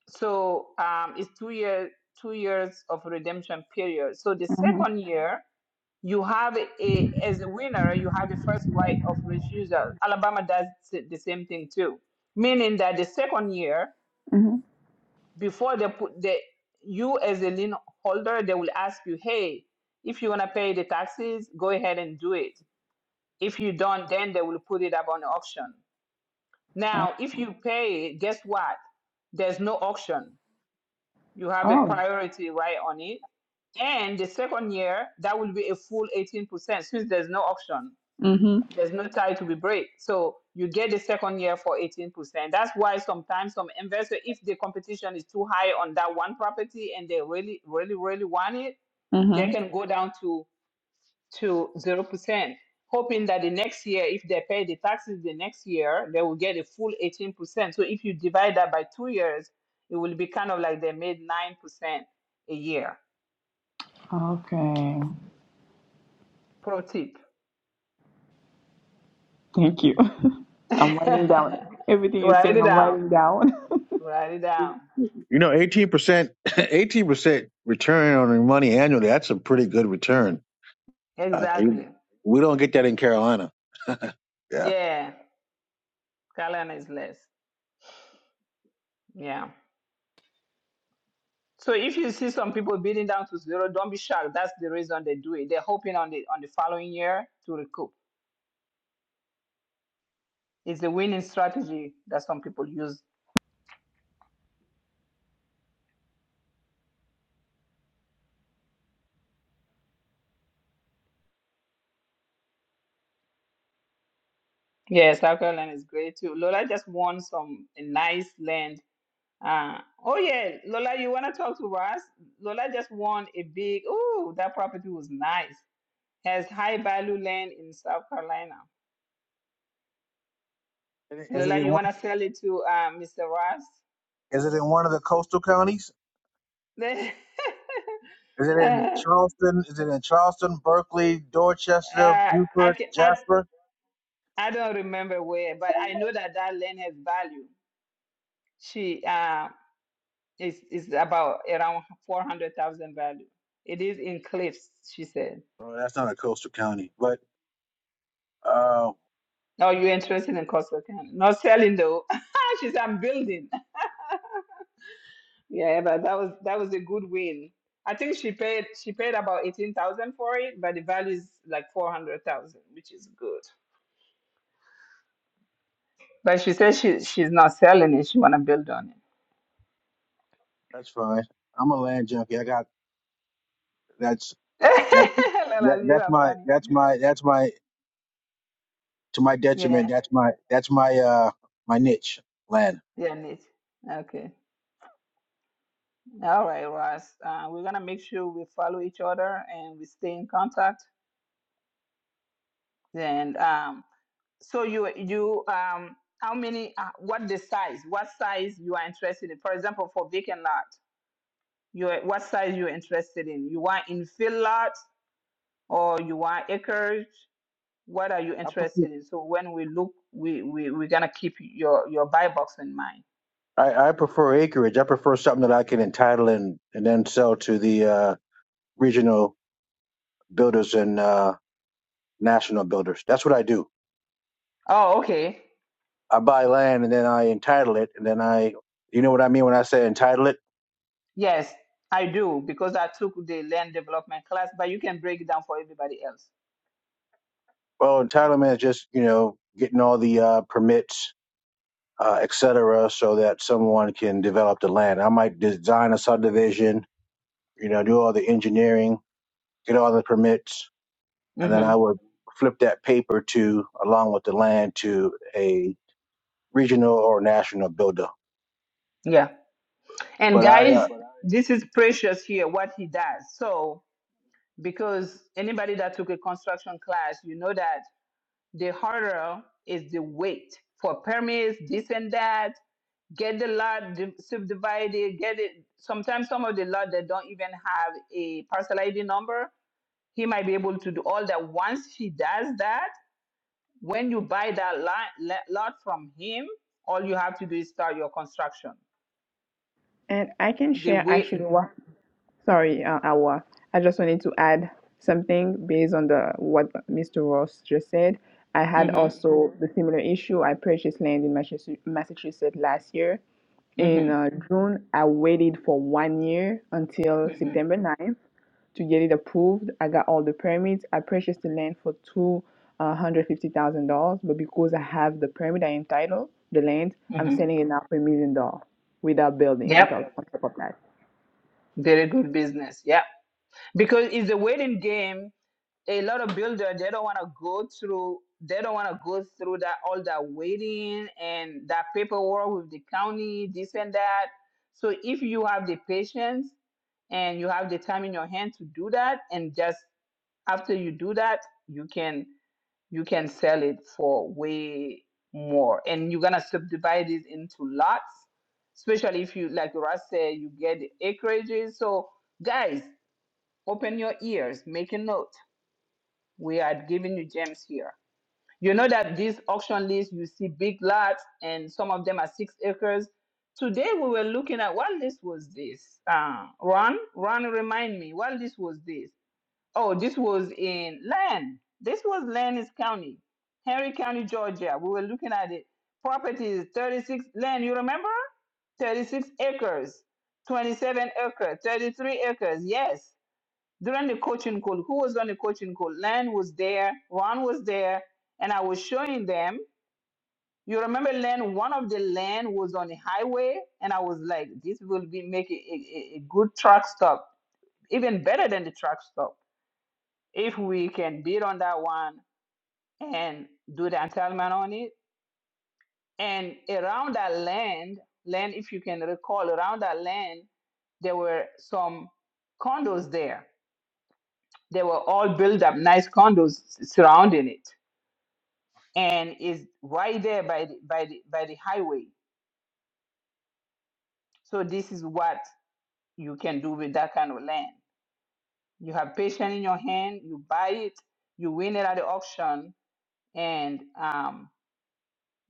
S1: So um, it's two year two years of redemption period. So the
S9: Mm-hmm.
S1: second year you have a as a winner you have the first right of refusal alabama does s- the same thing too meaning that the second year
S9: Mm-hmm.
S1: before they put the you as a lien holder they will ask you hey if you want to pay the taxes go ahead and do it if you don't then they will put it up on auction
S9: Oh.
S1: now if you pay guess what there's no auction you have a
S9: oh.
S1: priority right on it and the second year that will be a full 18% since there's no auction
S9: Mm-hmm.
S1: There's no tie to be break. So you get the second year for 18%. That's why sometimes some investor, if the competition is too high on that one property and they really, really, really want it, they
S9: Mm-hmm.
S1: can go down to to 0%, hoping that the next year, if they pay the taxes the next year, they will get a full 18%. So if you divide that by two years, it will be kind of like they made 9% a year.
S9: Okay.
S1: Pro tip.
S9: Thank you. [laughs]
S1: [laughs]
S9: I'm writing down everything you're saying.
S1: Write it
S9: I'm
S1: down.
S9: writing down.
S1: Write it down.
S11: You know, eighteen percent, eighteen percent [laughs] return on your money annually. That's a pretty good return. Uh, you,
S1: Exactly.
S11: we don't get that in Carolina.
S1: Yeah. Kalyan is less. Yeah. So if you see some people beating down to zero, don't be shocked. That's the reason they do it. They're hoping on the on the following year to recoup. It's a winning strategy that some people use. Yeah, South Carolina is great too. Lola just won some nice land. Uh, oh yeah, Lola, you wanna talk to us? Lola just won a big. Ooh, that property was nice. Has high value land in South Carolina.
S11: Is it is it
S1: Lola,
S11: in
S1: you
S11: one?
S1: wanna sell it to uh, Mr. Ross?
S11: Is it in one of the coastal counties? Is it in
S1: [laughs]
S11: Charleston? Is it in Charleston, Berkeley, Dorchester,
S1: Uh, I,
S11: Beaufort,
S1: ca- I
S11: Jasper?
S1: I don't remember where, but I
S11: Oh,
S1: know that that land has value. She uh, is is about around four hundred thousand value. It is in cliffs, she said.
S11: that's not a coastal county, but uh,
S1: Oh, you're interested in Coastal County? Not selling though. [laughs] she said I'm building. Yeah, but that was that was a good win. I think she paid she paid about eighteen thousand for it, but the value is like four hundred thousand, which is good. But she says she she's not selling it. She wanna build on
S11: that's fine. I'm a land junkie. I got that's
S1: it.
S11: that's
S1: [laughs]
S11: that,
S1: Lala, you
S11: that's
S1: are
S11: my
S1: funny.
S11: that's my that's my to my
S1: Yeah.
S11: detriment. That's my that's my uh my niche land.
S1: Yeah, neat. Okay. All right, Ross. Uh, we're gonna make sure we follow each other and we stay in contact. And um, so you you um, how many? Uh, what the size? What size you are interested in? For example, for vacant lot, you are- what size you are interested in? You want infill lot or you want acreage? What are you
S11: I prefer
S1: interested in? So when we look, we we we're gonna keep your your buy box in mind.
S11: I, I prefer acreage. I prefer something that I can entitle and and then sell to the uh regional builders and uh. national builders. That's what I do.
S1: Oh, okay.
S11: I buy land and then I entitle it, and then I, you know what I mean when I say entitle it.
S1: Yes, I do because I took the land development class, but you can break it down for everybody else.
S11: Well, entitlement is just you know getting all the uh, permits, uh, et cetera, so that someone can develop the land. I might design a subdivision, you know, do all the engineering, get all the permits, and then
S1: hmm
S11: I would flip that paper to along with the land to a regional or national builder.
S1: Yeah. And
S11: But I, uh,
S1: guys, this is precious here, what he does. So, because anybody that took a construction class, you know that the harder is the wait for permits, this and that, get the lot di- subdivided, get it. Sometimes some of the lot that don't even have a parcel ID number, he might be able to do all that. Once he does that, When you buy that lot, lot from him, all you have to do is start your construction.
S9: [laughs] and I can
S1: The
S9: share actually
S1: way,
S9: what. Sorry, uh, Awa. I just wanted to add something based on the what Mr. Ross just said. I
S1: Yeah.
S9: had
S1: mm-hmm,
S9: also the similar issue. I purchased land in Massachusetts Massachusetts last year. In
S1: mm-hmm,
S9: uh, June, I waited for one year until September
S1: mm-hmm,
S9: ninth to get it approved. I got all the permits. I purchased the land for two uh, hundred fifty thousand dollars, but because I have the permit, I entitled the land. I'm
S1: mm-hmm.
S9: selling it now for a million dollars without building on
S1: Yep,
S9: top on top of that.
S1: very good business. Yeah, because it's a waiting game. a lot of builders they don't want to go through they don't want to go through that all that waiting and that paperwork with the county this and that so if you have the patience and you have the time in your hand to do that and just after you do that you can. you can sell it for way more and you're gonna subdivide it into lots especially if you like Russ said you get acreages so guys open your ears make a note we are giving you gems here you know that these auction lists you see big lots and some of them are six acres today we were looking at what list was this uh, ron ron remind me what list was this Oh, this was in land. This was Lenn's county, Henry County, Georgia. We were looking at it. Property is 36, land. you remember? 36 acres, 27 acres, 33 acres. Yes. During the coaching call, who was on the coaching call? Len was there, Ron was there, and I was showing them. You remember Len, one of the land was on the highway, and I was like, this will be make a, a a good truck stop, even better than the truck stop if we can build on that one and do the entitlement on it and around that land land if you can recall around that land there were some condos there they were all built up nice condos surrounding it and is right there by the, by the by the highway so this is what you can do with that kind of land you have patience in your hand you buy it you win it at the auction and um,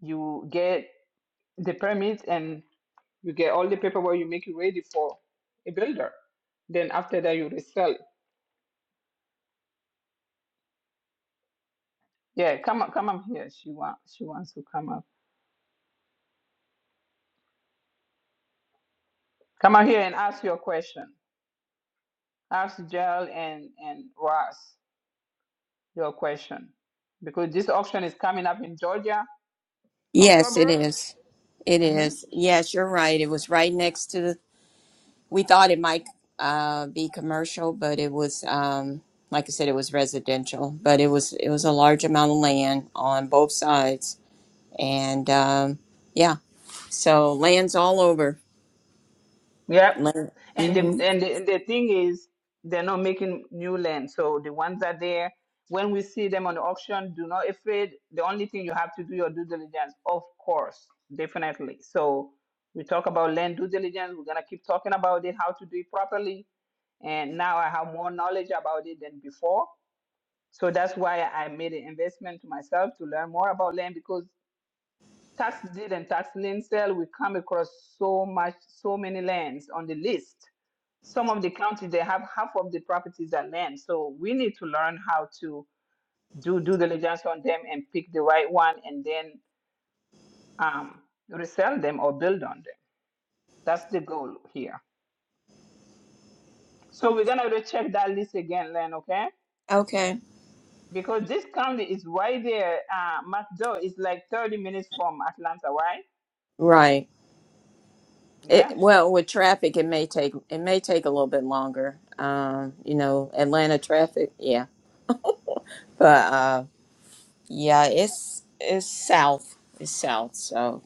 S1: you get the permit and you get all the paperwork you make it ready for a builder. Then after that you resell. it. Yeah, come up, come up here. She wants she wants to come up. Come up here and ask your question. Ask Jel and and Ross your question because this auction is coming up in Georgia,
S12: Yes, it
S1: October.
S12: is. It is. Yes, you're right. It was right next to the. We thought it might uh, be commercial, but it was, um, like I said, it was residential. But it was it was a large amount of land on both sides, and um, yeah, so land's all over.
S1: Yep.
S12: Land.
S1: And the
S12: hmm
S1: and the, and the thing is, they're not making new land. So the ones that are there, when we see them on the auction, do not afraid. The only thing you have to do your due diligence, of course, definitely. So we talk about land due diligence. We're gonna keep talking about it, how to do it properly. And now I have more knowledge about it than before. So that's why I made an investment to myself to learn more about land because tax deed and tax lien sale, we come across so much, so many lands on the list. Some of the counties they have half of the properties are land, so we need to learn how to do due diligence on them and pick the right one, and then um, resell them or build on them. That's the goal here. So we're gonna recheck that list again, Len, okay?
S12: Okay.
S1: Because this county is right there. Uh, McDowell is like 30 minutes from Atlanta, right?
S12: Right. It,
S1: Yeah,
S12: well, with traffic, it may take it may take a little bit longer. Um, you know, Atlanta traffic. Yeah, but. uh, Yeah, it's it's south. It's south, so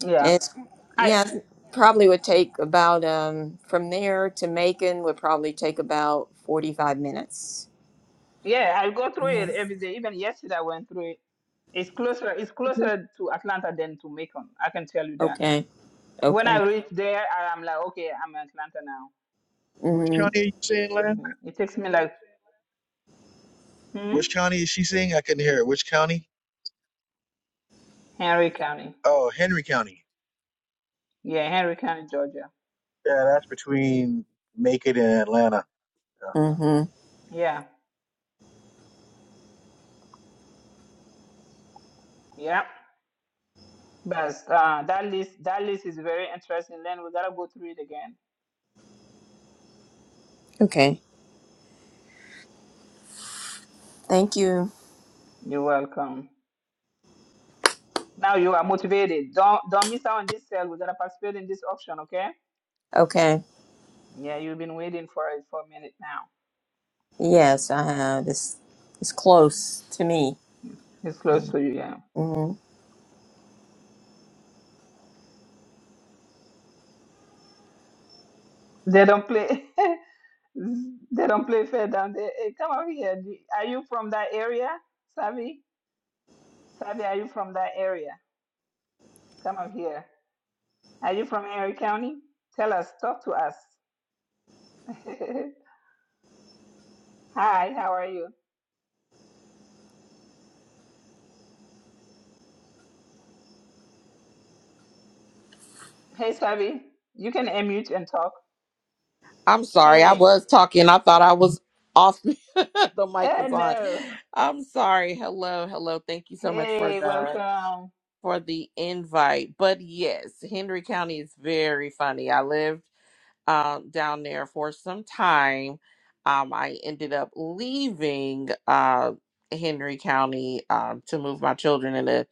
S1: yeah.
S12: it's
S1: I.
S12: yeah, probably would take about um from there to Macon would probably take about 45 minutes.
S1: Yeah, I go through it
S12: Mhm.
S1: every day. Even yesterday, I went through it. It's closer. It's closer to Atlanta than to Macon. I can tell you that.
S12: Okay.
S1: When I
S12: Okay.
S1: reach there, I- I'm like, okay, I'm in Atlanta now.
S11: Which
S12: Mhm.
S11: county are you saying, Len?
S1: hmm It takes me like hmm?
S11: Which county is she saying? I couldn't hear it. Which county?
S1: Henry County.
S11: Oh, Henry County.
S1: Yeah, Henry County, Georgia.
S11: Yeah, that's between Macon and Atlanta. Yeah.
S12: Mhm.
S1: Yeah, yeah. But uh, that list, that list is very interesting. Then we gotta go through it again.
S12: Okay. Thank you.
S1: You're welcome. Now you are motivated. Don't don't miss out on this sale. We gotta participate in this auction, okay?
S12: Okay.
S1: Yeah, you've been waiting for it for a minute now.
S12: Yes, I have. It's it's close to me.
S1: It's close to you, yeah.
S12: Mhm.
S1: They don't play. [laughs] they don't play fair down there. Hey, come over here. Do- Are you from that area, Savi? Savi, are you from that area? Come over here. Are you from Erie County? Tell us. Talk to us. [laughs] Hi. How are you? Hey, Savi. You can unmute and talk.
S13: I'm sorry. I
S1: Hey.
S13: was talking. I thought I was off. [laughs] the mic
S1: Oh
S13: was on.
S1: no.
S13: I'm sorry. Hello, hello. Thank you so much for
S1: Hey.
S13: the
S1: Welcome.
S13: for the invite. But yes, Henry County is very funny. I lived um, down there for some time. Um, I ended up leaving uh, Henry County um, to move my children in a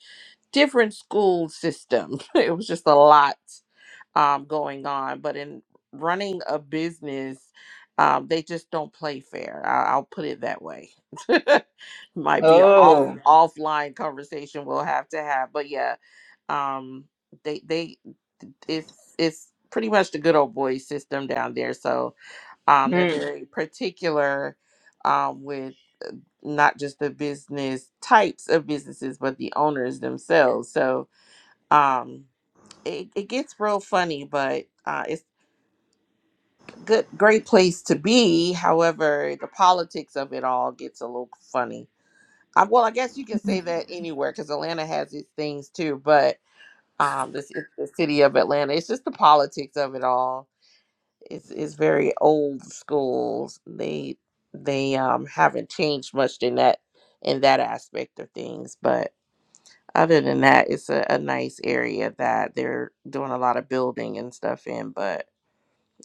S13: different school system. [laughs] it was just a lot um, going on. But in running a business, um, they just don't play fair. I- I'll put it that way. [laughs] Might be an off Mm.
S1: Oh.
S13: offline conversation we'll have to have, but yeah, um, they they it's it's pretty much the good old boy system down there. So um, they're
S1: Mm.
S13: very particular um, with not just the business types of businesses, but the owners themselves. So um, it, it gets real funny, but uh, it's good great place to be however the politics of it all gets a little funny I, well i guess you can say that anywhere because atlanta has its things too but um this is the city of atlanta it's just the politics of it all it's, it's very old school they they um haven't changed much in that in that aspect of things but other than that it's a, a nice area that they're doing a lot of building and stuff in but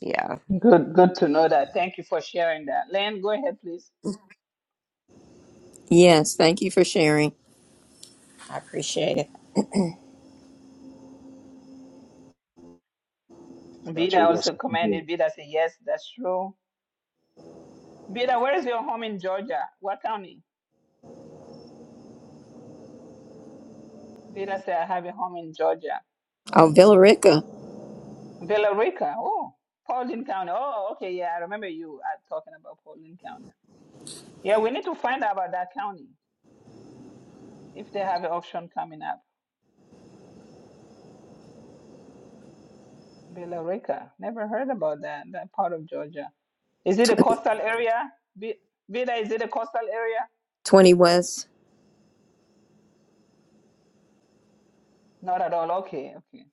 S13: yeah
S1: Good. Good to know that. Thank you for sharing that. Len, go ahead, please.
S12: Yes, thank you for sharing. I appreciate it.
S11: I thought you
S1: Vida
S11: were going
S1: also
S11: somewhere.
S1: commented.
S11: else.
S1: Vida said yes. That's true. Vida, where is your home in Georgia? What county? Vida said, I have a home in Georgia.
S12: Oh, Villarica,
S1: Villa Rica. Oh, Paulding County. Oh, okay. Yeah, I remember you uh, talking about Paulding County. Yeah, we need to find out about that county if they have an auction coming up. Villa Rica. Never heard about that, that part of Georgia. Is it a
S12: 20,
S1: coastal area? Vi- Vida, is it a coastal area?
S12: 20 West.
S1: Not at all. Okay, okay.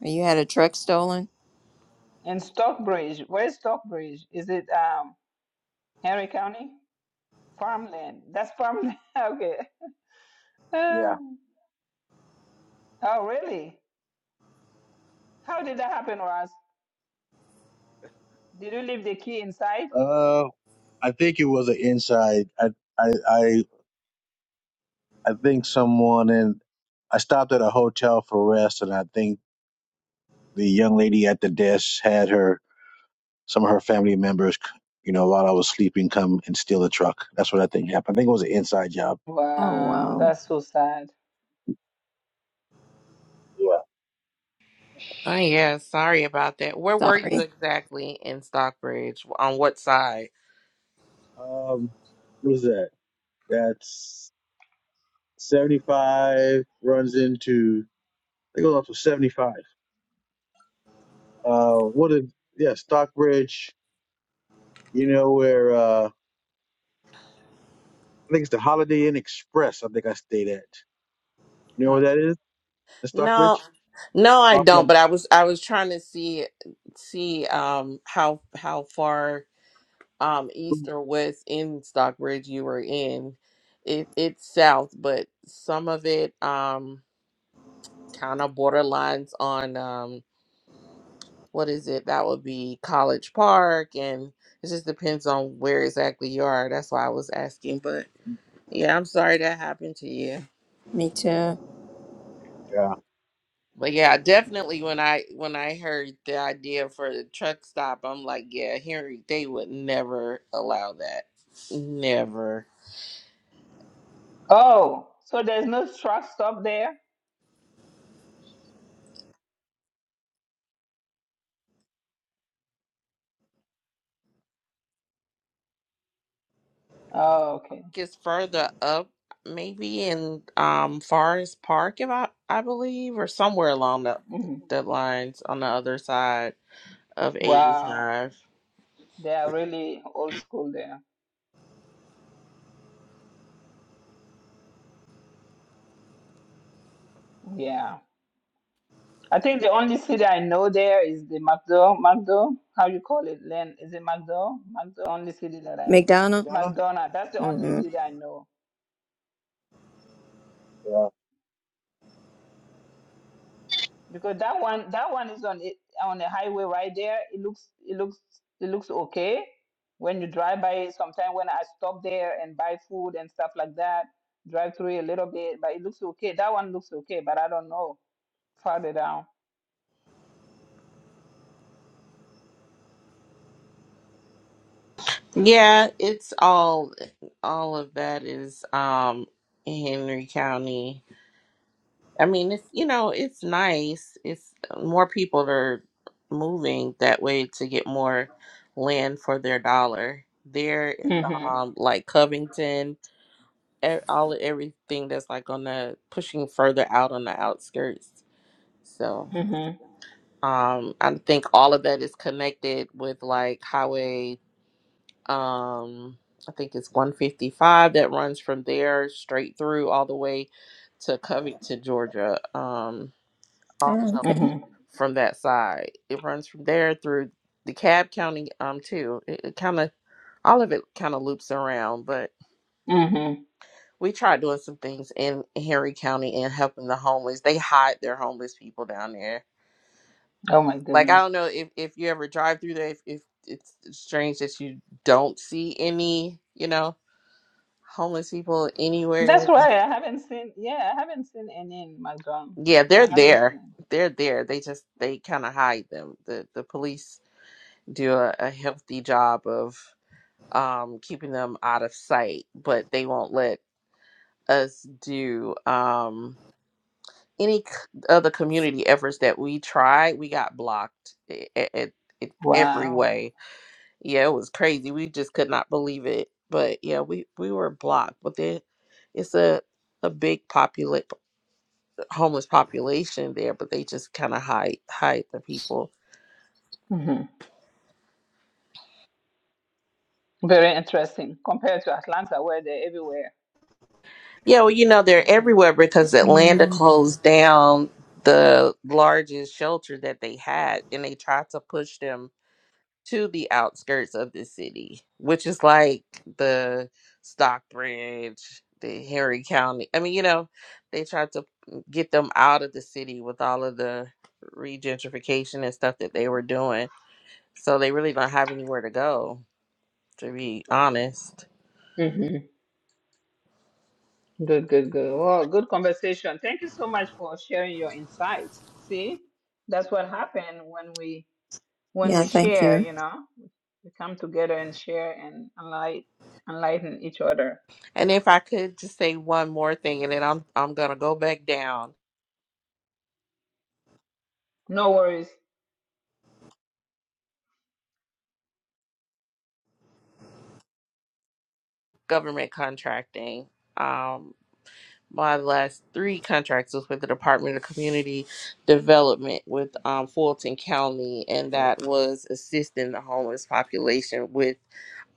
S12: You had a truck stolen?
S1: And Stockbridge. Where's Stockbridge? Is it um, Henry County? Farmland. That's farmland. [laughs] okay. [laughs] Ah.
S11: Yeah.
S1: oh, really? How did that happen, Ross? Did you leave the key inside?
S11: Uh, I think it was an inside. I, I, I, I think someone in. I stopped at a hotel for rest, and I think the young lady at the desk had her some of her family members. You know, while I was sleeping, come and steal the truck. That's what I think happened. I think it was an inside job.
S12: Oh,
S1: Wow,
S12: wow.
S1: that's so sad.
S11: Yeah.
S13: Oh yeah, sorry about that. Where were you
S12: Sorry.
S13: exactly in Stockbridge? On what side?
S11: Um, what is that? That's seventy-five runs into It goes up to 75. Uh, what did, yeah, Stockbridge, you know, where, uh, I think it's the Holiday Inn Express, I think I stayed at. You know
S13: Oh.
S11: where that is? The
S13: No,
S11: Stockbridge?
S13: no, I
S11: Off
S13: don't.
S11: of-
S13: But I was I was trying to see see um how how far um east or west in Stockbridge you were in. It it's south, but some of it um kind of borderlines on um what is it? That would be College Park, and it just depends on where exactly you are. That's why I was asking, but. Yeah, I'm sorry that happened to you.
S12: Me too.
S11: Yeah.
S13: But yeah, definitely when I when I heard the idea for the truck stop, I'm like, yeah, Henry, they would never allow that. Never.
S1: Oh, so there's no truck stop there? Oh, okay.
S13: It's further up, maybe in um Forest Park, if I I believe, or somewhere along the
S1: hmm
S13: the lines on the other side of
S1: Wow,
S13: 85.
S1: they are really old school there. Yeah. I think the only city I know there is the McDo, McDo, how you call it, Len? Is it McDo? McDo, only city that I,
S12: McDonald?
S11: Donna?
S1: McDonald. That's the only
S12: Mm-hmm.
S1: city I know.
S11: Yeah.
S1: because that one that one is on it on the highway right there it looks it looks it looks okay when you drive by it sometimes when i stop there and buy food and stuff like that drive through it a little bit but it looks okay that one looks okay but i don't know farther down
S13: Yeah, it's all all of that is um Henry County. I mean, it's you know, it's nice. It's uh, more people are moving that way to get more land for their dollar. There, in,
S1: mhm
S13: um, like Covington, e- all everything that's like on the pushing further out on the outskirts. So,
S1: mhm
S13: um, I think all of that is connected with like highway. Um, I think it's one fifty five that runs from there straight through all the way to Covington, Georgia. Um,
S12: Oh,
S13: also.
S12: okay.
S1: mhm
S13: from that side. It runs from there through DeKalb County, um, too. It, it kind of all of it kind of loops around, but
S1: mhm
S13: we tried doing some things in Henry County and helping the homeless. They hide their homeless people down there.
S1: oh my
S13: Like I
S1: goodness
S13: don't know if if you ever drive through there, if, if it's strange that you don't see any, you know, homeless people
S1: that's
S13: anywhere.
S1: why i haven't seen yeah i haven't seen any in Malcolm.
S13: Yeah, they're
S1: i haven't seen
S13: there.
S1: it.
S13: They're there. They just they kind of hide them. The the police do a, a healthy job of. um, keeping them out of sight, but they won't let us do um, any c- of community efforts that we tried. We got blocked it, it, it, every
S1: wow
S13: way. Yeah, it was crazy. We just could not believe it. But yeah, we, we were blocked. But then it's a, a big populate homeless population there, but they just kind of hide hide the people
S1: mhm very interesting compared to atlanta where they're everywhere
S13: Yeah, well, you know, they're everywhere because Atlanta
S12: Mm.
S13: closed down the largest shelter that they had and they tried to push them to the outskirts of the city, which is like the Stockbridge, the Henry County. I mean, you know, they tried to get them out of the city with all of the regentrification and stuff that they were doing. So they really don't have anywhere to go, to be honest.
S1: [laughs] Mhm. Good, good, good. Well, good conversation. Thank you so much for sharing your insights. See, that's what happened when we when
S12: Yeah,
S1: we
S12: thank you.
S1: share, you know, we come together and share and enlighten, enlighten each other.
S13: And if I could just say one more thing, and then I'm I'm gonna go back down.
S1: No worries.
S13: Government contracting. Um, My last three contracts was with the Department of Community Development with um, Fulton County, and that was assisting the homeless population with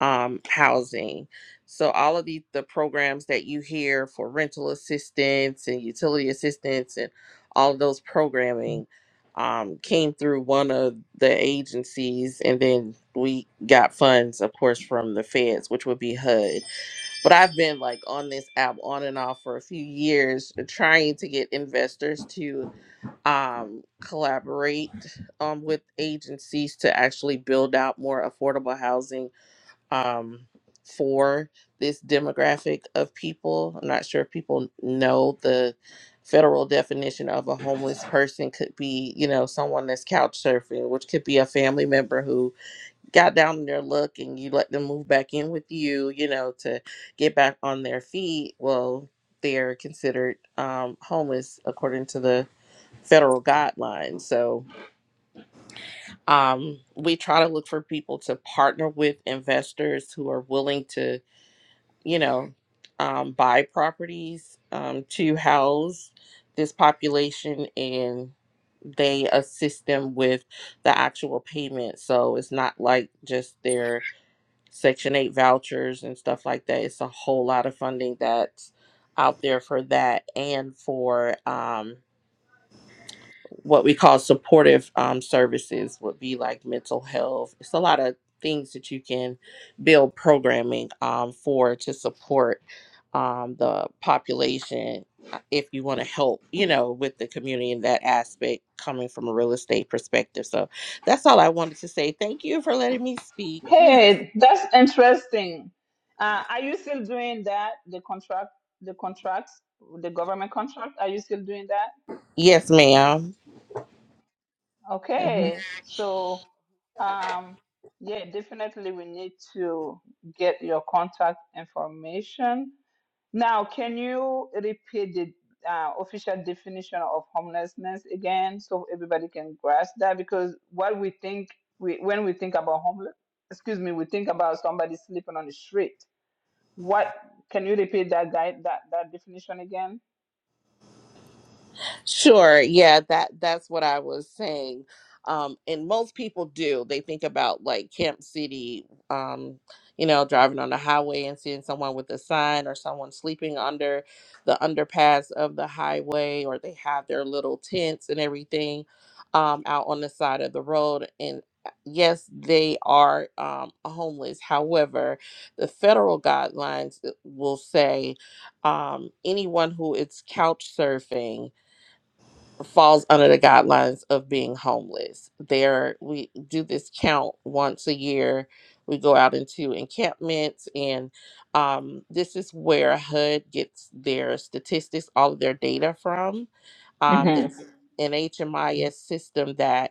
S13: um, housing. So all of the, the programs that you hear for rental assistance and utility assistance and all of those programming um, came through one of the agencies, and then we got funds, of course, from the feds, which would be HUD but I've been like on this app on and off for a few years, uh, trying to get investors to um, collaborate um, with agencies to actually build out more affordable housing um, for this demographic of people. I'm not sure if people know the federal definition of a homeless person could be, you know, someone that's couch surfing, which could be a family member who got down on their luck and you let them move back in with you, you know, to get back on their feet, well, they're considered um, homeless according to the federal guidelines. So um, we try to look for people to partner with investors who are willing to, you know, um, buy properties um, to house this population and they assist them with the actual payment. So it's not like just their Section 8 vouchers and stuff like that. It's a whole lot of funding that's out there for that and for um, what we call supportive um, services, would be like mental health. It's a lot of things that you can build programming um, for to support um, the population uh, if you want to help, you know, with the community in that aspect coming from a real estate perspective. So that's all I wanted to say. Thank you for letting me speak. [laughs]
S1: Hey, that's interesting. Uh, are you still doing that? The contract, the contracts, the government contract. Are you still doing that?
S13: Yes, ma'am. [laughs]
S1: Okay, so um, yeah, definitely we need to get your contact information. Now, can you repeat the uh, official definition of homelessness again so everybody can grasp that? Because what we think we, when we think about homeless, excuse me, we think about somebody sleeping on the street. What can you repeat that guide that that definition again?
S13: Sure. Yeah, that that's what I was saying. Um, and most people do. They think about like Camp City, um, you know, driving on the highway and seeing someone with a sign or someone sleeping under the underpass of the highway, or they have their little tents and everything um, out on the side of the road. And uh, yes, they are um, homeless. However, the federal guidelines uh, will say um, anyone who is couch surfing falls under the guidelines of being homeless. There, we do this count once a year. We go out into encampments, and um, this is where HUD gets their statistics, all of their data from. Um, there's
S1: Mm-hmm.
S13: an HMIS system that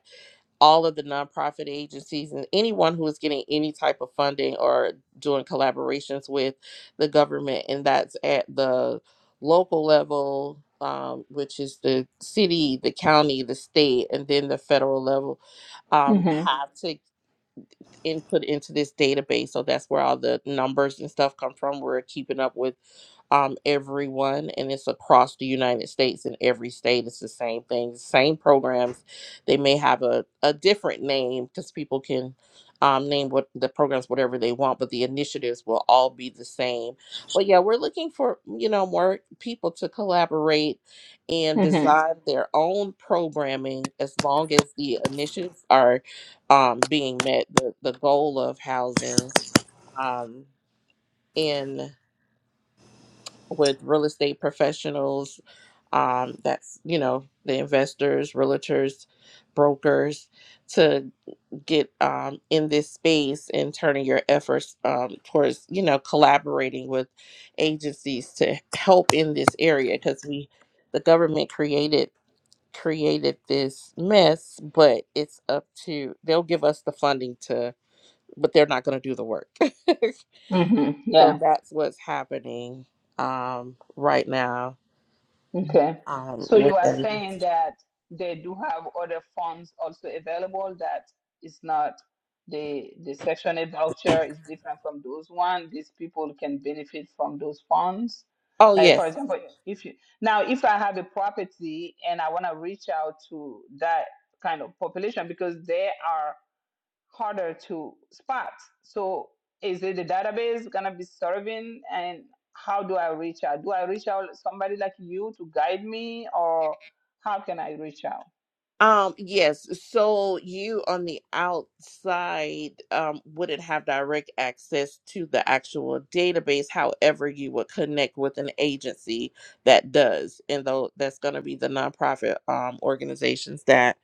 S13: all of the nonprofit agencies and anyone who is getting any type of funding or doing collaborations with the government, and that's at the local level, um, which is the city, the county, the state, and then the federal level, um,
S1: Mm-hmm.
S13: have to linked input into this database. So that's where all the numbers and stuff come from. We're keeping up with um, everyone, and it's across the United States. In every state, it's the same thing, same programs. They may have a, a different name because people can um, name what the programs whatever they want, but the initiatives will all be the same. But yeah, we're looking for you know more people to collaborate and
S1: Mm-hmm.
S13: design their own programming as long as the initiatives are um, being met the, the goal of housing um, in with real estate professionals um, that's you know the investors realtors brokers to get um, in this space and turning your efforts um, towards you know collaborating with agencies to help in this area because we the government created created this mess but it's up to they'll give us the funding to. but they're not going to do the work. [laughs]
S1: Mm-hmm.
S13: so
S1: Yeah.
S13: that's what's happening um, right now.
S1: Okay.
S13: Um,
S1: So you are
S13: within,
S1: saying that they do have other forms also available that is not the the Section 8 voucher is different from those one. These people can benefit from those funds.
S13: oh
S1: Like for
S13: yes,
S1: example, if you now if I have a property and I want to reach out to that kind of population because they are harder to spot. So is it the database gonna be serving and how do I reach out? Do I reach out somebody like you to guide me or how can I reach out?
S13: um, yes. So you on the outside um, wouldn't have direct access to the actual database. However, you would connect with an agency that does, and though that's going to be the nonprofit um, organizations that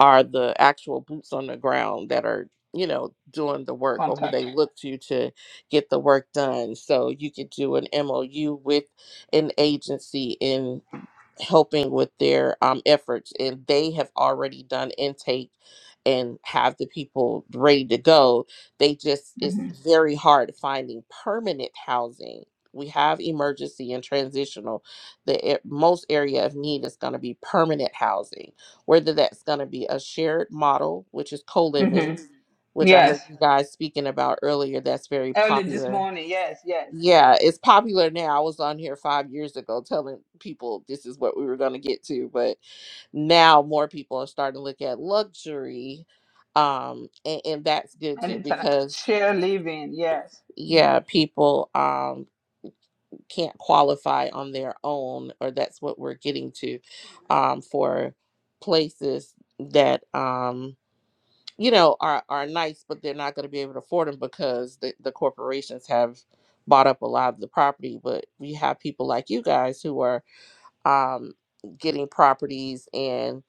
S13: are the actual boots on the ground that are you know doing the work or who
S1: Contact.
S13: they look to to get the work done so you could do an mou with an agency in helping with their um, efforts and they have already done intake and have the people ready to go they just it's
S1: hmm
S13: very hard finding permanent housing we have emergency and transitional the a- most area of need is going to be permanent housing whether that's going to be a shared model, which is co
S1: hmm
S13: living, which I heard
S1: Yes.
S13: you guys speaking about earlier. That's very
S1: Early this
S13: popular.
S1: morning, yes, yes.
S13: Yeah, it's popular now. I was on here five years ago telling people this is what we were going to get to, but now more people are starting to look at luxury. Um, and, and that's good
S1: And
S13: too
S1: it gonna
S13: because,
S1: share living, yes. hmm
S13: yeah, people um, can't qualify on their own, or that's what we're getting to um, for places that. Um, you know are are nice but they're not going to be able to afford them because the, the corporations have bought up a lot of the property but we have people like you guys who are um getting properties and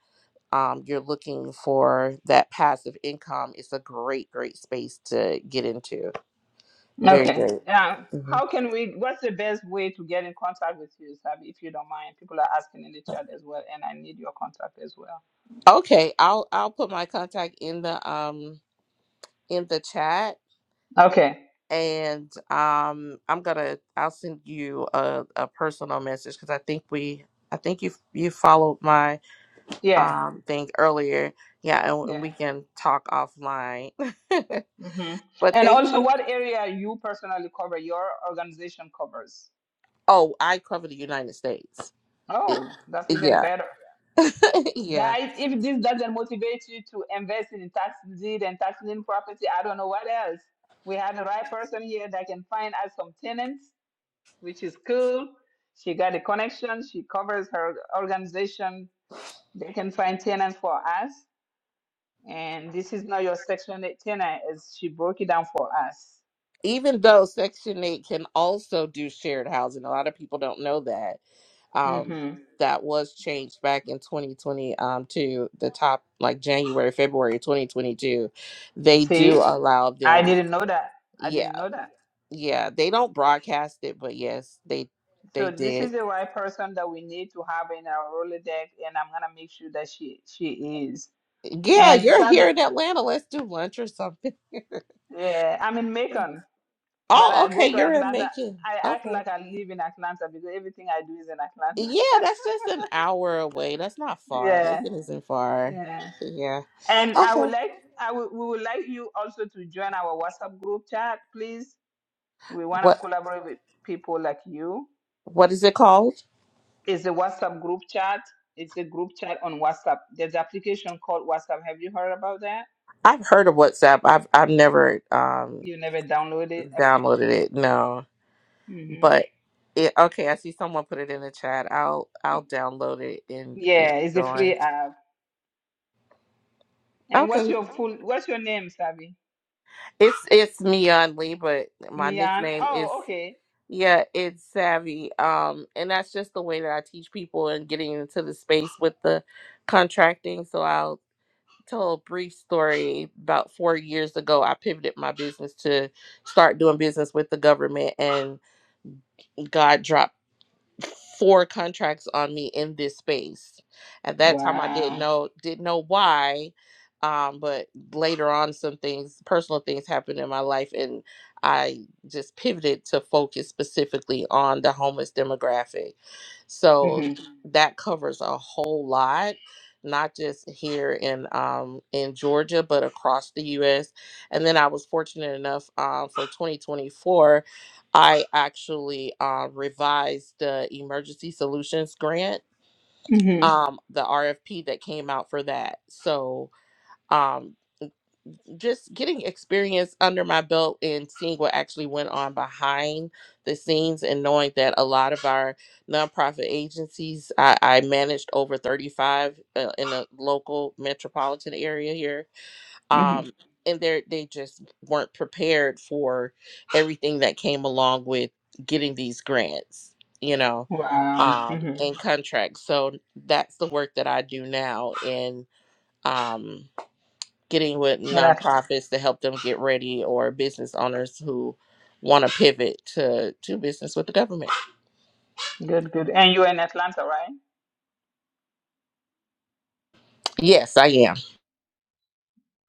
S13: um you're looking for that passive income it's a great great space to get into very
S1: Okay.
S13: great
S1: Yeah.
S13: Mhm.
S1: How can we what's the best way to get in contact with you, Sabi, if you don't mind? People are asking in the chat as well and I need your contact as well.
S13: okay i'll i'll put my contact in the um in the chat
S1: Okay.
S13: and um i'm gonna i'll send you a, a personal message because i think we i think you you followed my
S1: Yeah.
S13: um thing earlier yeah and, and
S1: Yeah.
S13: we can talk offline
S1: hmm
S13: [laughs] but
S1: And
S13: thank
S1: also,
S13: you
S1: what area you personally cover, your organization covers.
S13: oh i cover the united states It-
S1: Oh, that's even
S13: yeah
S1: better.
S13: [laughs] yeah
S1: Guys, if this doesn't motivate you to invest in tax deed and tax lien property, I don't know what else. We have the right person here that can find us some tenants, which is cool. She got the connection, she covers her organization. They can find tenants for us. And this is not your section eight tenant, as she broke it down for us.
S13: even though section 8 can also do shared housing a lot of people don't know that um, that was changed back in 2020 um, to the top like January, February 2022. They do
S1: See,
S13: allow
S1: I
S13: them.
S1: didn't know that. I
S13: Yeah,
S1: didn't know that.
S13: yeah. They don't broadcast it, but yes, they they
S1: So this
S13: did.
S1: is the right person that we need to have in our Rolodex, and I'm gonna make sure that she she is.
S13: Yeah,
S1: And
S13: you're here
S1: Savi,
S13: in Atlanta. Let's do lunch or something.
S1: uh, I'm in Macon,
S13: [laughs]
S1: but
S13: oh,
S1: I go
S13: okay.
S1: to
S13: You're in
S1: Atlanta.
S13: Macon.
S1: I act
S13: Okay.
S1: like I live in Atlanta because everything I do is in Atlanta.
S13: Yeah, that's just an hour away. That's not
S1: [laughs]
S13: far.
S1: yeah,
S13: Macon isn't far.
S1: yeah.
S13: Yeah.
S1: And I
S13: Okay.
S1: would like I would we would like you also to join our WhatsApp group chat, please. We wanna
S13: What
S1: collaborate with people like you
S13: what is it called?
S1: It's the WhatsApp group chat. It's a group chat on WhatsApp. There's an application called WhatsApp. Have you heard about that?
S13: I've heard of WhatsApp. I've I've never um
S1: You never download it? Okay.
S13: downloaded it. No,
S1: hmm
S13: but it okay. I see someone put it in the chat. I'll I'll download it and and
S1: Yeah, it's a
S13: join.
S1: free app. And what's
S13: Okay,
S1: your Oh, full? What's your name, Sabi?
S13: it's it's me Lee, but my
S1: Mian.
S13: nickname is
S1: Oh, okay.
S13: yeah, it's Savvy. Um, and that's just the way that I teach people and getting into the space with the contracting. So I'll tell a brief story. About four years ago, I pivoted my business to start doing business with the government and. God dropped. four contracts on me in this space. At that time, I didn't
S1: Wow.
S13: know didn't know why, um, but later on, some things, personal things, happened in my life, and I just pivoted to focus specifically on the homeless demographic. So
S1: hmm
S13: that covers a whole lot. Not just here in um, in Georgia, but across the U.S. And then I was fortunate enough um, for 2024. I actually uh, revised the emergency solutions grant,
S1: hmm
S13: um, the RFP that came out for that. So um, just getting experience under my belt and seeing what actually went on behind the scenes and knowing that a lot of our nonprofit agencies, I, I managed over 35 uh, in the local metropolitan area here
S1: hmm
S13: um and they are they just weren't prepared for everything that came along with getting these grants you know
S1: Wow. hmm
S13: um
S1: And
S13: and contracts so that's the work that i do now in um getting with
S1: that,
S13: nonprofits to help them get ready or business owners who want to pivot to to business with the government
S1: good, good. And you're in Atlanta, right?
S13: yes i am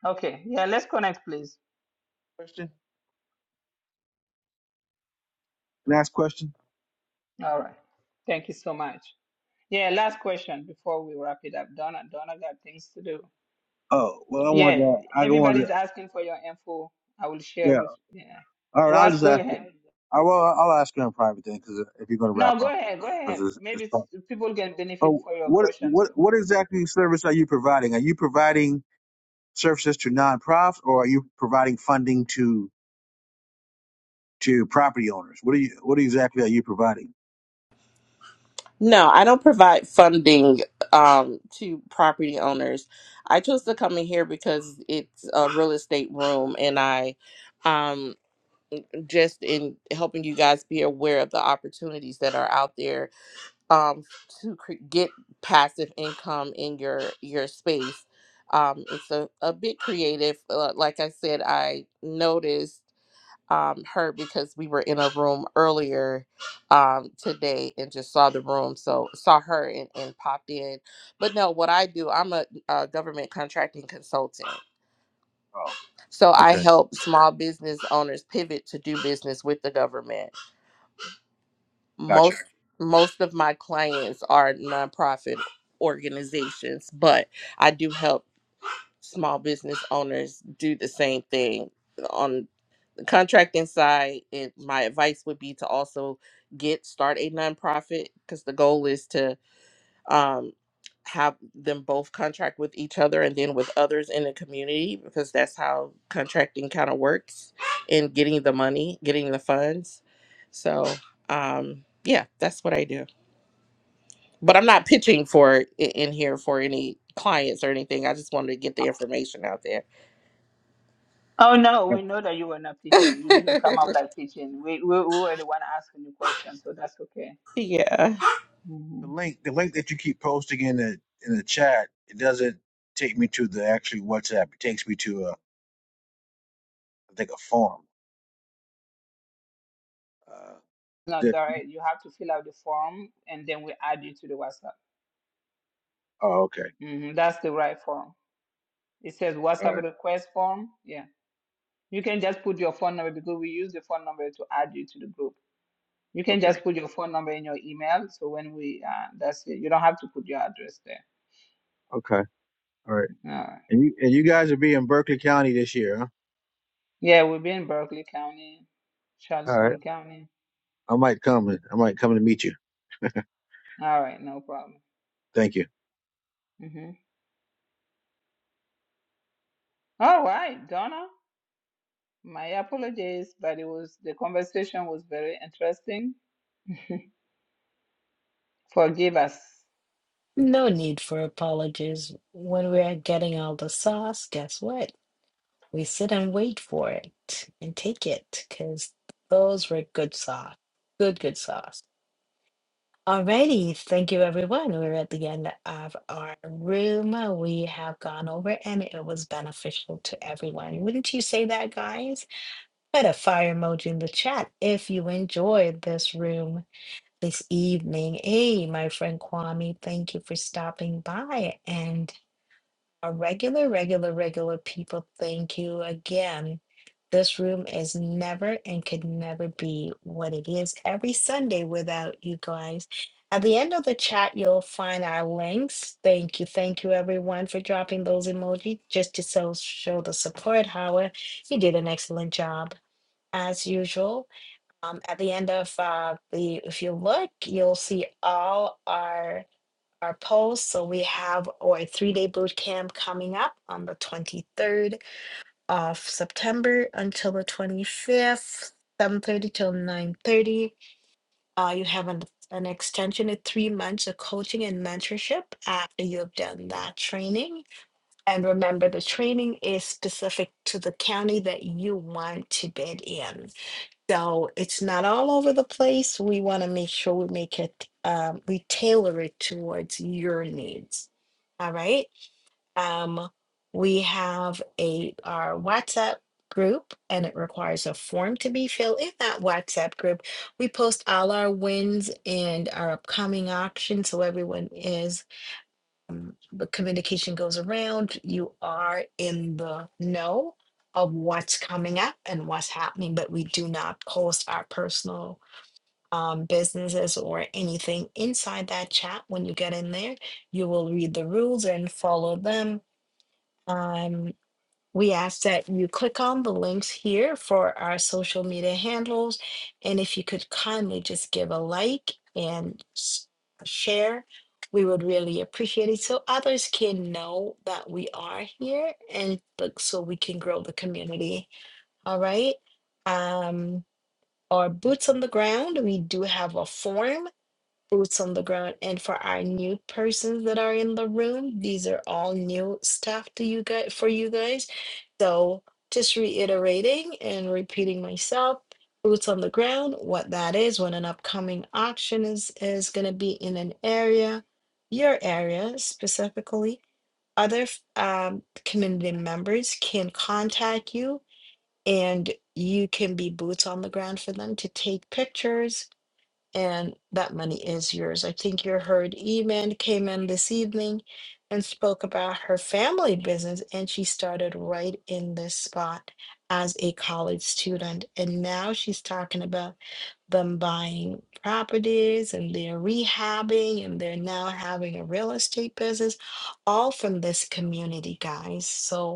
S1: Okay. Yeah, let's connect, please.
S11: Question? Last question?
S1: All right. Thank you so much. Yeah, last question before we wrap it up. Donna, Donna got things to do.
S11: Oh, well, I want
S1: Yeah,
S11: to. I go on to,
S1: everybody's asking for your info. I will share
S11: yeah.
S1: with yeah.
S11: All right, I'll
S1: Ross,
S11: just
S1: go
S11: ask you.
S1: ahead.
S11: I will, I'll ask you on private then, because if you're going to
S1: No,
S11: wrap
S1: go
S11: up,
S1: ahead, go
S11: because
S1: ahead.
S11: it's, it's
S1: Maybe
S11: fun.
S1: s- people can benefit
S11: Oh,
S1: for your
S11: what,
S1: question
S11: what,
S1: too.
S11: what exactly service are you providing? Are you providing services to nonprofits or are you providing funding to to property owners. What are you? What exactly are you providing?
S13: No, I don't provide funding um, to property owners. I chose to come in here because it's a real estate room, and I um, just in helping you guys be aware of the opportunities that are out there um, to cre- get passive income in your your space. Um, it's a, a bit creative. Uh, like I said, I noticed um, her because we were in a room earlier um, today and just saw the room, so saw her and, and popped in. But no, what I do, I'm a, a government contracting consultant.
S11: Oh,
S13: So I
S11: okay,
S13: help small business owners pivot to do business with the government.
S11: gotcha.
S13: Most most of my clients are nonprofit organizations, but I do help small business owners do the same thing on. contracting side, it, my advice would be to also get start a nonprofit because the goal is to um, have them both contract with each other and then with others in the community because that's how contracting kind of works in getting the money, getting the funds. So um, yeah, that's what I do. But I'm not pitching for i- in here for any clients or anything. I just wanted to get the information out there.
S1: Oh no,
S11: Yep.
S1: we know that you were not pitching. You didn't come up like pitching. We we, we were the one asking you questions, so that's okay.
S13: [laughs] yeah.
S1: hmm
S11: The link, the link that you keep posting in the in the chat, it doesn't take me to the actually WhatsApp. It takes me to a, I think a form. Uh,
S1: No,
S11: yeah.
S1: alright. you have to fill out the form and then we add you to the WhatsApp.
S11: oh, okay,
S1: hmm That's the right form. It says
S11: all
S1: WhatsApp
S11: right,
S1: request form. Yeah, you can just put your phone number because we use the phone number to add you to the group. You can
S11: okay,
S1: just put your phone number in your email. So when we, uh, that's it. You don't have to put your address there.
S11: okay, all right.
S1: All right.
S11: And you and you
S1: Mm.
S11: guys will be in Berkeley County this year, huh?
S1: Yeah, we'll be in Berkeley County,
S11: All right,
S1: Charleston County.
S11: I might come. I might come to meet you.
S1: All right, no problem.
S11: Thank you.
S1: hmm All right, Donna. My apologies, but it was the conversation was very interesting. [laughs] Forgive us.
S2: No need for apologies. When we're getting all the sauce, guess what? We sit and wait for it and take it because those were good sauce. Good, good sauce. Alrighty, thank you everyone. We're at the end of our room. We have gone over and it was beneficial to everyone. Wouldn't you say that, guys? Put a fire emoji in the chat if you enjoyed this room this evening. Hey, my friend Kwame, thank you for stopping by. and. Our regular, regular, regular people, thank you again. This room is never and could never be what it is every Sunday without you guys. At the end of the chat, you'll find our links. Thank you. Thank you, everyone, for dropping those emoji just to so show the support. Howard, you did an excellent job as usual. Um, at the end of uh, the, if you look, you'll see all our our polls. So we have our three day boot camp coming up on the 23rd of September until the 25th, 7.30 till 9.30. Uh, you have an, an extension of three months of coaching and mentorship after you have done that training. And remember, the training is specific to the county that you want to bid in. So it's not all over the place. We want to make sure we make it, um, we tailor it towards your needs. All right. Um, we have a our WhatsApp group, and it requires a form to be filled. In that WhatsApp group, we post all our wins and our upcoming auction, so everyone is um, the communication goes around, you are in the know of what's coming up and what's happening, but we do not post our personal um, businesses or anything inside that chat. When you get in there, you will read the rules and follow them. Um, we ask that you click on the links here for our social media handles. And if you could kindly just give a like and s- share, we would really appreciate it so others can know that we are here and like, so we can grow the community. All right. Um, our boots on the ground, we do have a form boots on the ground. And for our new persons that are in the room, these are all new stuff to you guys for you guys. So just reiterating and repeating myself, boots on the ground, what that is, when an upcoming auction is is gonna be in an area, your area specifically. Other um, community members can contact you and you can be boots on the ground for them to take pictures and that money is yours. I think you heard Eman came in this evening and spoke about her family business, and she started right in this spot as a college student. And now she's talking about them buying properties and they're rehabbing and they're now having a real estate business, all from this community, guys. So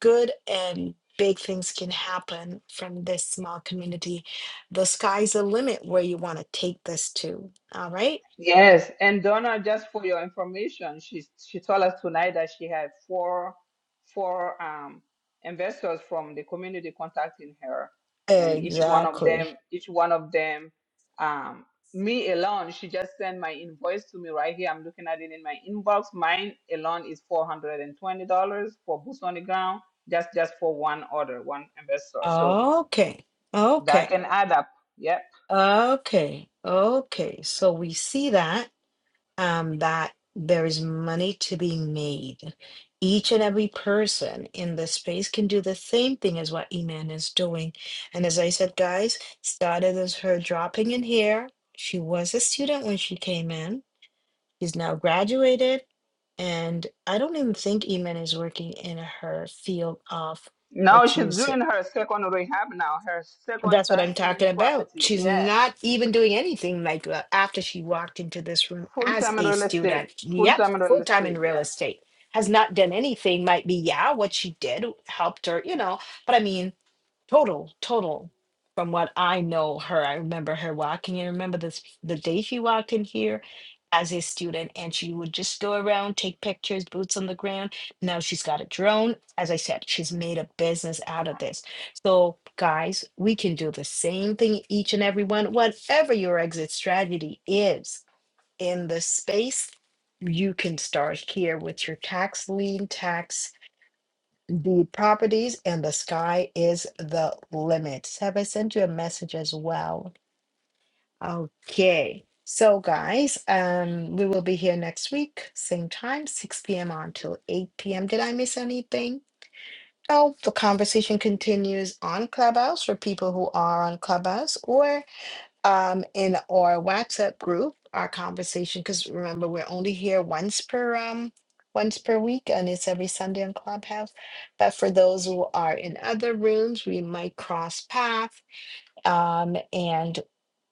S2: good and big things can happen from this small community. The sky's the limit where you want to take this to. All right?
S1: Yes, and Donna, just for your information, she she told us tonight that she had four four um investors from the community contacting her, and each one of
S2: Exactly.
S1: them, each one of them, um, me alone, she just sent my invoice to me right here. I'm looking at it in my inbox. Mine alone is four hundred and twenty dollars for boots on the ground, just just for one order, one investor. So
S2: Okay.
S1: that
S2: Okay.
S1: can add up. Yep.
S2: Okay. Okay. So we see that. um, that there is money to be made. Each and every person in this space can do the same thing as what Iman is doing. And as I said, guys, started as her dropping in here. She was a student when she came in. She's now graduated. And I don't even think Iman is working in her field of
S1: Now
S2: what she
S1: she's
S2: is.
S1: doing her second rehab now, her second
S2: That's what
S1: tax
S2: I'm talking
S1: lien
S2: about.
S1: property.
S2: She's
S1: Yeah.
S2: not even doing anything like that after she walked into this room
S1: Full
S2: as
S1: time
S2: a
S1: real estate.
S2: student.
S1: Full
S2: Yep,
S1: time real
S2: full time in
S1: estate.
S2: real
S1: yeah.
S2: estate. Has not done anything. Might be, yeah, what she did helped her, you know. But I mean, total, total. From what I know her, I remember her walking. in. I remember this the day she walked in here as a student, and she would just go around, take pictures, boots on the ground. Now she's got a drone. As I said, she's made a business out of this. So, guys, we can do the same thing, each and every one. Whatever your exit strategy is in the space, you can start here with your tax lien, tax the properties and the sky is the limit. Have I sent you a message as well? Okay. So guys, um, we will be here next week, same time, 6 p.m. until 8 p.m. Did I miss anything? Oh, the conversation continues on Clubhouse for people who are on Clubhouse, or um, in our WhatsApp group, our conversation, because remember we're only here once per um once per week and it's every Sunday on Clubhouse. But for those who are in other rooms, we might cross path. Um, and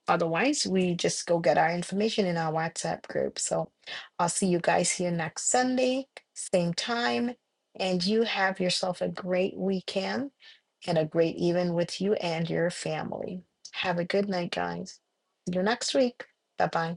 S2: otherwise we just go get our information in our WhatsApp group. So I'll see you guys here next Sunday, same time. And you have yourself a great weekend and a great even with you and your family. Have a good night, guys. See you next week. Bye bye.